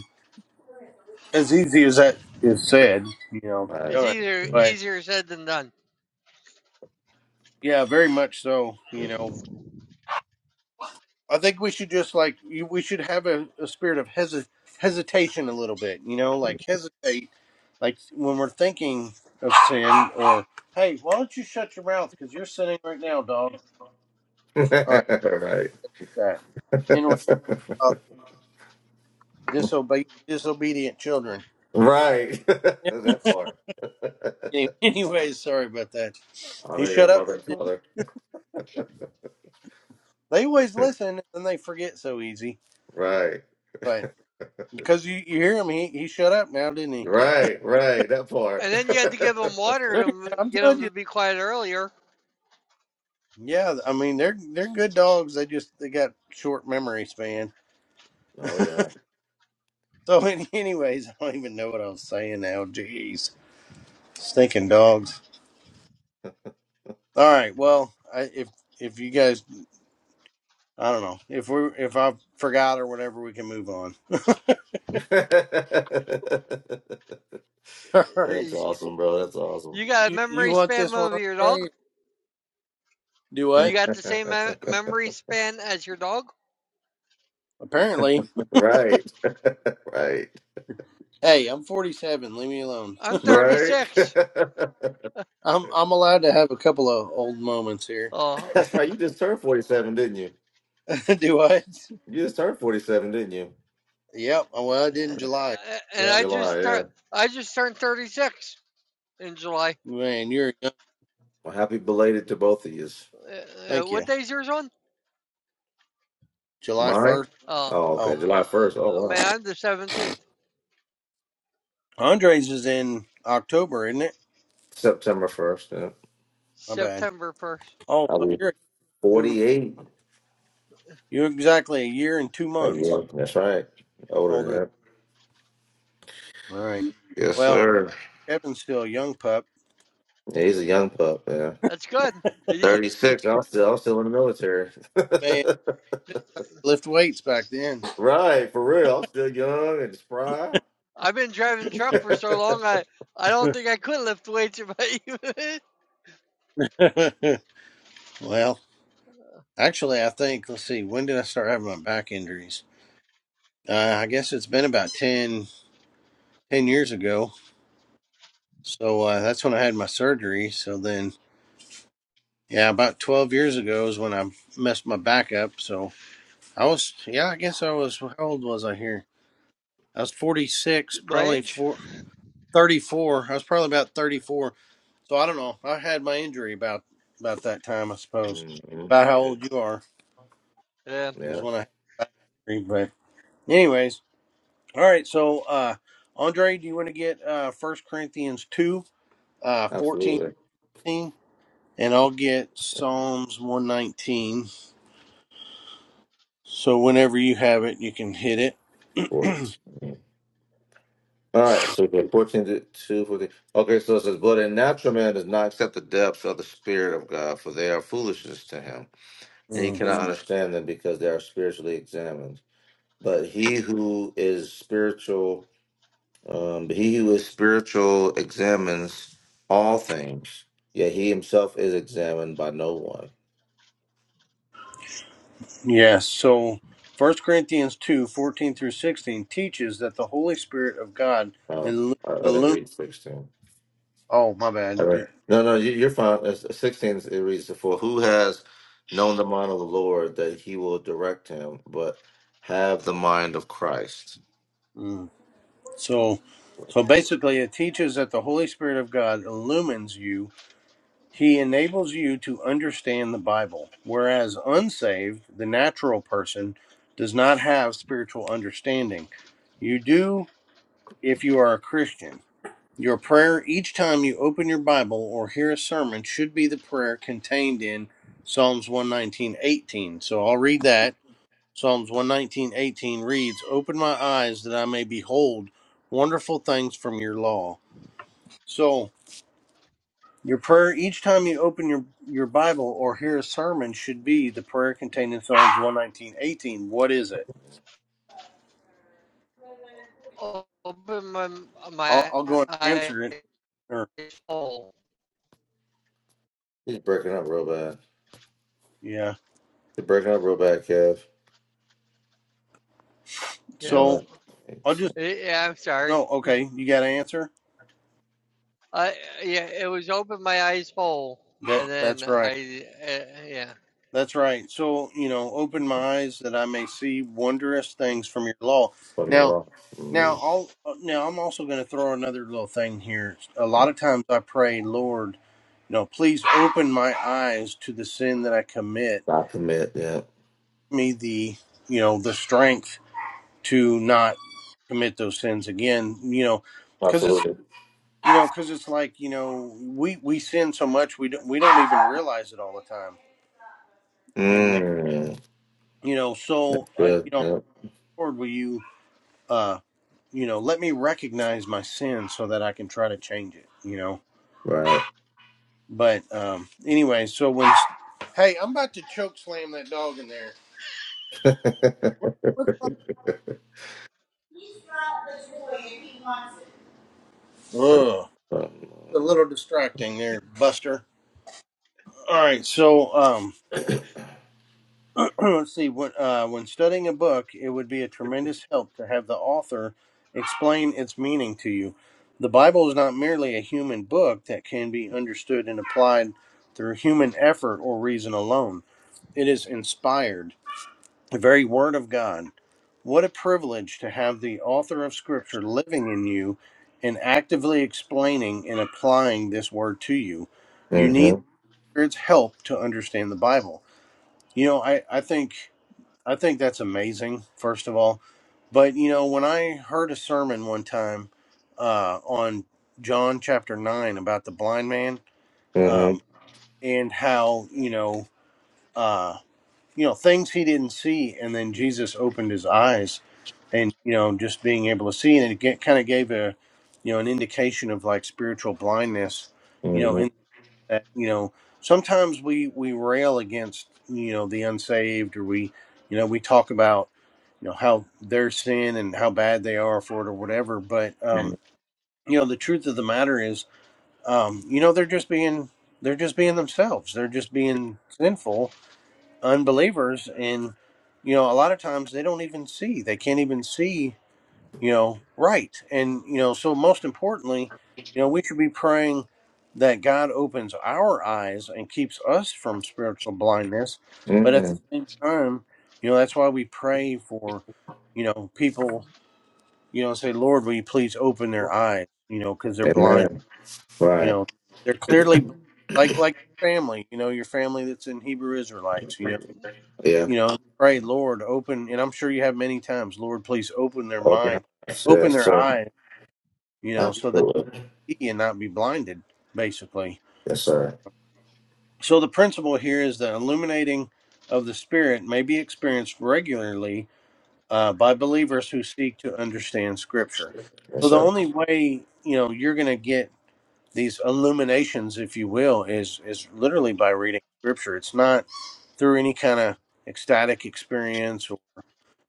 Speaker 2: as easy as that is said, you know,
Speaker 3: All
Speaker 2: than
Speaker 3: right.
Speaker 1: It's
Speaker 2: done.
Speaker 1: easier
Speaker 3: Mm-hmm.
Speaker 2: But
Speaker 1: easier said than done.
Speaker 2: yeah, very much so. You
Speaker 3: right.
Speaker 2: know, I think we should just like you- we should have a, a spirit of hesi- hesitation a little bit. You know, like hesitate, like when we're thinking of sin, or hey, why don't you shut your mouth because you're sinning right now, dog. All right,
Speaker 3: right.
Speaker 2: that interrupt uh, disobe- disobedient children.
Speaker 3: that part.
Speaker 2: Any- Anyways, sorry about that. He
Speaker 3: Honor your
Speaker 2: shut up.
Speaker 3: mother and
Speaker 2: Didn't he?
Speaker 3: father.
Speaker 2: They always listen and they forget so easy.
Speaker 3: Right.
Speaker 2: but. Because you, you hear him, he, he shut up now, didn't he?
Speaker 1: Yep.
Speaker 3: Right, right, that part.
Speaker 1: And then you had to give them water
Speaker 2: They're,
Speaker 1: to m-
Speaker 2: I'm
Speaker 1: get them
Speaker 2: telling
Speaker 1: to
Speaker 2: you.
Speaker 1: be quiet earlier.
Speaker 2: Yeah, I mean they're they're good dogs. They just they got short memory span.
Speaker 3: oh yeah.
Speaker 2: So any- anyways, I don't even know what I was saying now. Jeez, stinking dogs. All right, well, I, if if you guys, I don't know if we if I forgot or whatever, we can move on. All right,
Speaker 3: That's
Speaker 1: Y-
Speaker 2: so
Speaker 3: awesome, bro. That's awesome.
Speaker 1: You got a
Speaker 2: you you
Speaker 1: memory
Speaker 2: want
Speaker 1: span
Speaker 2: this one,
Speaker 1: of your
Speaker 2: Andre?
Speaker 1: dog.
Speaker 2: Do
Speaker 1: You
Speaker 2: what?
Speaker 1: got the same me- memory span as your dog.
Speaker 2: Apparently,
Speaker 3: right. right.
Speaker 2: hey, I'm 47. Leave me alone.
Speaker 1: I'm
Speaker 3: Right.
Speaker 1: 36.
Speaker 2: I'm I'm allowed to have a couple of old moments here.
Speaker 1: Oh,
Speaker 3: That's right. You just turned 47, didn't you?
Speaker 2: Do what?
Speaker 3: You just turned 47, didn't you?
Speaker 2: Yep. oh, Well, I did in July.
Speaker 1: uh, and
Speaker 2: Yep.
Speaker 1: I
Speaker 3: July,
Speaker 1: just
Speaker 3: yeah.
Speaker 1: tur- I just turned 36 in July.
Speaker 2: Man, you're young.
Speaker 3: Well, happy belated to both of you.
Speaker 1: Uh, uh,
Speaker 2: Thank
Speaker 1: what
Speaker 2: you.
Speaker 1: day's yours on?
Speaker 2: July
Speaker 3: Mine?
Speaker 2: 1st.
Speaker 1: Oh,
Speaker 3: Oh, okay.
Speaker 2: Oh,
Speaker 3: July 1st. Oh,
Speaker 1: uh,
Speaker 3: wow.
Speaker 1: man, the 17th,
Speaker 2: Andres is in October, isn't it?
Speaker 3: September 1st. Yeah.
Speaker 2: My bad.
Speaker 1: September 1st.
Speaker 2: Oh,
Speaker 3: I'll
Speaker 2: so
Speaker 3: be
Speaker 2: you're two,
Speaker 3: 48.
Speaker 2: you're exactly a year and two
Speaker 3: Thank
Speaker 2: months
Speaker 3: you. That's right. Older than
Speaker 2: older.
Speaker 3: that.
Speaker 2: All right.
Speaker 3: Yes,
Speaker 2: Well,
Speaker 3: sir.
Speaker 2: Kevin's still a young pup.
Speaker 3: Yeah, he's a young pup, yeah.
Speaker 1: That's good. Ye-
Speaker 3: 36. I'm still, I'm still in the military.
Speaker 2: Man, lift weights back then.
Speaker 3: right, for real. I'm still young and spry.
Speaker 1: I've been driving truck for so long, I, I don't think I could lift weights at my,
Speaker 2: well, actually, I think, let's see, when did I start having my back injuries? Uh, I guess it's been about 10, 10 years ago. So uh, that's when I had my surgery. So then Yeah, about 12 years ago is when I messed my back up. So I was, yeah, I guess I was, how old was I here? I was 46,
Speaker 1: my
Speaker 2: probably
Speaker 1: age.
Speaker 2: four, 34. I was probably about 34. So I don't know. I had my injury about about that time, I suppose.
Speaker 3: hmm
Speaker 2: About how old you are
Speaker 1: Yeah.
Speaker 3: Yeah,
Speaker 2: was when I had the injury. But anyways, all right. So uh, Andre, do you want to get uh, 1 Corinthians 2, uh, 14,
Speaker 3: absolutely.
Speaker 2: fifteen? and I'll get Psalms 119. So whenever you have it, you can hit it.
Speaker 3: Cool. All right, so we're 14 to 2, 14. Okay, so it says, But a natural man does not accept the depths of the Spirit of God, for they are foolishness to him, and he
Speaker 2: Mm.
Speaker 3: cannot understand them because they are spiritually examined. But he who is spiritual, um, but he who is spiritual examines all things, yet he himself is examined by no one.
Speaker 2: Yes. So First Corinthians 2 14 through 16 teaches that the Holy Spirit of God
Speaker 3: Now,
Speaker 2: illu-
Speaker 3: I I didn't
Speaker 2: illum.
Speaker 3: read 16.
Speaker 2: Oh, my
Speaker 3: All
Speaker 2: bad.
Speaker 3: right.
Speaker 2: Did-
Speaker 3: No, no, you, you're fine. As- 16, it reads, For who has known the mind of the Lord that he will direct him, but have the mind of Christ?
Speaker 2: Mm. So, so basically, it teaches that the Holy Spirit of God illumines you. He enables you to understand the Bible, whereas unsaved, the natural person, does not have spiritual understanding. You do if you are a Christian. Your prayer each time you open your Bible or hear a sermon should be the prayer contained in Psalms 119:18. So I'll read that. Psalms 119:18 reads, "Open my eyes that I may behold wonderful things from your law." So your prayer each time you open your, your Bible or hear a sermon should be the prayer contained in Psalms 119:18. What is it?
Speaker 1: O- Open my,
Speaker 2: I'll,
Speaker 1: my
Speaker 2: I'll go and
Speaker 1: eyes.
Speaker 2: answer it. Or,
Speaker 1: hole.
Speaker 3: He's breaking up real bad.
Speaker 2: yeah.
Speaker 3: He's breaking up real bad, Kev.
Speaker 1: yeah.
Speaker 3: Why not?
Speaker 2: So I'll
Speaker 3: It's-
Speaker 2: just
Speaker 1: Eh, Yeah, I'm sorry.
Speaker 2: no. Okay, you got to answer
Speaker 1: I, yeah, it was open my eyes hole, And
Speaker 2: that.
Speaker 1: then
Speaker 2: That's right.
Speaker 1: I, uh, yeah.
Speaker 2: That's right. So, you know, open my eyes that I may see wondrous things from your law.
Speaker 3: Leave me
Speaker 2: Now,
Speaker 3: along?
Speaker 2: now
Speaker 3: Mm.
Speaker 2: I'll uh, now I'm also going to throw another little thing here. A lot of times I pray, Lord, you know, please open my eyes to the sin that I commit.
Speaker 3: Not commit, yeah.
Speaker 2: Give Me the, you know, the strength to not commit those sins again, you know, cuz it's
Speaker 3: Absolutely.
Speaker 2: you know, cuz it's like, you know, we we sin so much we don't, we don't even realize it all the time. And uh,
Speaker 3: Mm.
Speaker 2: you know, so I you
Speaker 3: Good.
Speaker 2: know,
Speaker 3: Yep.
Speaker 2: Lord, will you uh, you know, let me recognize my sin so that I can try to change it, you know.
Speaker 3: Right.
Speaker 2: But um, anyway, so when, hey, I'm about to choke slam that dog in there.
Speaker 3: mm-hmm.
Speaker 2: What's wrong? Ugh, a little distracting there, Buster. All right, so um, let's see. When uh, when studying a book, it would be a tremendous help to have the author explain its meaning to you. The Bible is not merely a human book that can be understood and applied through human effort or reason alone. It is inspired the very Word of God. What a privilege to have the author of Scripture living in you and actively explaining and applying this Word to you. You need
Speaker 3: Mm-hmm.
Speaker 2: the Spirit's help to understand the Bible. You know, I, I think I think that's amazing. First of all, but you know, when I heard a sermon one time uh, on John chapter nine about the blind man um, and how you know uh, you know things he didn't see, and then Jesus opened his eyes and you know just being able to see and it get, kind of gave a you know an indication of like spiritual blindness you know
Speaker 3: Mm-hmm.
Speaker 2: in that you know sometimes we we rail against you know the unsaved or we you know we talk about you know how their sin and how bad they are for it or whatever but
Speaker 3: Mm-hmm.
Speaker 2: um you know the truth of the matter is um you know they're just being they're just being themselves they're just being sinful unbelievers and you know a lot of times they don't even see they can't even see you know, right. And, you know, so most importantly, you know, we should be praying that God opens our eyes and keeps us from spiritual blindness. But at
Speaker 3: Mm-hmm.
Speaker 2: the same time, you know, that's why we pray for, you know, people, you know, say, Lord, will you please open their eyes, you know, because they're blind,
Speaker 3: Amen.
Speaker 2: you
Speaker 3: Right.
Speaker 2: know, they're clearly bl- like, like your family, you know, your family that's in Hebrew Israelites, you know,
Speaker 3: Yeah.
Speaker 2: you know, pray, Lord, open, and I'm sure you have many times, Lord, please open their
Speaker 3: Open house.
Speaker 2: mind open
Speaker 3: Yes,
Speaker 2: their
Speaker 3: sir.
Speaker 2: eyes you know, so that
Speaker 3: Absolutely.
Speaker 2: they see and not be blinded, basically.
Speaker 3: Yes, sir.
Speaker 2: So the principle here is that illuminating of the Spirit may be experienced regularly uh, by believers who seek to understand Scripture.
Speaker 3: Yes,
Speaker 2: So the
Speaker 3: sir.
Speaker 2: only way you know you're going to get these illuminations, if you will, is is literally by reading Scripture. It's not through any kind of ecstatic experience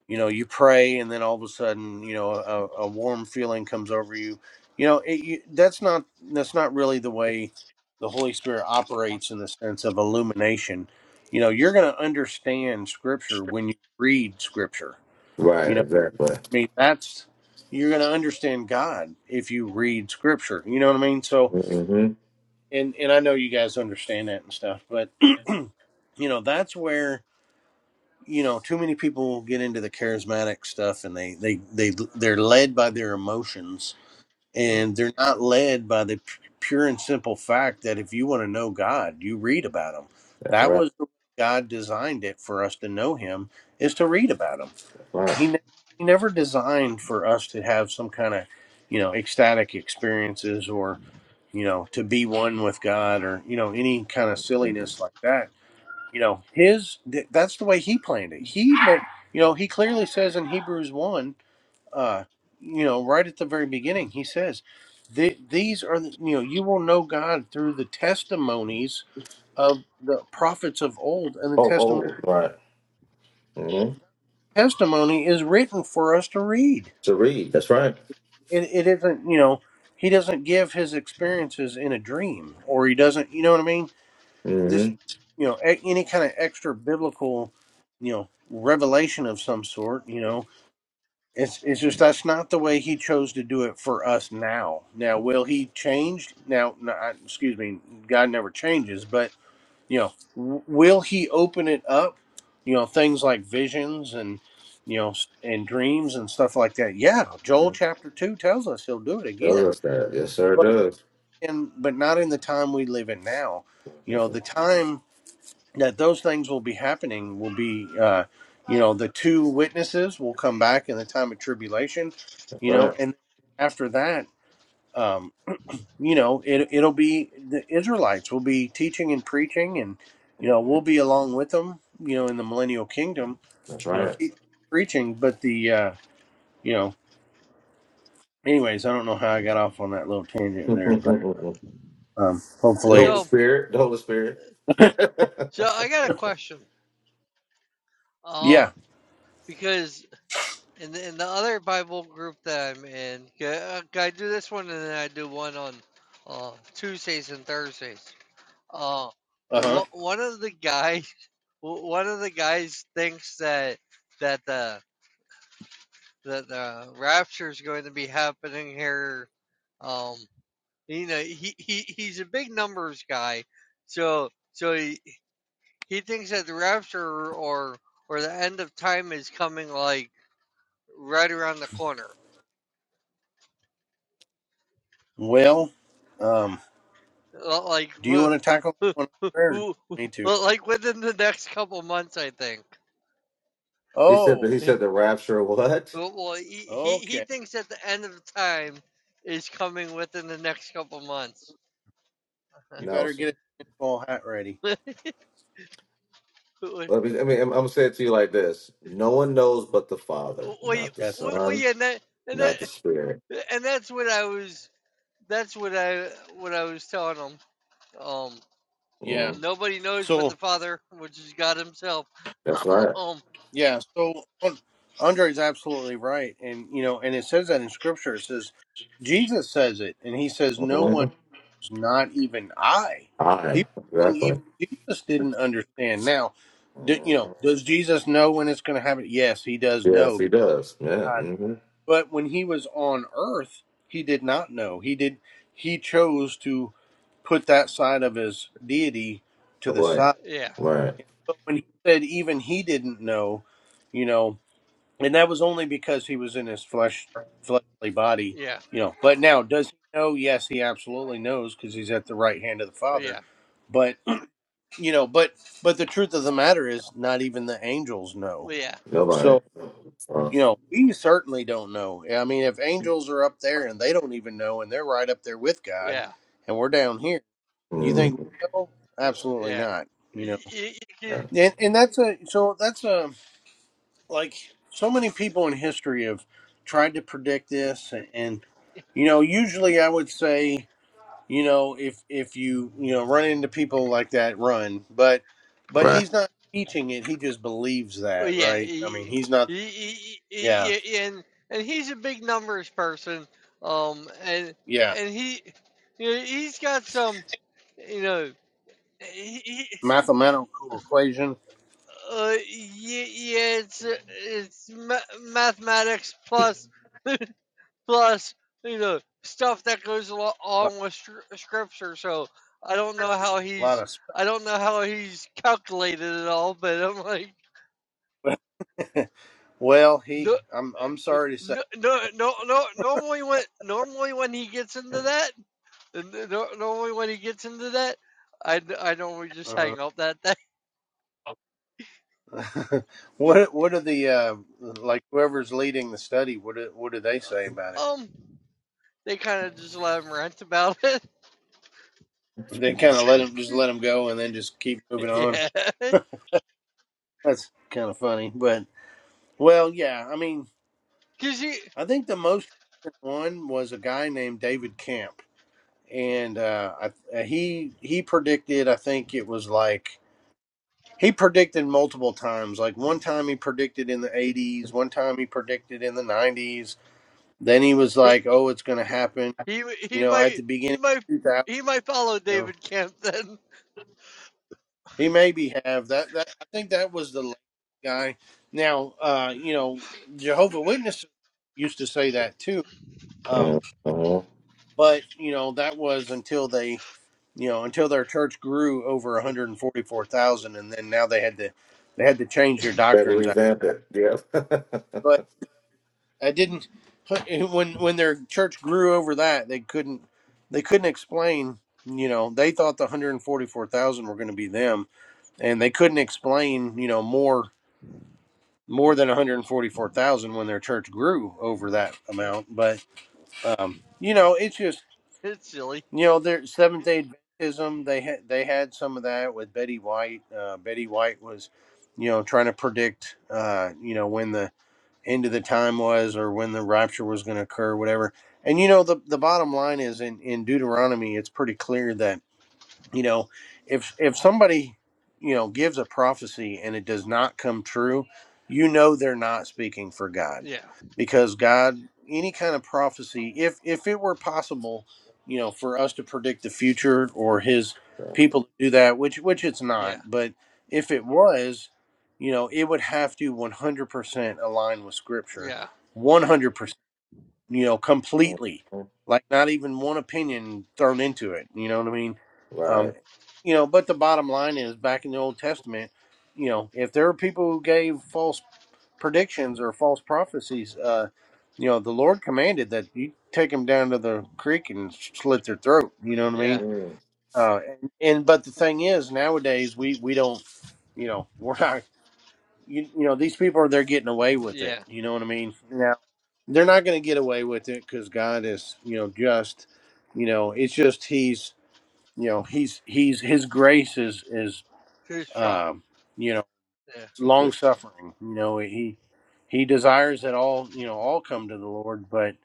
Speaker 2: you know you pray and then all of a sudden you know a, a warm feeling comes over you you know it, you, that's not that's not really the way the holy spirit operates in the sense of illumination you know you're going to understand scripture when you read scripture
Speaker 3: Right,
Speaker 2: you know i
Speaker 3: exactly.
Speaker 2: mean that's you're going to understand god if you read scripture you know what i mean so
Speaker 3: Mm-hmm.
Speaker 2: and and i know you guys understand that and stuff but you know that's where you know too many people get into the charismatic stuff and they they they they're led by their emotions and they're not led by the p- pure and simple fact that if you want to know god you read about him
Speaker 3: That's
Speaker 2: that
Speaker 3: right.
Speaker 2: was the way god designed it for us to know him is to read about him
Speaker 3: That's right.
Speaker 2: he, ne- he never designed for us to have some kind of you know ecstatic experiences or you know to be one with god or you know any kind of
Speaker 3: Mhm.
Speaker 2: silliness like that you know his th- that's the way he planned it he you know he clearly says in hebrews 1 uh you know right at the very beginning he says "The- these are the, you know you will know god through the testimonies of the prophets of old and the
Speaker 3: Oh, oh,
Speaker 2: testimony
Speaker 3: right. Mm-hmm.
Speaker 2: testimony is written for us to read
Speaker 3: To read. That's right.
Speaker 2: it, it isn't you know he doesn't give his experiences in a dream or he doesn't you know what i mean this
Speaker 3: Mm-hmm.
Speaker 2: you know a- any kind of extra biblical you know revelation of some sort you know It's it's just that's not the way he chose to do it for us now. Now, will he change? Now, no, I- excuse me, God never changes, but you know, w- will he open it up? You know, things like visions and you know s- and dreams and stuff like that. Yeah, Joel
Speaker 3: Mm-hmm.
Speaker 2: chapter two tells us he'll do it again,
Speaker 3: Does that. Yes, sir, it
Speaker 2: but
Speaker 3: does.
Speaker 2: in but not in the time we live in now. You
Speaker 3: That's
Speaker 2: know, the time that those things will be happening will be uh you know the two witnesses will come back in the time of tribulation you know
Speaker 3: right.
Speaker 2: and after that um you know it it'll be the israelites will be teaching and preaching and you know
Speaker 3: Mhm.
Speaker 2: we'll be along with them you know in the millennial kingdom
Speaker 3: That's
Speaker 2: you know
Speaker 3: right.
Speaker 2: teaching, preaching but the uh you know anyways i don't know how i got off on that little tangent there but um
Speaker 3: The
Speaker 2: hopefully
Speaker 3: Holy
Speaker 1: So,
Speaker 3: Spirit. The Holy Spirit.
Speaker 1: so I got a question.
Speaker 2: yeah
Speaker 1: Um, because And the, and the other Bible group that I'm in, yeah, okay, I do this one and then I do one on uh, Tuesdays and Thursdays. Uh,
Speaker 2: uh-huh
Speaker 1: wh- one of the guys, wh- one of the guys thinks that that the that the rapture is going to be happening here. Um, you know, he, he he's a big numbers guy, so so he, he thinks that the rapture or or the end of time is coming like right around the corner
Speaker 2: well um
Speaker 1: Uh, Like,
Speaker 2: do you
Speaker 1: w-
Speaker 2: want to tackle one there
Speaker 1: w-
Speaker 2: me too
Speaker 1: like within the next couple months, I think.
Speaker 3: he said.
Speaker 2: Oh,
Speaker 3: he said
Speaker 1: Mm.
Speaker 3: the rapture. What?
Speaker 1: Well, well, he, he he
Speaker 2: okay.
Speaker 1: thinks that the end of time is coming within the next couple months.
Speaker 2: You
Speaker 3: No,
Speaker 2: better
Speaker 3: sir.
Speaker 2: get a pinball hat ready.
Speaker 1: well,
Speaker 3: Let me. I mean, I'm, I'm gonna say it to you like this: No one knows but the Father,
Speaker 1: y-
Speaker 3: not the
Speaker 2: That's
Speaker 1: well,
Speaker 2: right.
Speaker 1: well,
Speaker 3: Son,
Speaker 1: yeah, and that, and that,
Speaker 3: not the Spirit.
Speaker 1: and that's what I was. That's what I what I was telling him. Um,
Speaker 2: Yeah.
Speaker 3: Mm,
Speaker 1: nobody knows but
Speaker 2: So
Speaker 1: the Father, which is God Himself.
Speaker 3: that's right.
Speaker 1: um,
Speaker 2: yeah. So um, Andre is absolutely right, and you know, and it says that in Scripture. It says Jesus says it, and he says, "No
Speaker 3: hmm
Speaker 2: one is not even I." He
Speaker 3: I
Speaker 2: was saying
Speaker 3: exactly.
Speaker 2: even Jesus didn't understand. Now, d you know,
Speaker 3: Mhm.
Speaker 2: does Jesus know when it's going to happen? Yes, he does
Speaker 3: Yes,
Speaker 2: know.
Speaker 3: he
Speaker 2: because
Speaker 3: does. Yeah.
Speaker 2: God-
Speaker 3: Mm-hmm.
Speaker 2: But when he was on Earth, he did not know. He did. He chose to. put that side of his deity to
Speaker 3: Oh,
Speaker 2: the
Speaker 3: Boy.
Speaker 2: side.
Speaker 1: yeah,
Speaker 3: Right.
Speaker 2: But when he said even he didn't know, you know, and that was only because he was in his flesh fleshly body,
Speaker 1: yeah,
Speaker 2: you know. But now does he know? Yes, he absolutely knows because he's at the right hand of the Father.
Speaker 1: yeah,
Speaker 2: But you know, but but the truth of the matter is not even the angels know.
Speaker 1: well, yeah,
Speaker 3: Nobody.
Speaker 2: So
Speaker 3: Uh,
Speaker 2: you know, we certainly don't know. I mean, if angels are up there and they don't even know, and they're right up there with God,
Speaker 1: yeah.
Speaker 2: and we're down here. You think
Speaker 3: mhm.
Speaker 2: we know?
Speaker 1: Uh,
Speaker 2: Absolutely
Speaker 1: yeah.
Speaker 2: not. You know,
Speaker 1: Y- y-
Speaker 3: Right.
Speaker 1: y-
Speaker 2: and, and that's a so that's a like so many people in history have tried to predict this, and you know, usually I would say, you know, if if you you know run into people like that, run. But but
Speaker 3: Right.
Speaker 2: he's not teaching it; he just believes
Speaker 1: y-
Speaker 2: that,
Speaker 1: Yeah.
Speaker 2: right? I mean,
Speaker 1: y-
Speaker 2: he's
Speaker 1: y- y-
Speaker 2: not.
Speaker 1: y- y-
Speaker 2: Yeah,
Speaker 1: yeah, yeah, And and he's a big numbers person. Um. And
Speaker 2: yeah.
Speaker 1: and he, you know, he's got some, you know, he, he-
Speaker 2: Mathematical equation,
Speaker 1: uh, yeah, yeah. It's uh, it's ma- mathematics plus plus you know stuff that goes alo-
Speaker 2: a
Speaker 1: along with scr- scripture. So I don't know how
Speaker 2: lot
Speaker 1: he's.
Speaker 2: of.
Speaker 1: I don't know how he's calculated it all, but I'm like,
Speaker 2: Spe- well, he.
Speaker 1: No,
Speaker 2: I'm I'm sorry to say.
Speaker 1: no, no, no, no. Normally when normally when he gets into that, no, normally when he gets into that, I I normally just
Speaker 2: Uh huh.
Speaker 1: hang up that day.
Speaker 2: what what are the uh, like whoever's leading the study? What do, what do they say about it?
Speaker 1: Um, they kind of just let him rant about it.
Speaker 2: They kind of let them just let them go and then just keep moving on.
Speaker 1: yeah,
Speaker 2: That's kind of funny, but well, yeah. I mean,
Speaker 1: cause he
Speaker 2: I think the most recent one was a guy named David Camp, and uh, I, uh, he he predicted. I think it was like he predicted multiple times. Like one time he predicted in the '80s, one time he predicted in the '90s. Then he was
Speaker 1: he
Speaker 2: like, "Oh, it's going to happen,"
Speaker 1: he
Speaker 2: you
Speaker 1: he
Speaker 2: know, at the
Speaker 1: might he
Speaker 2: beginning.
Speaker 1: might he might follow
Speaker 2: You know,
Speaker 1: David Camp then.
Speaker 2: he maybe have that. That I think that was the last guy. Now, uh, you know, Jehovah Witnesses used to say that too. Um,
Speaker 3: Mm-hmm.
Speaker 2: but you know, that was until they, you know, until their church grew over one hundred and forty-four thousand, and then now they had to, they had to change their
Speaker 3: Better
Speaker 2: doctrines.
Speaker 3: revamp it. Yep.
Speaker 2: But I didn't. When when their church grew over that, they couldn't, they couldn't explain. You know, they thought the one hundred and forty-four thousand were going to be them, and they couldn't explain. You know, more more than 144,000 when their church grew over that amount. But um, you know, it's just
Speaker 1: it's silly.
Speaker 2: you know, their Seventh Day Adventism. They had they had some of that with Betty White. Uh, Betty White was, you know, trying to predict, uh, you know, when the end of the time was or when the rapture was going to occur, whatever. And you know, the the bottom line is in in Deuteronomy, it's pretty clear that you know if if somebody you know gives a prophecy and it does not come true you know they're not speaking for god
Speaker 1: Yeah,
Speaker 2: because god any kind of prophecy if if it were possible you know for us to predict the future or his
Speaker 3: Traffic.
Speaker 2: people to do that which which it's not
Speaker 1: yeah,
Speaker 2: but if it was you know it would have to 100% align with scripture
Speaker 1: yeah,
Speaker 2: 100% you know, completely,
Speaker 3: Mhm.
Speaker 2: like not even one opinion thrown into it. You know what I mean?
Speaker 3: Right.
Speaker 2: Um, you know, but the bottom line is back in the Old Testament, you know, if there were people who gave false predictions or false prophecies, uh, you know, the Lord commanded that you take them down to the creek and slit their throat. You know what I
Speaker 1: yeah,
Speaker 2: mean?
Speaker 3: Mm,
Speaker 2: Uh, and, and but the thing is, nowadays we we don't, you know, we're not. You, you know these people are they're getting away with it
Speaker 1: yeah.
Speaker 2: you know what i mean they're not going to get away with it because God is, you know, just, you know, it's just He's, you know, He's He's His grace is is,
Speaker 1: He's strong.
Speaker 2: um, you know,
Speaker 1: Yeah,
Speaker 2: long
Speaker 3: sufficient.
Speaker 2: suffering. You know, He He desires that all, you know, all come to the Lord, but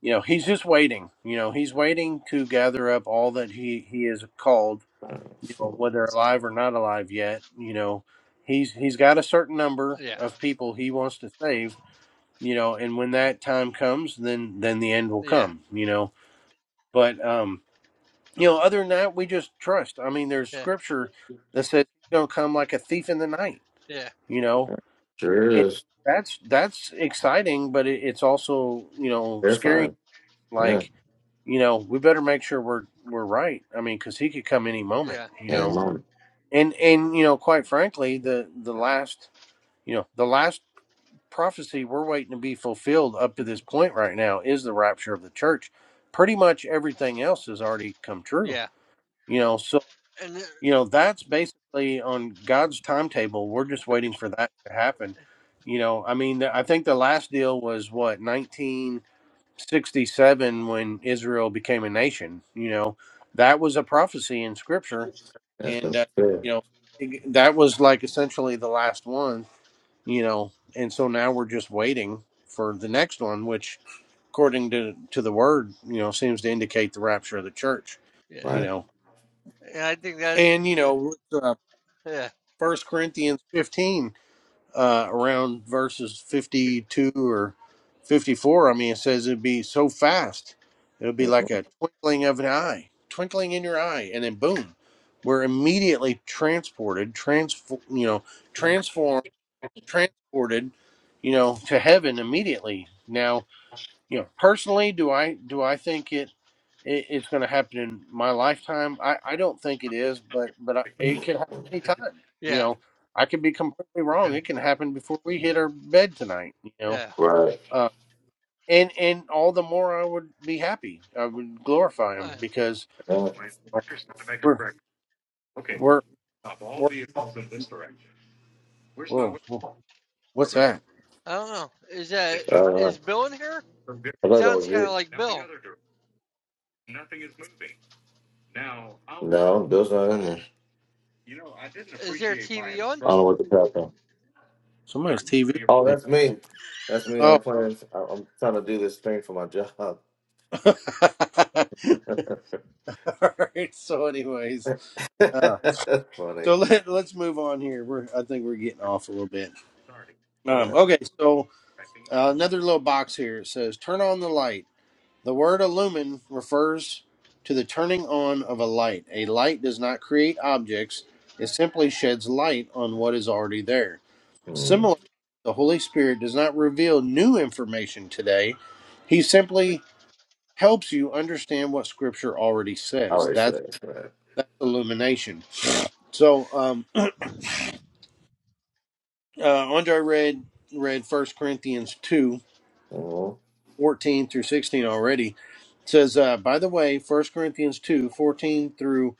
Speaker 2: you know, He's just waiting. You know, He's waiting to gather up all that He He is called.
Speaker 3: uh,
Speaker 2: You know,
Speaker 3: So,
Speaker 2: whether alive or not alive yet. You know, He's He's got a certain number
Speaker 1: yeah,
Speaker 2: of people He wants to save you know and when that time comes then then the end will
Speaker 1: yeah,
Speaker 2: come you know but um you know other than that we just trust i mean there's
Speaker 1: yeah,
Speaker 2: scripture that says he's going to come like a thief in the night
Speaker 1: yeah,
Speaker 2: you know
Speaker 3: okay. sure
Speaker 2: and
Speaker 3: is
Speaker 2: that's that's exciting but it, it's also you know scary
Speaker 3: terrifying. Yeah,
Speaker 2: like you know we better make sure we're we're right i mean because he could come any moment
Speaker 1: yeah,
Speaker 2: you
Speaker 3: and
Speaker 2: know
Speaker 3: mom,
Speaker 2: and and you know quite frankly the the last you know the last prophecy we're waiting to be fulfilled up to this point right now is the rapture of the church. Pretty much everything else has already come true.
Speaker 1: yeah.
Speaker 2: You know, so
Speaker 1: And
Speaker 2: you know that's basically on God's timetable. We're just waiting for that to happen. You know, I mean, I think the last deal was what 1967 when Israel became a nation. You know, that was a prophecy in Scripture,
Speaker 3: that's
Speaker 2: and
Speaker 3: the
Speaker 2: uh, you
Speaker 3: fear.
Speaker 2: know, it- that was like essentially the last one you know and so now we're just waiting for the next one which according to to the word you know seems to indicate the rapture of the church
Speaker 1: Yeah,
Speaker 2: you
Speaker 3: Right.
Speaker 2: know
Speaker 1: yeah, I think that's
Speaker 2: and you know uh,
Speaker 1: yeah,
Speaker 2: 1 corinthians 15 uh around verses 52 or 54 i mean it says it'd be so fast it'd be
Speaker 3: Mhm.
Speaker 2: like a twinkling of an eye twinkling in your eye and then boom we're immediately transported transform you know transformed transported, you know, to heaven immediately. Now, you know, personally, do I do I think it, it it's going to happen in my lifetime? I I don't think it is, but but I, it could happen anytime. You
Speaker 1: yeah,
Speaker 2: know, I could be completely wrong. It can happen before we hit our bed tonight. You know,
Speaker 1: yeah.
Speaker 3: Right.
Speaker 2: uh, and and all the more I would be happy. I would glorify him
Speaker 1: I,
Speaker 2: because
Speaker 3: Yeah.
Speaker 2: uh, we're we're we're whoa, whoa what's that?
Speaker 1: I don't know. Is that
Speaker 3: Uh,
Speaker 1: is Bill in here?
Speaker 3: I thought that
Speaker 1: Sounds
Speaker 3: was
Speaker 1: kind of
Speaker 3: you.
Speaker 1: like Bill.
Speaker 3: No, Bill's not in there. I
Speaker 1: Is there a TV
Speaker 3: don't
Speaker 1: on?
Speaker 3: know what the crap on.
Speaker 2: Somebody's TV.
Speaker 3: Oh,
Speaker 2: thing.
Speaker 3: that's me. That's me. I'm
Speaker 2: Oh.
Speaker 3: playing. I- I'm trying to do this thing for my job.
Speaker 2: All right. So, anyways, uh,
Speaker 3: That's
Speaker 2: so
Speaker 3: funny.
Speaker 2: let let's move on here. We're I think we're getting off a little bit.
Speaker 3: Yeah.
Speaker 2: Um, okay. So uh, another little box here it says turn on the light. The word illumin refers to the turning on of a light. A light does not create objects; it simply sheds light on what is already there.
Speaker 3: Mm,
Speaker 2: Similarly, the Holy Spirit does not reveal new information today. He simply helps you understand what Scripture already
Speaker 3: I
Speaker 2: says.
Speaker 3: always say
Speaker 2: That's
Speaker 3: that.
Speaker 2: that's illumination. So um, uh, Andre read read First Corinthians 2
Speaker 3: Mm-hmm.
Speaker 2: 14 through sixteen already. It says, uh, by the way, First Corinthians 2 14 through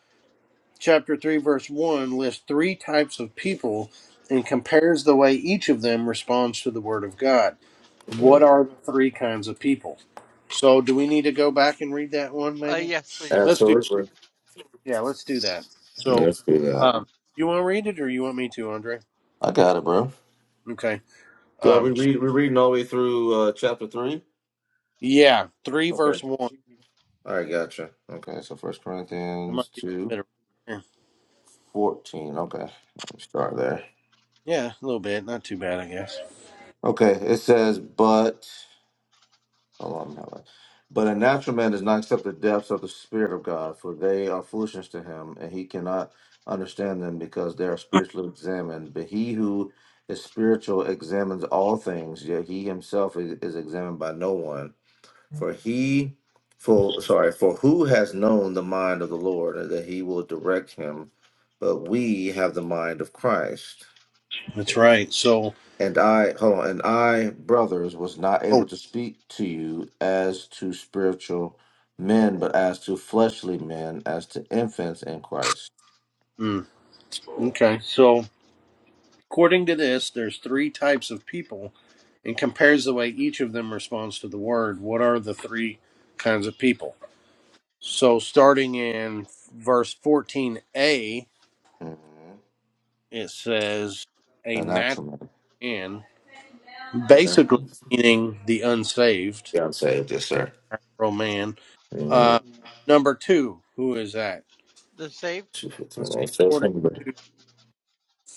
Speaker 2: chapter three, verse one lists three types of people and compares the way each of them responds to the word of God. What are the three kinds of people? So do we need to go back and read that one
Speaker 1: Uh,
Speaker 2: maybe?
Speaker 1: yes, please.
Speaker 2: Let's do
Speaker 3: Absolutely.
Speaker 2: yeah, let's do that. So
Speaker 3: Let's do that.
Speaker 2: um you want to read it or you want me to, Andre?
Speaker 3: I got it, bro.
Speaker 2: Okay.
Speaker 3: Well, we
Speaker 2: Um,
Speaker 3: read, we're reading all the way through uh, chapter 3.
Speaker 2: Yeah, three
Speaker 3: Okay.
Speaker 2: verse one.
Speaker 3: All right, gotcha. Okay, so First
Speaker 2: It might
Speaker 3: Corinthians
Speaker 2: be a
Speaker 3: 2
Speaker 2: little bit. of-
Speaker 3: 14. Okay, let me start there.
Speaker 2: Yeah, a little bit. Not too bad, I guess.
Speaker 3: Okay, it says, but, hold on, hold on. But a natural man does not accept the depths of the Spirit of God, for they are foolishness to him, and he cannot understand them because they are spiritually examined. But he who is spiritual examines all things, yet he himself is, is examined by no one. For he, for sorry, for who has known the mind of the Lord that he will direct him? But we have the mind of Christ.
Speaker 2: That's right. So,
Speaker 3: And I, hold on, and I, brothers, was not
Speaker 2: oh,
Speaker 3: able to speak to you as to spiritual men, but as to fleshly men, as to infants in Christ.
Speaker 2: mm, okay. So, according to this, there's three types of people, and compares the way each of them responds to the word. What are the three kinds of people? So, starting in verse 14a,
Speaker 3: Mm-hmm.
Speaker 2: it says a
Speaker 3: The
Speaker 2: natural
Speaker 3: natural man.
Speaker 2: man,
Speaker 3: The
Speaker 2: basically
Speaker 3: natural man.
Speaker 2: meaning the unsaved,
Speaker 3: Yeah, saved yes, sir.
Speaker 2: natural man.
Speaker 3: Mm-hmm.
Speaker 2: Uh, number two, who is that?
Speaker 1: The saved,
Speaker 2: Let's
Speaker 3: 259.
Speaker 2: see.
Speaker 3: Says
Speaker 2: According
Speaker 3: him, but
Speaker 2: to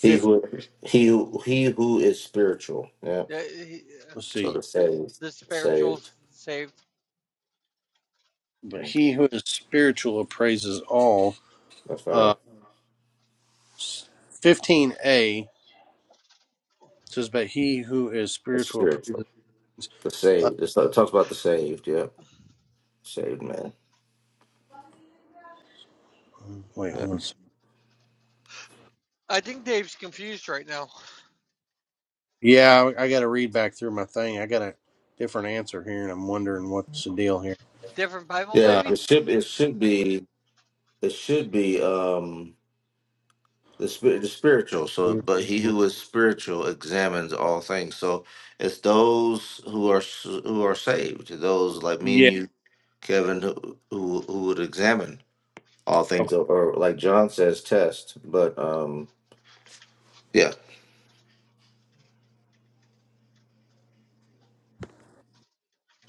Speaker 3: he who he who- he who is spiritual. Yeah.
Speaker 1: Yeah, he- uh,
Speaker 2: let's
Speaker 3: So the
Speaker 2: see.
Speaker 3: saved.
Speaker 1: the spiritual
Speaker 3: Saved.
Speaker 1: saved.
Speaker 2: But
Speaker 3: Mm,
Speaker 2: he who is spiritual appraises all.
Speaker 3: That's
Speaker 2: Uh,
Speaker 3: right.
Speaker 2: fifteen a says, but he who is
Speaker 3: It's
Speaker 2: spiritual
Speaker 3: spiritual.
Speaker 2: appraises.
Speaker 3: The
Speaker 2: Uh,
Speaker 3: saved. It's- like, It talks about the saved. Yep, saved man.
Speaker 2: wait,
Speaker 3: Yeah,
Speaker 2: hold on. A second.
Speaker 1: I think Dave's confused right now.
Speaker 2: Yeah, I, I got to read back through my thing. I got a different answer here, and I'm wondering what's the deal here.
Speaker 1: Different Bible,
Speaker 3: yeah.
Speaker 2: Uh,
Speaker 1: maybe.
Speaker 3: It should. It should be. It should be. Um, the spirit, the spiritual. So, but he who is spiritual examines all things. So, it's those who are s- who are saved. Those like me and
Speaker 2: yeah.
Speaker 3: you, Kevin, who who, who would examine all things,
Speaker 2: Okay.
Speaker 3: or, or like John says, test. But um, yeah.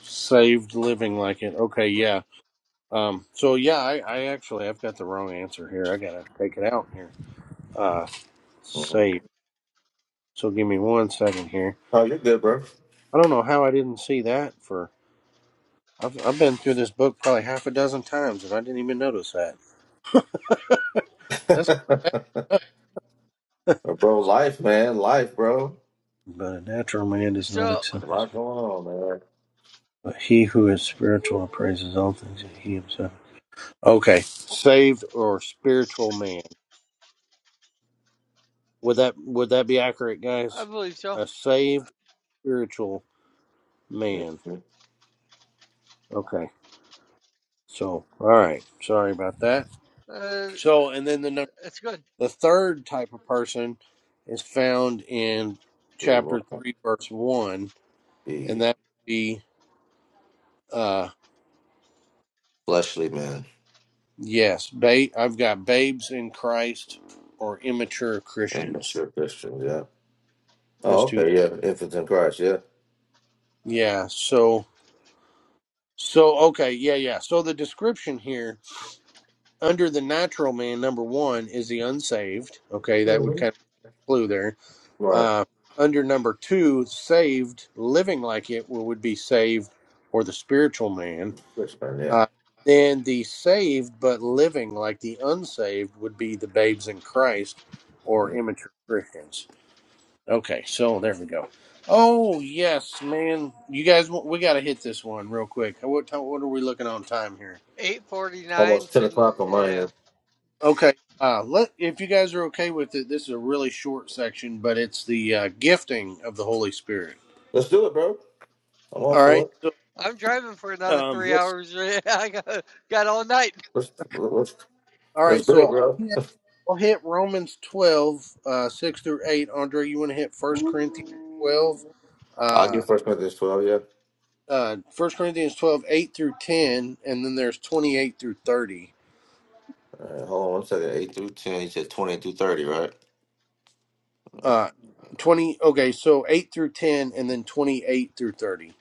Speaker 2: Saved living like it. Okay. Yeah. Um. So yeah, I, I actually I've got the wrong answer here. I gotta take it out here. Uh, saved.
Speaker 3: Mhm.
Speaker 2: So give me one second here.
Speaker 3: Oh, you're good, bro.
Speaker 2: I don't know how I didn't see that for. I've, I've been through this book probably half a dozen times and I didn't even notice that. That's kind of bad.
Speaker 3: bro, life, man, life, bro.
Speaker 2: But a natural man does not
Speaker 1: So
Speaker 3: A
Speaker 2: accept this.
Speaker 3: lot going on, man.
Speaker 2: But he who is spiritual appraises all things that he himself. Okay, saved or spiritual man. Would that would that be accurate,
Speaker 1: I
Speaker 2: guys?
Speaker 1: believe so.
Speaker 2: A saved spiritual man.
Speaker 3: Mhm.
Speaker 2: Okay. So all right. Sorry about that.
Speaker 1: Uh,
Speaker 2: So and then the number.
Speaker 1: that's good.
Speaker 2: The third type of person is found in
Speaker 3: We won't
Speaker 2: chapter 3, verse 1, and
Speaker 3: be
Speaker 2: that would be, uh,
Speaker 3: fleshly men
Speaker 2: yes, ba- I've got babes in Christ or immature
Speaker 3: and
Speaker 2: Christians.
Speaker 3: mature Christians. Yeah.
Speaker 2: As
Speaker 3: Oh,
Speaker 2: to,
Speaker 3: okay. Yeah. Infants in Christ. Yeah.
Speaker 2: yeah, so, so, okay, yeah, yeah. So the description here under the natural man, number one, is the unsaved. Okay, that would
Speaker 3: hmm
Speaker 2: kind of clue there.
Speaker 3: Right.
Speaker 2: Uh, under number two, saved, living like it would be saved or the spiritual man
Speaker 3: Christian. Yeah.
Speaker 2: Uh, then the saved but living like the unsaved would be the babes in Christ or
Speaker 3: Mhm.
Speaker 2: immature Christians. Okay, so there we go. Oh yes, man, you guys, we got to hit this one real quick. What time, what are we looking on time here?
Speaker 1: Eight forty nine.
Speaker 3: Almost ten
Speaker 1: So
Speaker 3: o'clock on mine. yeah.
Speaker 1: yeah,
Speaker 2: Okay, uh, let if you guys are okay with it, this is a really short section, but it's the uh, gifting of the Holy Spirit.
Speaker 3: Let's do it, bro. I'm all
Speaker 2: All
Speaker 3: for
Speaker 2: right,
Speaker 3: it.
Speaker 2: so
Speaker 1: I'm driving for another
Speaker 2: um,
Speaker 1: three
Speaker 2: let's
Speaker 1: hours. I got got all night.
Speaker 3: Let's let's
Speaker 2: All
Speaker 3: let's
Speaker 2: right,
Speaker 3: do
Speaker 2: so
Speaker 3: it,
Speaker 2: I'll
Speaker 3: bro.
Speaker 2: hit, I'll hit Romans 12, uh, 6 through 8. Andre, you want to hit First Corinthians 12,
Speaker 3: I'll
Speaker 2: uh,
Speaker 3: get First Corinthians twelve. Yeah.
Speaker 2: uh, 1 Corinthians 12 8 through 10, and then there's 28 through 30.
Speaker 3: All right, hold on one second. Eight through ten. You said twenty through thirty, right?
Speaker 2: Uh, 20, okay, so 8 through 10, and then 28 through 30.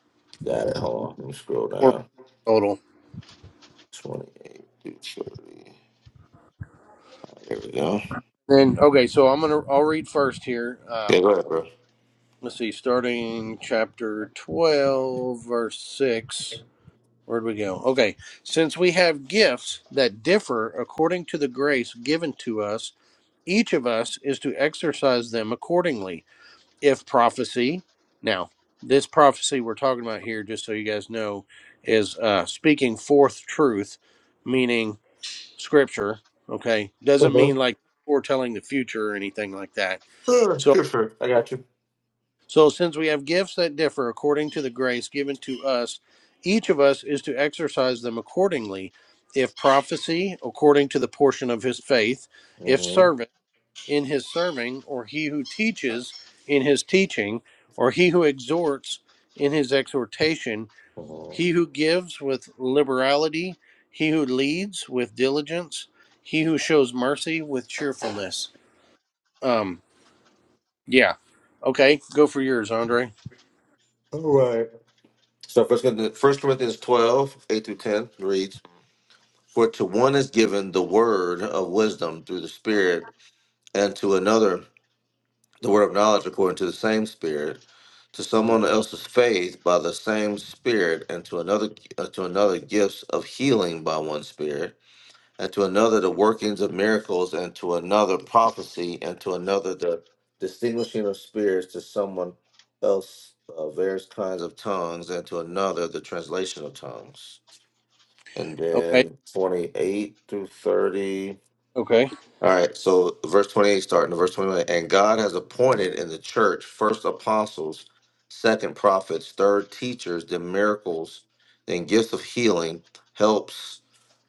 Speaker 3: Got it. Hold on. Let me scroll
Speaker 2: Four
Speaker 3: down.
Speaker 2: total.
Speaker 3: Twenty-eight through thirty. There we go.
Speaker 2: Then, okay, so I'm going to, I'll read first here.
Speaker 3: Yeah,
Speaker 2: Um,
Speaker 3: go ahead, bro.
Speaker 2: let's see, starting chapter 12, verse 6. Where'd we go? Okay. Since we have gifts that differ according to the grace given to us, each of us is to exercise them accordingly. If prophecy, now, this prophecy we're talking about here, just so you guys know, is uh, speaking forth truth, meaning scripture. Okay. Doesn't mean
Speaker 3: Uh-huh.
Speaker 2: like foretelling the future or anything like that.
Speaker 3: Uh,
Speaker 2: So.
Speaker 3: Scripture. I got you.
Speaker 2: So, since we have gifts that differ according to the grace given to us, each of us is to exercise them accordingly. If prophecy, according to the portion of his faith, if
Speaker 3: Mm-hmm.
Speaker 2: servant, in his serving, or he who teaches, in his teaching, or he who exhorts, in his exhortation, he who gives with liberality, he who leads with diligence, he who shows mercy with cheerfulness. Um, yeah. Okay, go for yours, Andre.
Speaker 3: All right. So first Corinthians, first Corinthians 12, eight through 10 reads, For to one is given the word of wisdom through the Spirit, and to another the word of knowledge according to the same Spirit, to someone else's faith by the same Spirit, and to another uh, to another gifts of healing by one Spirit and to another the workings of miracles, and to another prophecy, and to another the distinguishing of spirits, to someone else uh, various kinds of tongues, and to another the translation of tongues. And
Speaker 2: Okay.
Speaker 3: then 28 through 30.
Speaker 2: Okay.
Speaker 3: All right, so verse 28, starting to verse 21. And God has appointed in the church first apostles, second prophets, third teachers, then miracles, then gifts of healing, helps,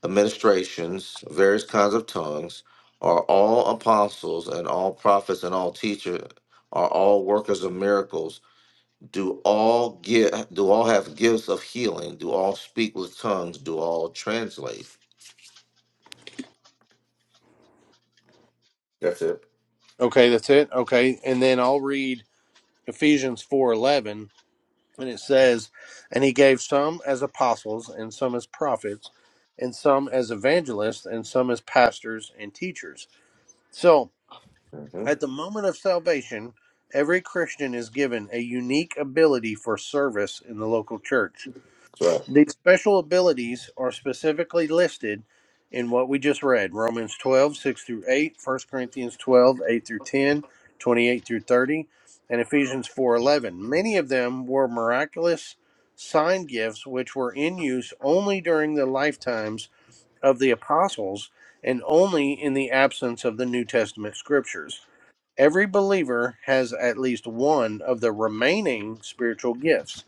Speaker 3: administrations, various kinds of tongues. Are all apostles and all prophets and all teachers are all workers of miracles? Do all get do all have gifts of healing? Do all speak with tongues? Do all translate? That's it.
Speaker 2: Okay, that's it. Okay. And then I'll read Ephesians 4:11 and it says, "And he gave some as apostles and some as prophets and some as evangelists and some as pastors and teachers." So,
Speaker 3: hmm
Speaker 2: at the moment of salvation, every Christian is given a unique ability for service in the local church.
Speaker 3: That's right.
Speaker 2: These special abilities are specifically listed in what we just read Romans 12 6 through 8, First Corinthians 12 8 through 10, 28 through 30, and Ephesians 4 11. Many of them were miraculous sign gifts which were in use only during the lifetimes of the apostles and only in the absence of the New Testament scriptures. Every believer has at least one of the remaining spiritual gifts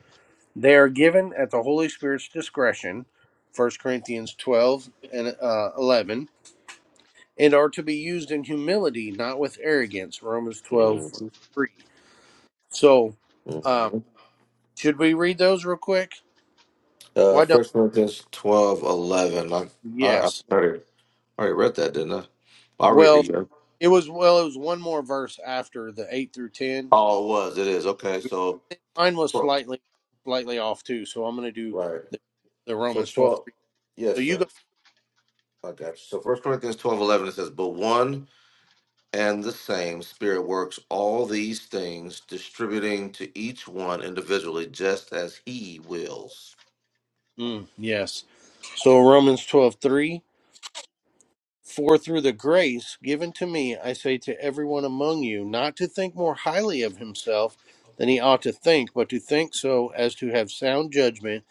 Speaker 2: they are given at the Holy Spirit's discretion, First Corinthians 12 and uh, 11, and are to be used in humility, not with arrogance, Romans 12, verse 3. So,
Speaker 3: Mhm.
Speaker 2: um, should we read those real quick?
Speaker 3: Uh,
Speaker 2: Why don't
Speaker 3: First Corinthians twelve eleven. I, I, I
Speaker 2: Yes.
Speaker 3: already, I already read that, didn't I? I read
Speaker 2: Well,
Speaker 3: it. Yeah.
Speaker 2: it was, well, it was one more verse after the 8 through 10.
Speaker 3: Oh, it was. It is okay. So
Speaker 2: Yeah, Mine was
Speaker 3: twelve.
Speaker 2: slightly, slightly off too, so I'm going to do
Speaker 3: right.
Speaker 2: the, the
Speaker 3: So
Speaker 2: Romans 12
Speaker 3: twelve.
Speaker 2: 3.
Speaker 3: Yes,
Speaker 2: So you go,
Speaker 3: sir. I got you. So First Corinthians twelve eleven. It says, "But one and the same Spirit works all these things, distributing to each one individually, just as He wills."
Speaker 2: mm, yes. So Romans 12 3. For through the grace given to me, I say to everyone among you, not to think more highly of himself than he ought to think, but to think so as to have sound judgment,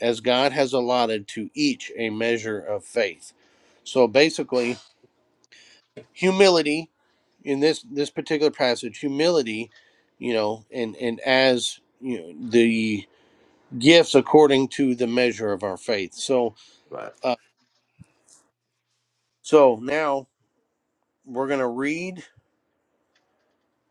Speaker 2: as God has allotted to each a measure of faith. So basically, humility in this this particular passage, humility, you know, and and as you know, the gifts according to the measure of our faith. So,
Speaker 3: Right.
Speaker 2: uh, so now we're gonna read.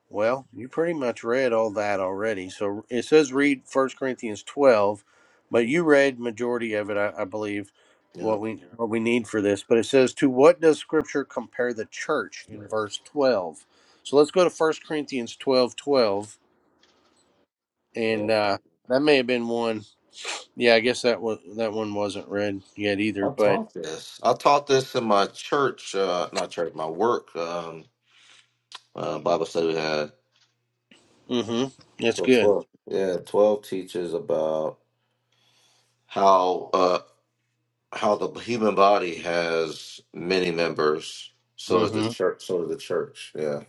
Speaker 2: Well, you pretty much read all that already. So it says read First Corinthians 12, but you read majority of it, I, I believe,
Speaker 3: Yeah.
Speaker 2: what we what we need for this. But it says to what does scripture compare the church in verse 12? So let's go to First Corinthians 12:12,
Speaker 3: Yeah.
Speaker 2: and uh that may have been one. Yeah, I guess that was that one wasn't read yet either,
Speaker 3: I
Speaker 2: but
Speaker 3: taught this. I taught this in my church, uh, not church, my work um, uh, Bible study we had.
Speaker 2: mhm. That's
Speaker 3: So
Speaker 2: good.
Speaker 3: twelve, yeah, twelve teaches about how uh, how the human body has many members. So does the
Speaker 2: Mhm.
Speaker 3: church. So does the church. Yeah,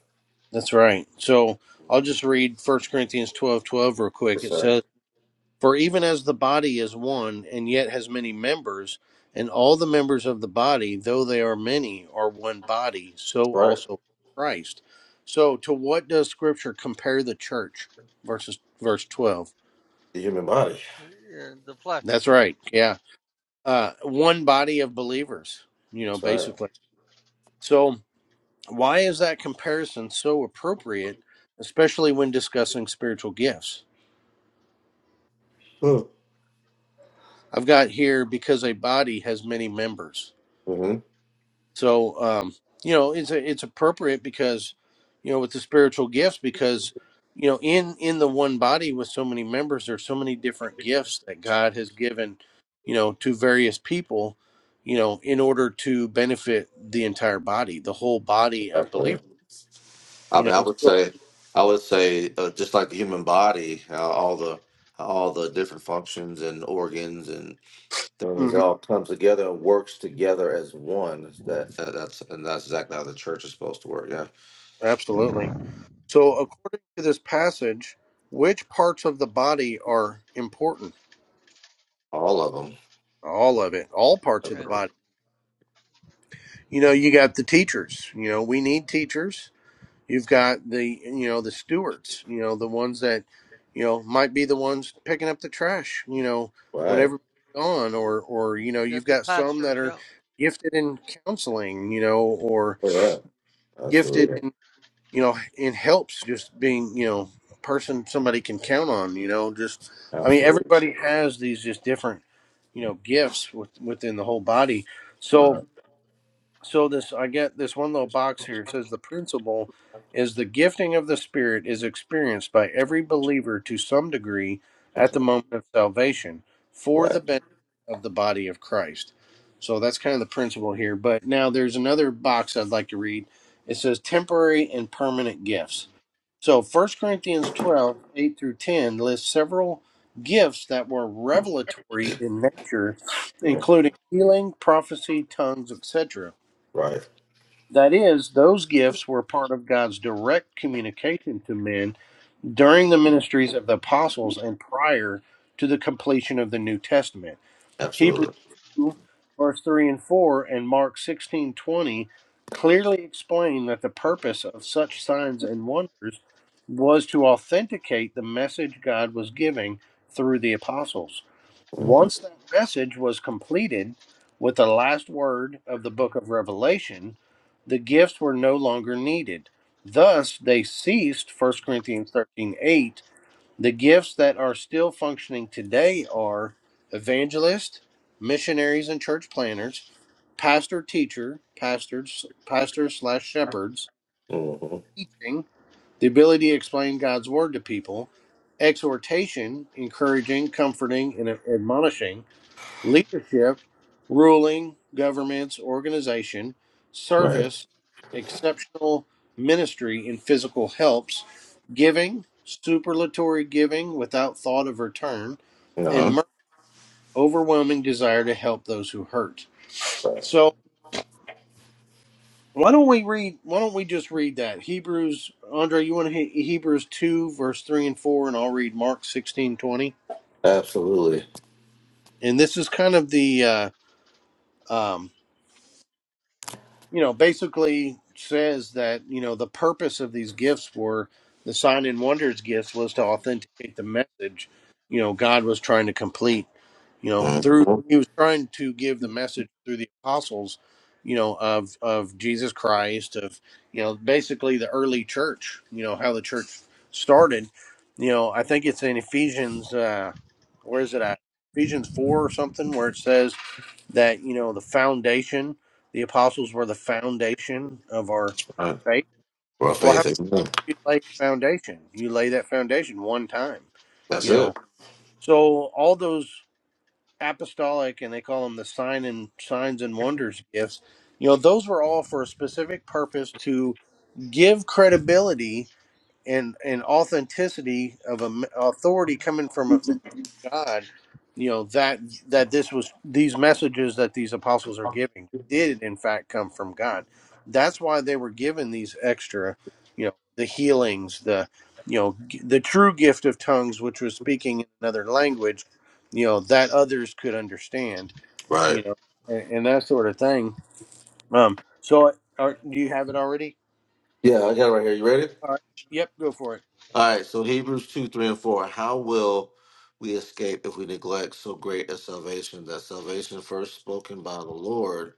Speaker 2: That's right. So I'll just read First Corinthians 12:12 real quick.
Speaker 3: that's
Speaker 2: It
Speaker 3: right.
Speaker 2: says For even as the body is one, and yet has many members, and all the members of the body, though they are many, are one body,
Speaker 3: That's
Speaker 2: so
Speaker 3: right.
Speaker 2: also Christ. So, to what does Scripture compare the church? Verses verse twelve.
Speaker 3: The human body.
Speaker 1: Yeah, the flesh.
Speaker 2: That's
Speaker 1: Yeah.
Speaker 2: right. Yeah, uh, one body of believers. You know,
Speaker 3: That's right.
Speaker 2: basically. So, why is that comparison so appropriate, especially when discussing spiritual gifts? I've got here because a body has many members
Speaker 3: Mm-hmm.
Speaker 2: So um, you know, it's a, it's appropriate because you know with the spiritual gifts because you know in in the one body with so many members there's so many different gifts that God has given you know to various people you know in order to benefit the entire body the whole body of
Speaker 3: Exactly.
Speaker 2: believers
Speaker 3: I
Speaker 2: you
Speaker 3: mean, I
Speaker 2: know
Speaker 3: would
Speaker 2: so
Speaker 3: say, I would say, uh, just like the human body, how all the how all the different functions and organs and things it
Speaker 2: mhm,
Speaker 3: all comes together and works together as one. That that- that's and that's exactly how the church is supposed to work. Yeah,
Speaker 2: absolutely so according to this passage which parts of the body are important
Speaker 3: all of them.
Speaker 2: all of it all parts of the
Speaker 1: Yeah.
Speaker 2: body you know you got the teachers you know we need teachers you've got the you know the stewards you know the ones that you know might be the ones picking up the trash you know when
Speaker 3: Right.
Speaker 2: everybody's gone or or you know
Speaker 1: Yeah,
Speaker 2: you've
Speaker 1: the
Speaker 2: got some that
Speaker 1: pastors,
Speaker 2: are
Speaker 1: yeah.
Speaker 2: gifted in counseling you know or
Speaker 3: For that.
Speaker 2: gifted
Speaker 3: Absolutely.
Speaker 2: in you know in helps just being you know a person somebody can count on you know just i mean
Speaker 3: Absolutely.
Speaker 2: everybody has these just different you know gifts with, within the whole body So
Speaker 3: Right.
Speaker 2: so this i get this one little box here it says the principle is the gifting of the spirit is experienced by every believer to some degree at the moment of salvation for
Speaker 3: Right.
Speaker 2: the benefit of the body of christ so that's kind of the principle here but now there's another box i'd like to read it says temporary and permanent gifts so First corinthians 12 8 through 10 lists several gifts that were revelatory in nature including healing prophecy tongues etc
Speaker 3: Right.
Speaker 2: that is, those gifts were part of God's direct communication to men during the ministries of the apostles and prior to the completion of the New Testament. Hebrews
Speaker 3: Absolutely.
Speaker 2: 2, verse 3 and 4, and Mark sixteen twenty clearly explain that the purpose of such signs and wonders was to authenticate the message God was giving through the apostles. Once that message was completed with the last word of the book of Revelation, the gifts were no longer needed. Thus, they ceased, First Corinthians 13 8. The gifts that are still functioning today are evangelists, missionaries and church planners, pastor teacher, pastors, pastors slash shepherds,
Speaker 3: Mm-hmm.
Speaker 2: teaching, the ability to explain God's word to people, exhortation, encouraging, comforting, and admonishing leadership, ruling, governments, organization,
Speaker 3: Right.
Speaker 2: service, exceptional ministry in physical helps, giving, superlatory giving without thought of return, and
Speaker 3: Uh-huh.
Speaker 2: mer- overwhelming desire to help those who hurt.
Speaker 3: Right.
Speaker 2: So why don't we read? Why don't we just read that Hebrews? Andre, you want to hit Hebrews two verse three and four, and I'll read Mark sixteen twenty.
Speaker 3: Absolutely.
Speaker 2: And this is kind of the uh, um, you know, basically says that, you know, the purpose of these gifts were the sign and wonders gifts was to authenticate the message, you know, God was trying to complete, you know,
Speaker 3: hmm
Speaker 2: through he was trying to give the message through the apostles, you know, of of Jesus Christ, of you know, basically the early church, you know, how the church started. You know, I think it's in Ephesians uh where is it at? Ephesians four or something where it says that you know the foundation the apostles were the foundation of our
Speaker 3: Right.
Speaker 2: faith
Speaker 3: Well,
Speaker 2: well how
Speaker 3: faith.
Speaker 2: do
Speaker 3: is-
Speaker 2: you lay a foundation you lay that foundation one time
Speaker 3: That's
Speaker 2: you know
Speaker 3: it.
Speaker 2: so all those apostolic and they call them the sign and signs and wonders gifts you know those were all for a specific purpose to give credibility and and authenticity of a m- authority coming from a, God, you know that that this was these messages that these apostles are giving did in fact come from God. That's why they were given these extra, you know, the healings, the you know g- the true gift of tongues, which was speaking in another language, you know, that others could understand,
Speaker 3: Right.
Speaker 2: you know, and, and that sort of thing. Um, so, are, do you have it already?
Speaker 3: Yeah, I got it right here. You ready?
Speaker 2: All right. Yep, go for it.
Speaker 3: All right, so Hebrews 2, 3, and 4. How will we escape if we neglect so great a salvation? That salvation first spoken by the Lord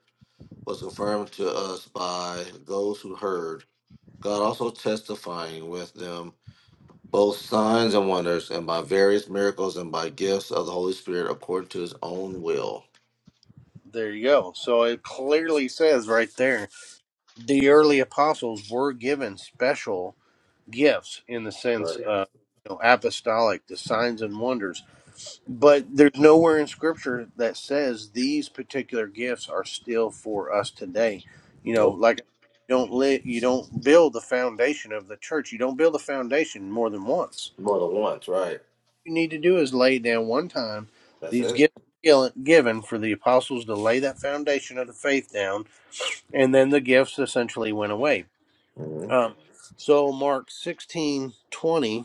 Speaker 3: was confirmed to us by those who heard, God also testifying with them both signs and wonders, and by various miracles and by gifts of the Holy Spirit according to his own will.
Speaker 2: There you go. So it clearly says right there the early apostles were given special gifts in the sense
Speaker 3: Right.
Speaker 2: of you know, apostolic, the signs and wonders. But there's nowhere in scripture that says these particular gifts are still for us today. You know,
Speaker 3: Nope.
Speaker 2: like you don't live, you don't build the foundation of the church. You don't build a foundation more than once.
Speaker 3: More than once, right.
Speaker 2: What you need to do is lay down one time.
Speaker 3: That's
Speaker 2: These
Speaker 3: it.
Speaker 2: gifts given for the apostles to lay that foundation of the faith down and then the gifts essentially went away.
Speaker 3: Mm-hmm.
Speaker 2: Um, so Mark sixteen twenty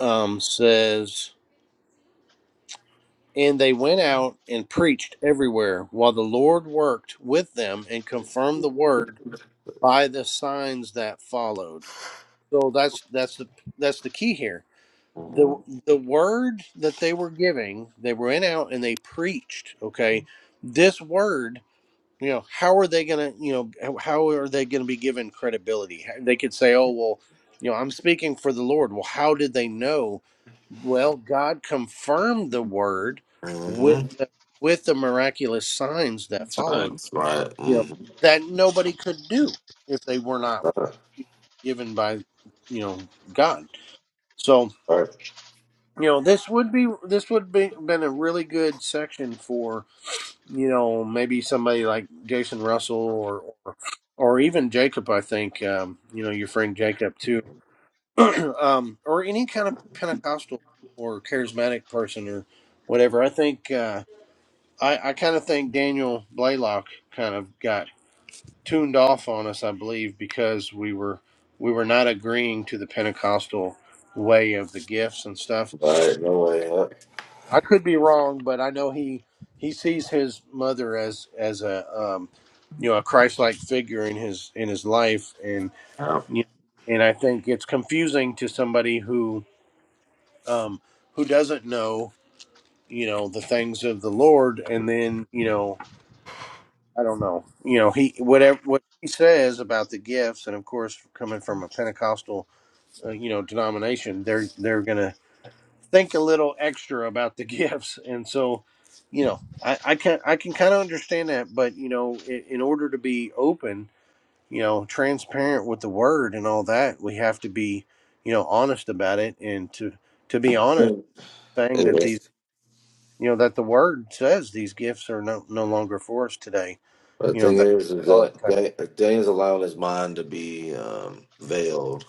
Speaker 2: um, says, And they went out and preached everywhere, while the Lord worked with them and confirmed the word by the signs that followed. So that's that's the that's the key here. The
Speaker 3: Mm-hmm.
Speaker 2: the word that they were giving, they went out and they preached, okay? This word you know how are they going to you know how are they going to be given credibility they could say oh well you know i'm speaking for the lord well how did they know well god confirmed the word with
Speaker 3: Mm-hmm.
Speaker 2: the, with the miraculous signs that followed
Speaker 3: Signs, right. Mm-hmm.
Speaker 2: that nobody could do if they were not
Speaker 3: Right.
Speaker 2: given by you know god so
Speaker 3: Right.
Speaker 2: you know this would be this would be been a really good section for you know, maybe somebody like Jason Russell or or, or even Jacob. I think um, you know your friend Jacob too, um, or any kind of Pentecostal or charismatic person or whatever. I think uh, I, I kind of think Daniel Blaylock kind of got tuned off on us. I believe because we were we were not agreeing to the Pentecostal way of the gifts and stuff.
Speaker 3: All right, no way.
Speaker 2: I could be wrong, but I know he he sees his mother as as a um, you know a Christ-like figure in his in his life, and
Speaker 3: Yep.
Speaker 2: you and I think it's confusing to somebody who um, who doesn't know you know the things of the Lord, and then you know I don't know you know he whatever what he says about the gifts, and of course coming from a Pentecostal uh, you know denomination, they're they're gonna think a little extra about the gifts and so you know i, I can i can kind of understand that but you know in, in order to be open you know transparent with the word and all that we have to be you know honest about it and to to be honest
Speaker 3: Yep.
Speaker 2: saying that
Speaker 3: Anyway,
Speaker 2: these you know that the word says these gifts are no, no longer for us today
Speaker 3: the
Speaker 2: you know
Speaker 3: thing
Speaker 2: that
Speaker 3: is, is that Dan- Dan's allowing his mind to be um, veiled.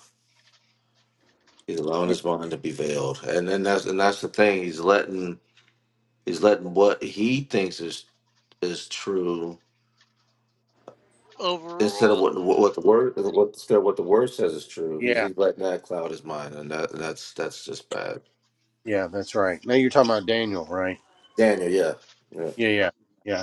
Speaker 3: He's allowing
Speaker 2: yeah
Speaker 3: his mind to be veiled, and then that's and that's the thing. He's letting he's letting what he thinks is is true instead of
Speaker 1: Overruled.
Speaker 3: what what, what the word what instead of what the word says is true. He's
Speaker 2: yeah
Speaker 3: he's letting that cloud his mind, and that that's that's just bad.
Speaker 2: yeah that's right now you're talking about daniel right
Speaker 3: Daniel, yeah, yeah,
Speaker 2: yeah yeah yeah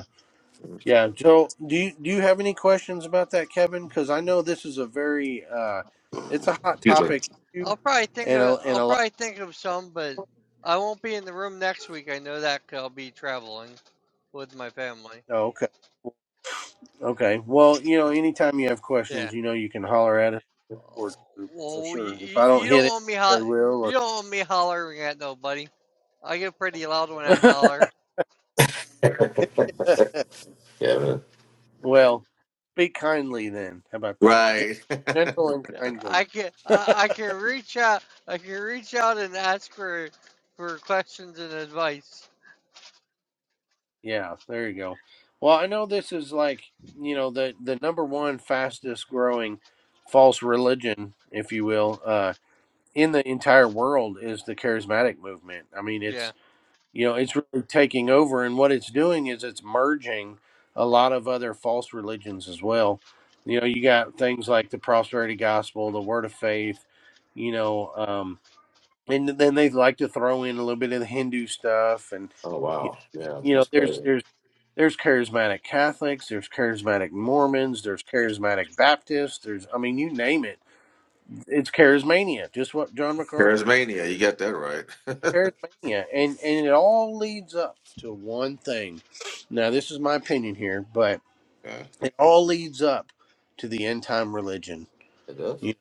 Speaker 2: Yeah, Joe, do you do you have any questions about that, Kevin? Because I know this is a very uh, it's a hot
Speaker 3: excuse
Speaker 2: topic issue,
Speaker 1: I'll probably think
Speaker 2: and a,
Speaker 1: of
Speaker 2: and
Speaker 1: I'll
Speaker 2: a lot.
Speaker 1: probably think of some, but I won't be in the room next week. I know that 'cause I'll be traveling with my family.
Speaker 2: Oh, okay, okay. Well, you know, anytime you have questions,
Speaker 1: Yeah.
Speaker 2: you know, you can holler at us or
Speaker 1: Oh,
Speaker 2: for
Speaker 1: Well, you,
Speaker 2: sure. If
Speaker 1: you,
Speaker 2: I don't
Speaker 1: you
Speaker 2: hit
Speaker 1: don't
Speaker 2: it,
Speaker 1: want me
Speaker 2: I
Speaker 1: ho-
Speaker 2: will.
Speaker 1: you don't want me hollering at nobody. I get pretty loud when I
Speaker 2: Or
Speaker 1: holler.
Speaker 3: me, yeah, man.
Speaker 2: well, speak kindly then. How about that? Gen-
Speaker 3: right.
Speaker 2: Gentle and
Speaker 1: Yeah, I
Speaker 2: kindly.
Speaker 1: can I, I can reach out I can reach out and ask for for questions and advice.
Speaker 2: Yeah, there you go. Well, I know this is like you know the the number one fastest growing false religion, if you
Speaker 1: Hmm.
Speaker 2: will, uh, in the entire world is the charismatic movement. I mean,
Speaker 1: Yeah.
Speaker 2: it's you know, it's really taking over, and what it's doing is it's merging a lot of other false religions as well. You know, you got things like the prosperity gospel, the word of faith, you know, um, and then they like to throw in a little bit of the Hindu stuff, and
Speaker 3: Oh
Speaker 2: you
Speaker 3: wow, yeah,
Speaker 2: you know,
Speaker 3: that's
Speaker 2: there's
Speaker 3: crazy.
Speaker 2: there's there's charismatic Catholics, there's charismatic Mormons, there's charismatic Baptists, there's I mean, you name it, it's charismania, just what John MacArthur
Speaker 3: Charismania, you got that right.
Speaker 2: charismania, and and it all leads up to one thing. Now, this is my opinion here, but
Speaker 3: yeah,
Speaker 2: it all leads up to the end time religion.
Speaker 3: it does.
Speaker 2: You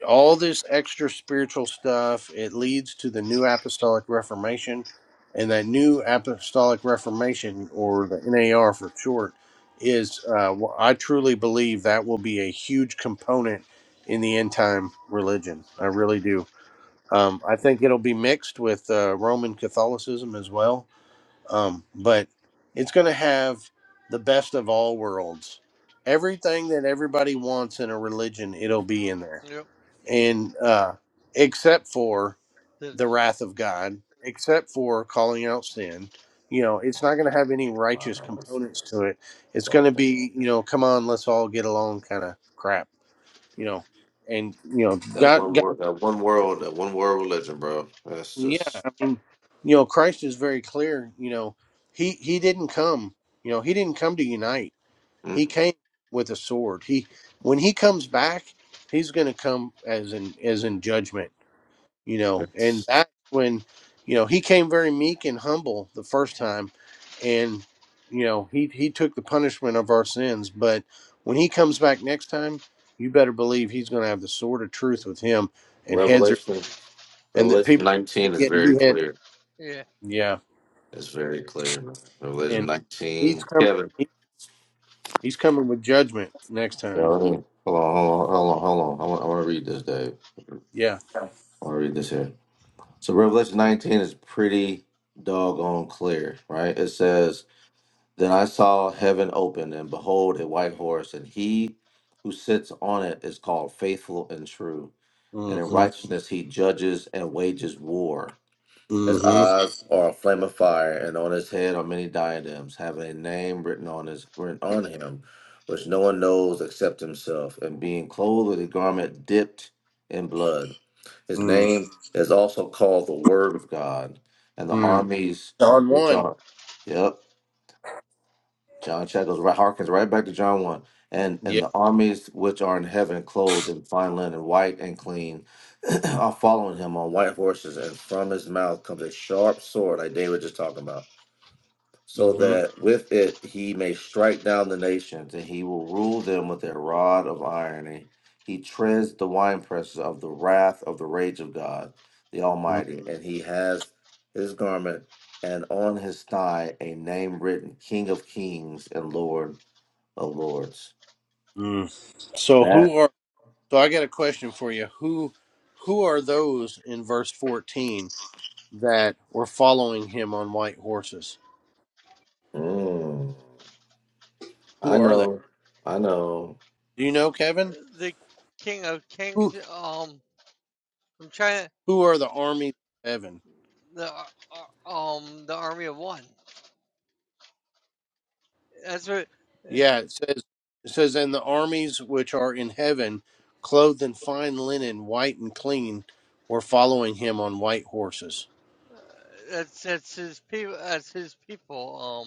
Speaker 2: know, all this extra spiritual stuff it leads to the New Apostolic Reformation, and that New Apostolic Reformation, or the NAR for short, is uh, wh- I truly believe that will be a huge component in the end time religion. I really do. Um, I think it'll be mixed with uh, Roman Catholicism as well, um, but it's going to have the best of all worlds. Everything that everybody wants in a religion, it'll be in there,
Speaker 1: Yep.
Speaker 2: and uh, except for the
Speaker 1: That's-
Speaker 2: wrath of God, except for calling out sin. You know, it's not going to have any
Speaker 3: Wow,
Speaker 2: righteous
Speaker 3: that's,
Speaker 2: components to it.
Speaker 3: that's
Speaker 2: It's going to
Speaker 3: awful.
Speaker 2: be, you know, come on, let's all get along kind of crap. You know, and you know,
Speaker 3: That
Speaker 2: God,
Speaker 3: one
Speaker 2: God
Speaker 3: world, that one world, that one world religion, bro. That's just,
Speaker 2: yeah. You know, Christ is very clear. You know, he he didn't come. You know, he didn't come to unite. He
Speaker 3: mm-mm.
Speaker 2: came with a sword. He when he comes back, he's going to come as in as in judgment. You know, and
Speaker 3: it's
Speaker 2: that's when you know he came very meek and humble the first time, and you know he he took the punishment of our sins. But when he comes back next time, you better believe he's going to have the sword of truth with him, and heads are
Speaker 3: Revelation.
Speaker 2: and that
Speaker 3: Revelation
Speaker 2: people are
Speaker 3: nineteen is
Speaker 2: getting
Speaker 3: very
Speaker 2: beheaded.
Speaker 3: clear.
Speaker 1: Yeah.
Speaker 2: Yeah.
Speaker 3: It's very clear. Revelation
Speaker 2: and he's
Speaker 3: nineteen.
Speaker 2: coming.
Speaker 3: Kevin,
Speaker 2: He, he's coming with judgment next
Speaker 3: hold
Speaker 2: time.
Speaker 3: on, hold on, hold on, hold on. I want, I want to read this, Dave.
Speaker 2: Yeah.
Speaker 3: I want to read this here. So Revelation nineteen is pretty doggone clear, right? It says. Then I saw heaven open, and behold, a white horse, and he who sits on it is called Faithful and True. And in
Speaker 2: Mm-hmm.
Speaker 3: righteousness he judges and wages war. His
Speaker 2: Mm-hmm.
Speaker 3: eyes are a flame of fire, and on his head are many diadems, having a name written on his written on him, which no one knows except himself. And being clothed with a garment dipped in blood, his name is also called the Word of God. And the
Speaker 2: Mm-hmm.
Speaker 3: armies
Speaker 2: John
Speaker 3: which
Speaker 2: one.
Speaker 3: are, yep, John chapter goes right harkens right back to John one. And
Speaker 2: Yeah.
Speaker 3: and the armies which are in heaven, clothed in fine linen, white and clean, are following him on white horses, and from his mouth comes a sharp sword, like David just talking about, so
Speaker 2: Mm-hmm.
Speaker 3: that with it he may strike down the nations, and he will rule them with a rod of iron. he treads the winepresses of the wrath of the rage of God, the Almighty. And he has his garment and on his thigh a name written, King of Kings and Lord of Lords.
Speaker 2: Mm-hmm. So
Speaker 3: That
Speaker 2: who are? So I got a question for you. Who? Who are those in verse fourteen that were following him on white horses?
Speaker 3: mm, I
Speaker 2: Who are they?
Speaker 3: know, I know.
Speaker 2: Do you know, Kevin?
Speaker 1: the King of
Speaker 2: Who?
Speaker 1: Kings. Um, from China,
Speaker 2: Who are the armies of heaven?
Speaker 1: the ar- um the Army of One. That's what. eh,
Speaker 2: Yeah, it says it says, And the armies which are in heaven, clothed in fine linen, white and clean, were following him on white horses.
Speaker 1: uh, That's that's his people. That's his people.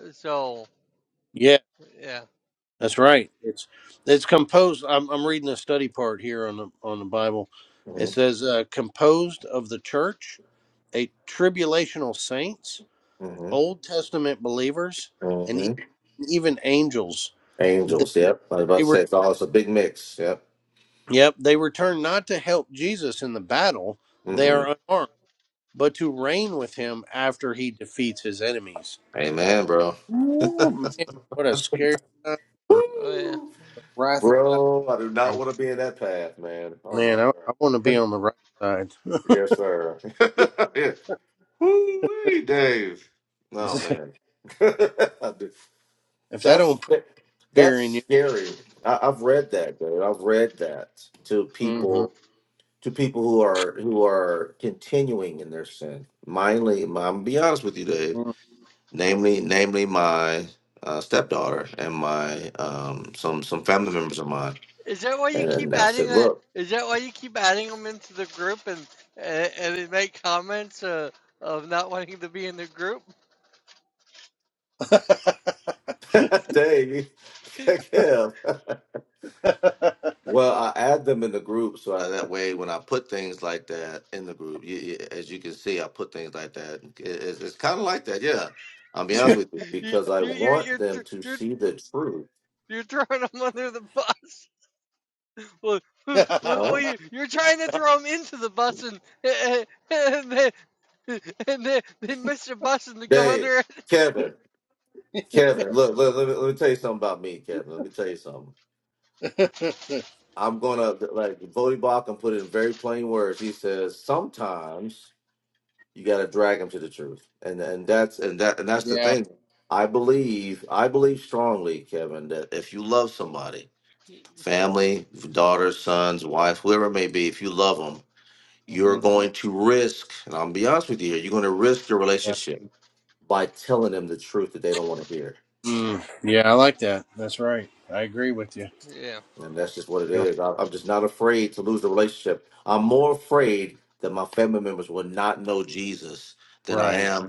Speaker 1: Um. So
Speaker 2: Yeah,
Speaker 1: yeah.
Speaker 2: that's right. It's it's composed I'm I'm reading the study part here on the on the Bible.
Speaker 3: hmm
Speaker 2: It says uh, composed of the church, a tribulational saints,
Speaker 3: hmm
Speaker 2: Old Testament believers, and
Speaker 3: hmm
Speaker 2: e- even angels. They
Speaker 3: Angels,
Speaker 2: were,
Speaker 3: yep. I was about
Speaker 2: they
Speaker 3: to say,
Speaker 2: were
Speaker 3: it's all it's a big mix. Yep.
Speaker 2: yep, they return not to help Jesus in the battle. They
Speaker 3: Mm-mm.
Speaker 2: are unarmed but to reign with him after he defeats his enemies.
Speaker 3: Amen, bro.
Speaker 2: Oh man, what a scary time for
Speaker 1: Oh yeah.
Speaker 3: Woo!
Speaker 2: wrath of God.
Speaker 3: Bro, I do not want to be in that path, man. Oh my
Speaker 2: Man, I, I want to be
Speaker 3: god.
Speaker 2: on the right side.
Speaker 3: Yes, sir. yeah. woo Dave. Oh man.
Speaker 2: if that
Speaker 3: that's
Speaker 2: don't put fear
Speaker 3: that's
Speaker 2: in you,
Speaker 3: scary. I, I've read that, dude. I've read that to
Speaker 2: hmm
Speaker 3: people to people who are who are continuing in their sin. Mainly, I'm gonna be honest with you, Dave. Namely, namely my uh, stepdaughter and my um, some some family members of mine.
Speaker 1: Is that why you
Speaker 3: And
Speaker 1: keep
Speaker 3: then I
Speaker 1: adding
Speaker 3: said,
Speaker 1: that?
Speaker 3: look,
Speaker 1: Is that why you keep adding them into the group and and, and they make comments uh, of not wanting to be in the group?
Speaker 3: Dave, Kev. Well, I add them in the group so I, that way when I put things like that in the group, you, you- as you can see, I put things like that. It- it's it's kind of like that, yeah. I'll be honest with you
Speaker 1: You
Speaker 3: because I
Speaker 1: you you're
Speaker 3: want
Speaker 1: you're
Speaker 3: them
Speaker 1: th-
Speaker 3: to
Speaker 1: you're,
Speaker 3: see the truth.
Speaker 1: you're throwing them under the bus. Well, well, well,
Speaker 3: Huh?
Speaker 1: you, you're trying to throw him into the bus, and, and, then, and then, then Mr. Bus and to go
Speaker 3: Dave,
Speaker 1: under it.
Speaker 3: Kevin, Kevin, look, look let, me, let me tell you something about me, Kevin. Let me tell you something. I'm gonna like Vody Bach and put it in very plain words. He says sometimes You got to drag them to the truth, and and that's and that and that's the
Speaker 2: yeah,
Speaker 3: thing. I believe I believe strongly, Kevin, that if you love somebody, family, daughters, sons, wife, whoever it may be, if you love them, you're
Speaker 2: hmm
Speaker 3: going to risk. And I'm be honest with you here. You're going to risk your
Speaker 2: yeah,
Speaker 3: relationship by telling them the truth that they don't want to hear.
Speaker 2: mm, yeah. I like that. That's right. I agree with you.
Speaker 1: Yeah,
Speaker 3: And that's just what it
Speaker 2: Yeah,
Speaker 3: is. I, I'm just not afraid to lose the relationship. I'm more afraid that my family members will not know Jesus than I
Speaker 2: right.
Speaker 3: am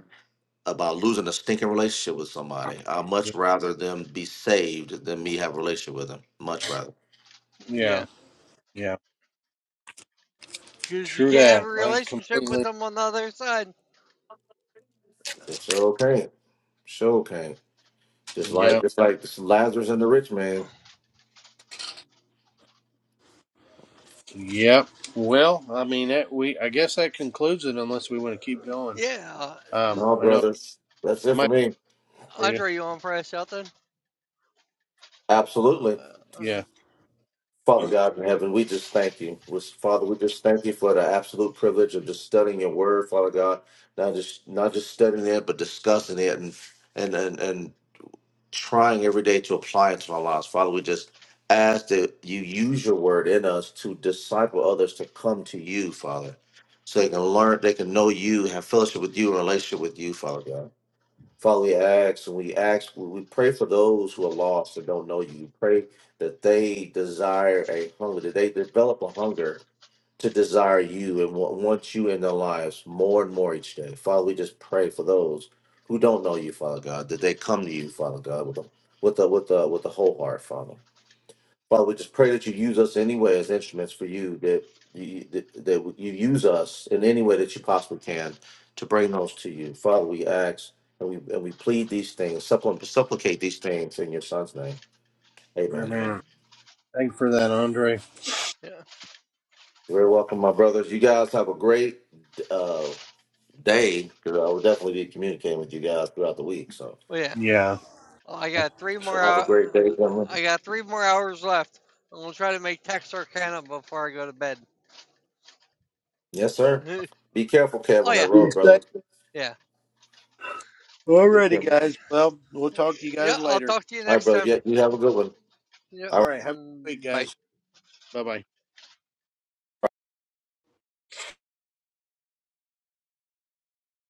Speaker 3: about losing a stinking relationship with somebody. I'd
Speaker 2: Yeah,
Speaker 3: much rather them be saved than me have a relationship with them. Much rather.
Speaker 1: yeah.
Speaker 2: yeah. Yeah.
Speaker 1: Because you
Speaker 2: True
Speaker 1: can't have a
Speaker 2: that. I
Speaker 1: relationship with
Speaker 2: completely.
Speaker 1: them on the other side.
Speaker 3: It Sure can. Sure can. Just
Speaker 2: Yeah.
Speaker 3: like just like this Lazarus and the rich man.
Speaker 2: Yep. Well, I mean that we I guess that concludes it unless we want to keep going.
Speaker 1: Yeah. Does,
Speaker 2: Um
Speaker 3: No,
Speaker 2: I know it
Speaker 3: brothers. That's it for
Speaker 2: might be
Speaker 3: me.
Speaker 2: for you.
Speaker 1: Andre, you on for us out
Speaker 3: Absolutely.
Speaker 1: Uh, uh,
Speaker 2: Yeah.
Speaker 3: Father God in heaven, we just thank you. We- Father, we just thank you for the absolute privilege of just studying your word, Father God. Not just not just studying it, but discussing it and and and, and trying every day to apply it to our lives. Father, we just ask that you use your word in us to disciple others to come to you, Father, so they can learn, they can know you, have fellowship with you, and relationship with you, Father God. Father, we ask and we ask, we we pray for those who are lost and don't know you. We pray that they desire a hunger, that they develop a hunger to desire you and wa- want you in their lives more and more each day. Father, we just pray for those who don't know you, Father God, that they come to you, Father God, with a with a with a with a whole heart, Father. Father, we just pray that you use us anyway as instruments for you, that you that, that you use us in any way that you possibly can to bring those to you. Father, we ask and we and we plead these things, supplicate, supplicate these things in your son's name. Amen.
Speaker 2: Amen. Thanks for that, Andre.
Speaker 1: yeah.
Speaker 3: You're very welcome, my brothers. You guys have a great uh day because I will definitely be communicating with you guys throughout the week. So,
Speaker 1: Well, yeah.
Speaker 2: Yeah.
Speaker 1: Oh, I got three more.
Speaker 3: so have a
Speaker 1: hou-
Speaker 3: great day, gentlemen.
Speaker 1: I got three more hours left. I'm gonna try to make Texarkana before I go to bed.
Speaker 3: Yes, sir.
Speaker 1: oh
Speaker 3: Be careful, Kev, on that
Speaker 1: yeah,
Speaker 2: Be
Speaker 3: road, brother.
Speaker 2: safe.
Speaker 1: yeah.
Speaker 3: Yeah, be
Speaker 2: Alrighty
Speaker 3: careful. All
Speaker 2: guys. Well, we'll talk to you
Speaker 1: Yeah,
Speaker 2: guys
Speaker 1: I'll
Speaker 2: later.
Speaker 1: talk to you
Speaker 3: right,
Speaker 1: next
Speaker 3: brother.
Speaker 1: time.
Speaker 3: Yeah, you have a good one.
Speaker 1: Yeah,
Speaker 2: All right.
Speaker 1: know,
Speaker 2: Have a good week,
Speaker 1: mm, by
Speaker 2: guys. Bye bye.